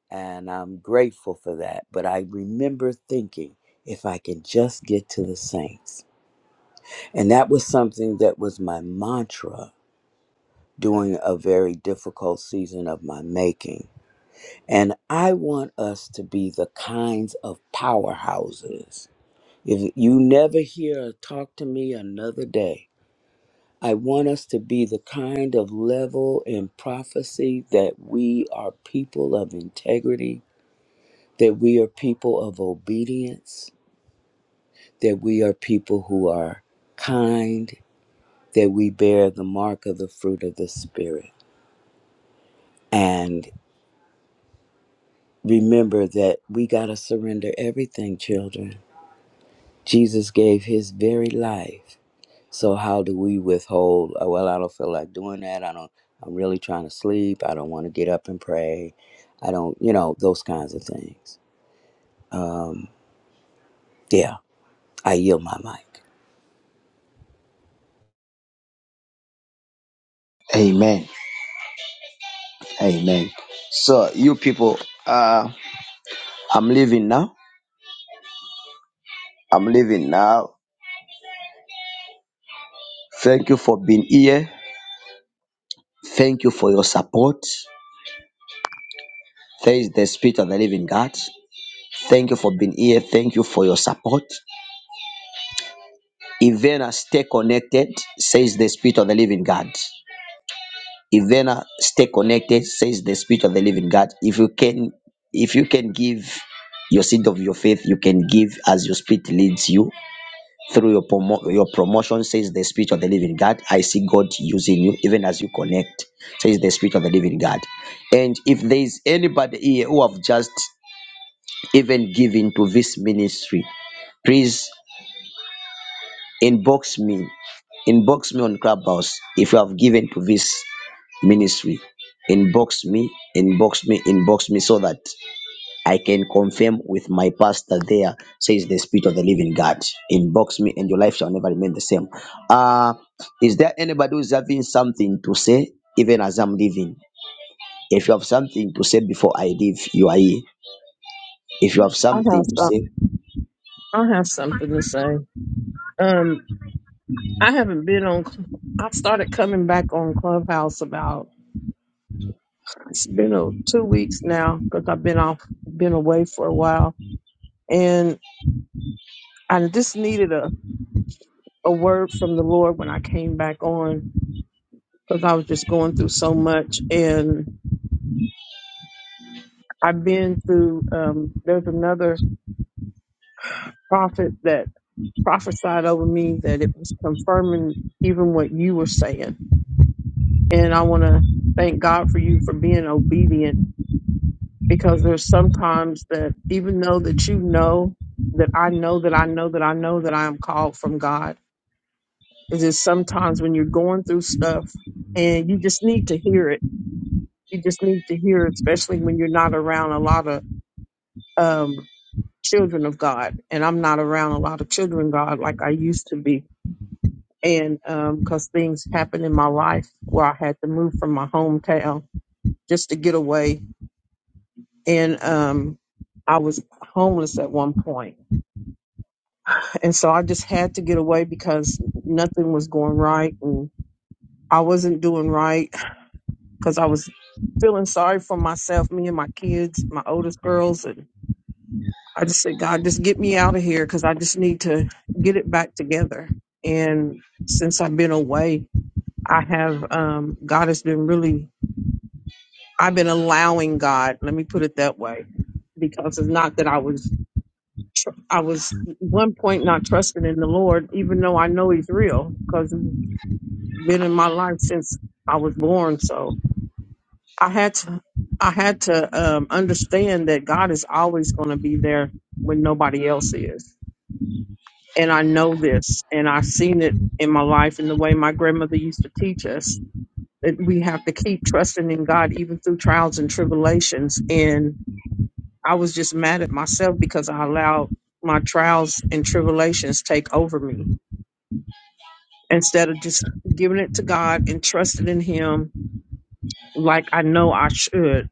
Speaker 13: And I'm grateful for that. But I remember thinking, if I can just get to the saints. And that was something that was my mantra during a very difficult season of my making. And I want us to be the kinds of powerhouses. If you never hear or talk to me another day, I want us to be the kind of level in prophecy that we are people of integrity, that we are people of obedience, that we are people who are kind, that we bear the mark of the fruit of the Spirit. And remember that we got to surrender everything, children. Jesus gave his very life So how do we withhold? uh, Well, I don't feel like doing that. I don't. I'm really trying to sleep. I don't want to get up and pray. I don't. You know those kinds of things. Yeah, I yield my mic.
Speaker 1: Amen. Amen. So you people, uh, I'm leaving now. I'm leaving now. Thank you for being here. Thank you for your support. Thanks the Spirit of the Living God. Thank you for being here. Thank you for your support. Ivana, stay connected, says the Spirit of the Living God. Ivana, stay connected, says the Spirit of the Living God. If you can, if you can give your seed of your faith, you can give as your spirit leads you. through your, promo- your promotion, says the Spirit of the Living God. I see God using you even as you connect, says the Spirit of the Living God. And if there is anybody here who have just even given to this ministry, please inbox me, inbox me on Clubhouse if you have given to this ministry. Inbox me, inbox me, inbox me so that I can confirm with my pastor there, says the Spirit of the Living God. Inbox me and your life shall never remain the same. Uh, is there anybody who's having something to say, even as I'm leaving? If you have something to say before I leave, you are here. If you have
Speaker 4: I have
Speaker 1: something to
Speaker 4: some.
Speaker 1: say,
Speaker 4: I have something to say. Um, I haven't been on. Cl- I started coming back on Clubhouse about it's been a, two weeks now because I've been off, been away for a while, and I just needed a a word from the Lord when I came back on because I was just going through so much, and I've been through. Um, there's another prophet that prophesied over me that it was confirming even what you were saying. And I want to thank God for you for being obedient because there's sometimes that even though that you know that I know that I know that I know that I am called from God, it is sometimes when you're going through stuff and you just need to hear it. You just need to hear it, especially when you're not around a lot of um, children of God. And I'm not around a lot of children, of God, like I used to be and because things happened in my life where I had to move from my hometown just to get away, and um, I was homeless at one point, and so I just had to get away because nothing was going right, and I wasn't doing right because I was feeling sorry for myself, me and my kids, my oldest girls, and I just said, God, just get me out of here because I just need to get it back together, and since I've been away, I have um God has been really I've been allowing God, let me put it that way, because it's not that I was, tr- I was at one point not trusting in the Lord, even though I know He's real, because He's been in my life since I was born. So I had to, I had to um, understand that God is always going to be there when nobody else is. And I know this, and I've seen it in my life in the way my grandmother used to teach us that we have to keep trusting in God even through trials and tribulations. and I was just mad at myself because I allowed my trials and tribulations take over me instead of just giving it to God and trusting in Him like I know I should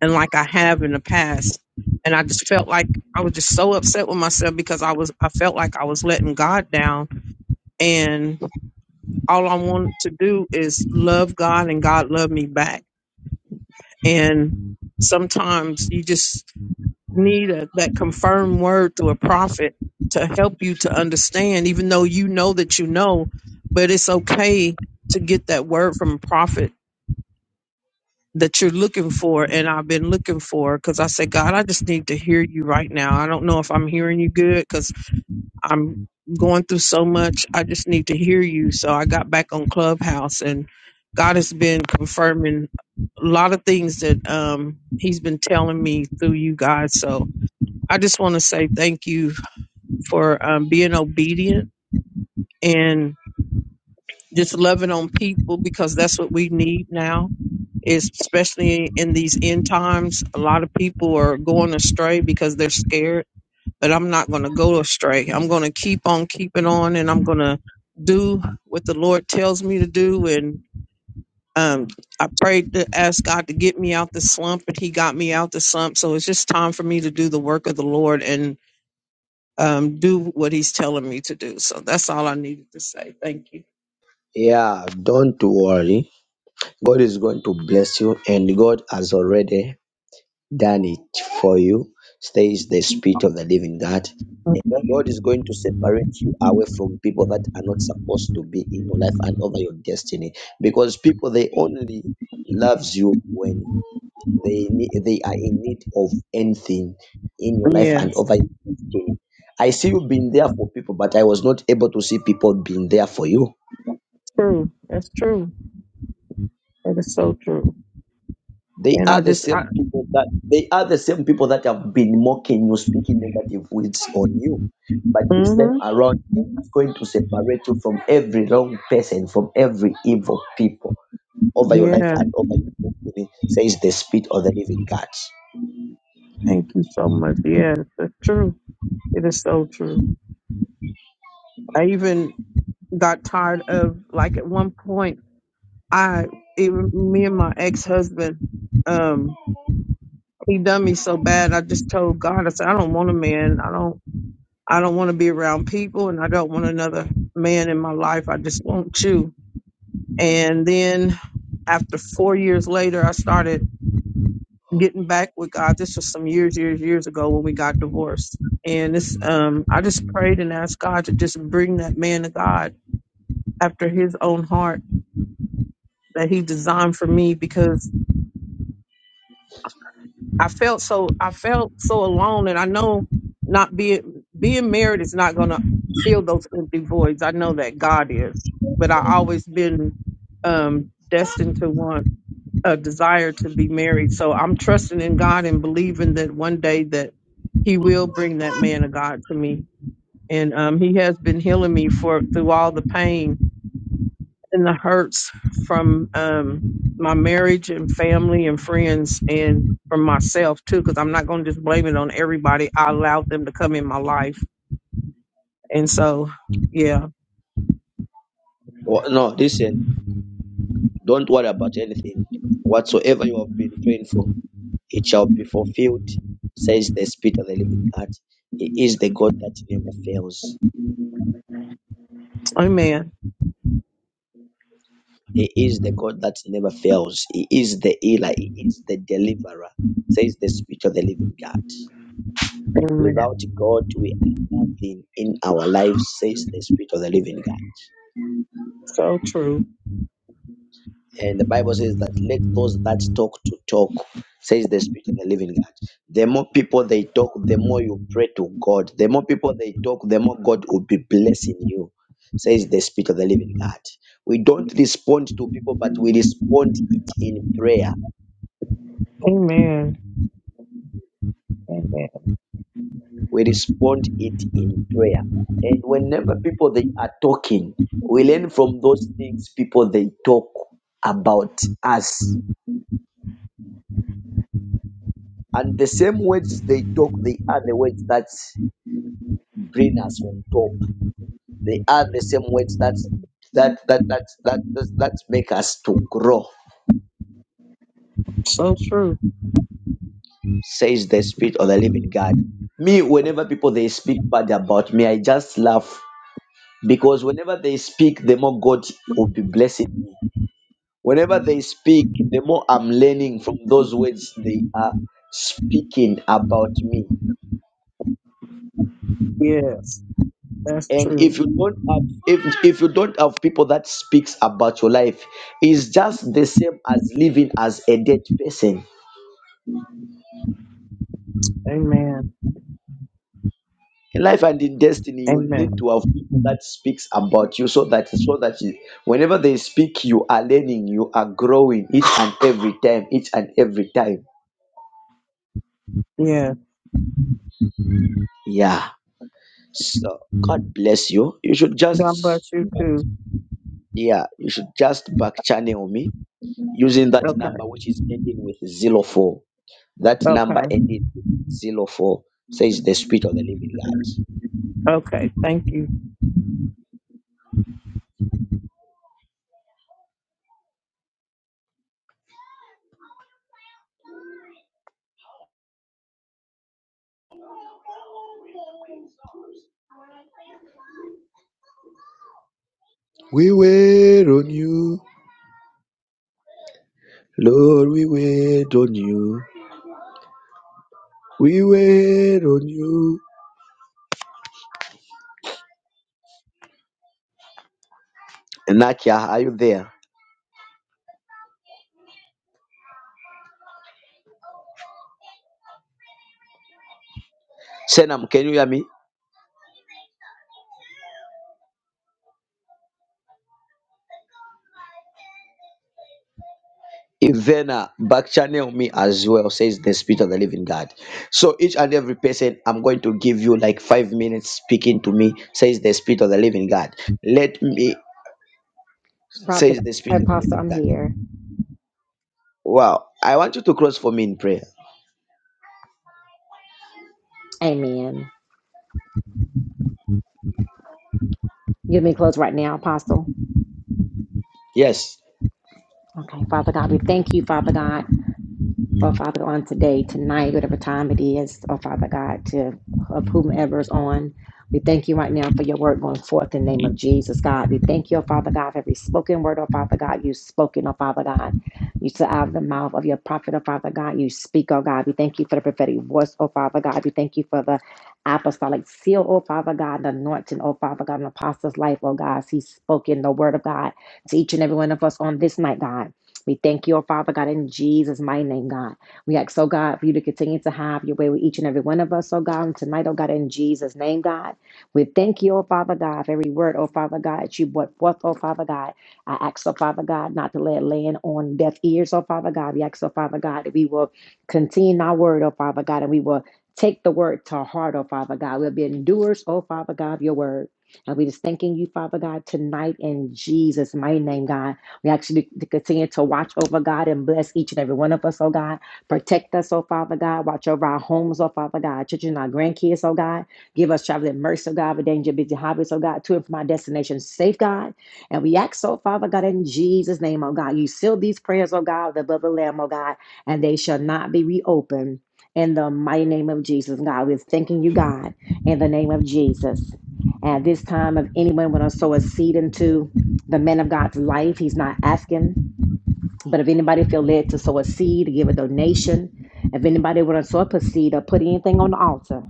Speaker 4: and like I have in the past. And I just felt like I was just so upset with myself because I was I felt like I was letting God down and all I wanted to do is love God and God love me back. And sometimes you just need a, that confirmed word through a prophet to help you to understand, even though you know that you know, but it's okay to get that word from a prophet that you're looking for. And I've been looking for because I said, God, I just need to hear you right now. I don't know if I'm hearing you good because I'm going through so much. I just need to hear you. So I got back on Clubhouse and God has been confirming a lot of things that um, He's been telling me through you guys. So I just want to say thank you for um, being obedient and just loving on people because that's what we need now. Is especially in these end times, a lot of people are going astray because they're scared. But I'm not going to go astray. I'm going to keep on keeping on, and I'm going to do what the Lord tells me to do. And um, I prayed to ask God to get me out the slump, and He got me out the slump. So it's just time for me to do the work of the Lord and um, do what he's telling me to do. So that's all I needed to say. Thank you.
Speaker 1: yeah, don't worry. God is going to bless you, and God has already done it for you, says the Spirit of the Living God.
Speaker 4: Okay.
Speaker 1: God is going to separate you away from people that are not supposed to be in your life and over your destiny because people they only loves you when they ne- they are in need of anything in your life and
Speaker 4: Yes,
Speaker 1: over your destiny. I see you being there for people, but I was not able to see people being there for you.
Speaker 4: that's true. That's true. That is so true.
Speaker 1: They
Speaker 4: And I
Speaker 1: are the
Speaker 4: just, I,
Speaker 1: same people that they are the same people that have been mocking you, speaking negative words on you. But this time
Speaker 4: mm-hmm.
Speaker 1: around, God is going to separate you from every wrong person, from every evil people over your life
Speaker 4: Yeah.
Speaker 1: and over your destiny, says the Spirit of the Living God.
Speaker 4: Thank you so much. Yeah, that's true. It is so true. I even got tired of, like, at one point, I, even me and my ex husband, um, he done me so bad. I just told God, I said, I don't want a man. I don't. I don't want to be around people and I don't want another man in my life. I just want you. And then after four years later, I started getting back with God. This was some years, years, years ago when we got divorced. And this, um, I just prayed and asked God to just bring that man to God after his own heart that he designed for me because I felt so I felt so alone, and I know not being being married is not going to fill those empty voids. I know that God is, but I always been um, destined to want a desire to be married. So I'm trusting in God and believing that one day that He will bring that man of God to me, and um, He has been healing me for through all the pain and the hurts from um, my marriage and family and friends and from myself too, because I'm not going to just blame it on everybody. I allowed them to come in my life. And so, yeah,
Speaker 1: Oh, no, listen, don't worry about anything. Whatsoever you have been praying for, it shall be fulfilled, says the Spirit of the Living God. He is the God that never fails.
Speaker 4: amen.
Speaker 1: He is the God that never fails. He is the healer. He is the deliverer, says the Spirit of the living God.
Speaker 4: Amen.
Speaker 1: Without God, we are nothing in our lives, says the Spirit of the living God.
Speaker 4: So true.
Speaker 1: And the Bible says that let those that talk to talk, says the Spirit of the living God. The more people they talk, the more you pray to God. The more people they talk, the more God will be blessing you, says the Spirit of the living God. We don't respond to people, but we respond it in prayer
Speaker 4: Amen. Amen.
Speaker 1: we respond it in prayer. And whenever people they are talking, we learn from those things people they talk about us. And the same words they talk, they are the words that bring us on top. They are the same words that that that that that that, that make us to grow,
Speaker 4: So true.
Speaker 1: says the Spirit of the Living God. Me, whenever people they speak bad about me, I just laugh because whenever they speak, the more God will be blessing me Whenever they speak, the more I'm learning from those words they are speaking about me.
Speaker 4: Yes, that's
Speaker 1: And
Speaker 4: true.
Speaker 1: if you don't have if, if you don't have people that speaks about your life, it's just the same as living as a dead person.
Speaker 4: Amen.
Speaker 1: In life and in destiny, you
Speaker 4: Amen.
Speaker 1: need to have people that speaks about you so that so that you, whenever they speak, you are learning, you are growing each and every time, each and every time.
Speaker 4: Yeah.
Speaker 1: Yeah. So God bless you. You should
Speaker 4: God bless
Speaker 1: just
Speaker 4: you too.
Speaker 1: Yeah, you should just back channel me using that
Speaker 4: Okay.
Speaker 1: number which is ending with zero four. That number
Speaker 4: Okay.
Speaker 1: ending with zero four says the spirit of the living God.
Speaker 4: Okay. Thank you.
Speaker 1: We wait on you, Lord. We wait on you. We wait on you. Nakia, are you there? Senam, can you hear me? Ivana, back channel me as well, says the Spirit of the Living God. So each and every person, I'm going to give you like five minutes speaking to me, says the Spirit of the Living God. Let me,
Speaker 8: Prophet,
Speaker 1: says the Spirit of the
Speaker 8: Apostle,
Speaker 1: Living
Speaker 8: I'm
Speaker 1: God.
Speaker 8: here.
Speaker 1: Wow, I want you to cross for me in prayer.
Speaker 8: Amen. Give me close right now, Apostle.
Speaker 1: Yes,
Speaker 8: Okay, Father God, we thank you, Father God. Oh, Father, on today, tonight, whatever time it is, oh, Father God, to of whomever's on. We thank you right now for your word going forth in the name of Jesus, God. We thank you, oh, Father God, for every spoken word, oh, Father God, you've spoken, oh, Father God. You said out of the mouth of your prophet, oh, Father God, you speak, oh, God. We thank you for the prophetic voice, oh, Father God. We thank you for the apostolic seal, oh, Father God, the anointing, oh, Father God, an apostle's life, oh, God. He's spoken the word of God to each and every one of us on this night, God. We thank you, oh Father God, in Jesus' mighty name, God. We ask, oh God, for you to continue to have your way with each and every one of us, oh God, and tonight, oh God, in Jesus' name, God. We thank you, oh Father God, for every word, oh Father God, that you brought forth, oh Father God. I ask, oh Father God, not to let it land on deaf ears, oh Father God. We ask, oh Father God, that we will continue our word, oh Father God, and we will take the word to heart, oh Father God. We'll be endurers, oh Father God, of your word. And we just thanking you, Father God, tonight in Jesus' mighty name, God. We ask you to continue to watch over God and bless each and every one of us, oh God. Protect us, oh Father God. Watch over our homes, oh Father God. Our Children, our grandkids, oh God. Give us traveling mercy, oh God, for danger, busy hobbies, oh God, to and from our destination safe, God. And we ask, oh Father God, in Jesus' name, oh God, you seal these prayers, oh God, with the blood of the Lamb, oh God, and they shall not be reopened. In the mighty name of Jesus, God, we're thanking you, God, in the name of Jesus. At this time, if anyone want to sow a seed into the man of God's life. He's not asking. But if anybody feel led to sow a seed, to give a donation, if anybody want to sow up a seed or put anything on the altar,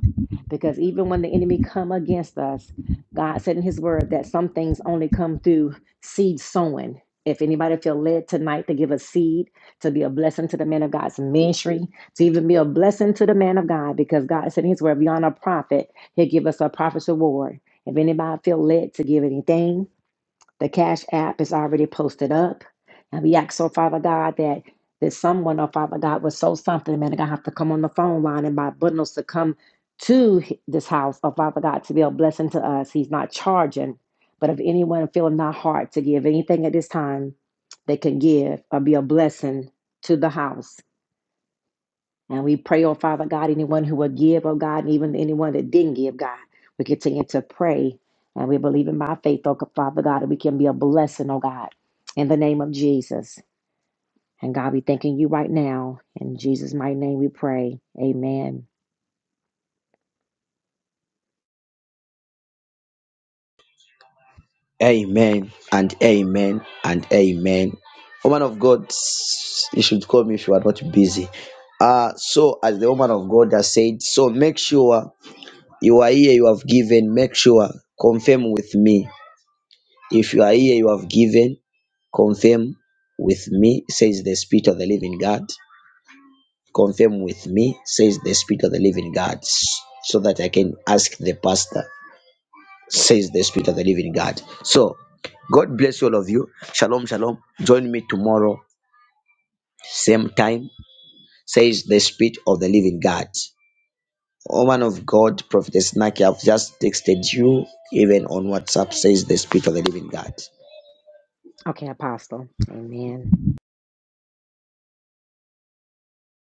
Speaker 8: because even when the enemy come against us, God said in his word that some things only come through seed sowing. If anybody feel led tonight to give a seed, to be a blessing to the man of God's ministry, to even be a blessing to the man of God, because God said in his word, beyond a prophet, he'll give us a prophet's reward. If anybody feel led to give anything, the Cash App is already posted up. And we ask, oh Father God, that that someone, oh Father God, would sow something, man, I have to come on the phone line and buy bundles to come to this house, oh Father God, to be a blessing to us. He's not charging. But if anyone feeling not hard to give anything at this time, they can give or be a blessing to the house. And we pray, oh Father God, anyone who will give, oh God, and even anyone that didn't give, God, we continue to pray. And we believe in by faith, oh Father God, that we can be a blessing, oh God, in the name of Jesus. And God, we thanking you right now. In Jesus' mighty name we pray. Amen.
Speaker 1: amen and amen and amen. Woman of God, you should call me if you are not busy. Uh, so as the woman of God has said, so make sure you are here, you have given, make sure, confirm with me If you are here, you have given, confirm with me, says the Spirit of the Living God. Confirm with me, says the Spirit of the Living God, so that I can ask the pastor, says the Spirit of the Living God. So, God bless all of you. Shalom, shalom. Join me tomorrow, same time, says the Spirit of the Living God. Woman of God, Prophetess Naki, I've just texted you, even on WhatsApp, says the Spirit of the Living God.
Speaker 8: Okay, Apostle. Amen.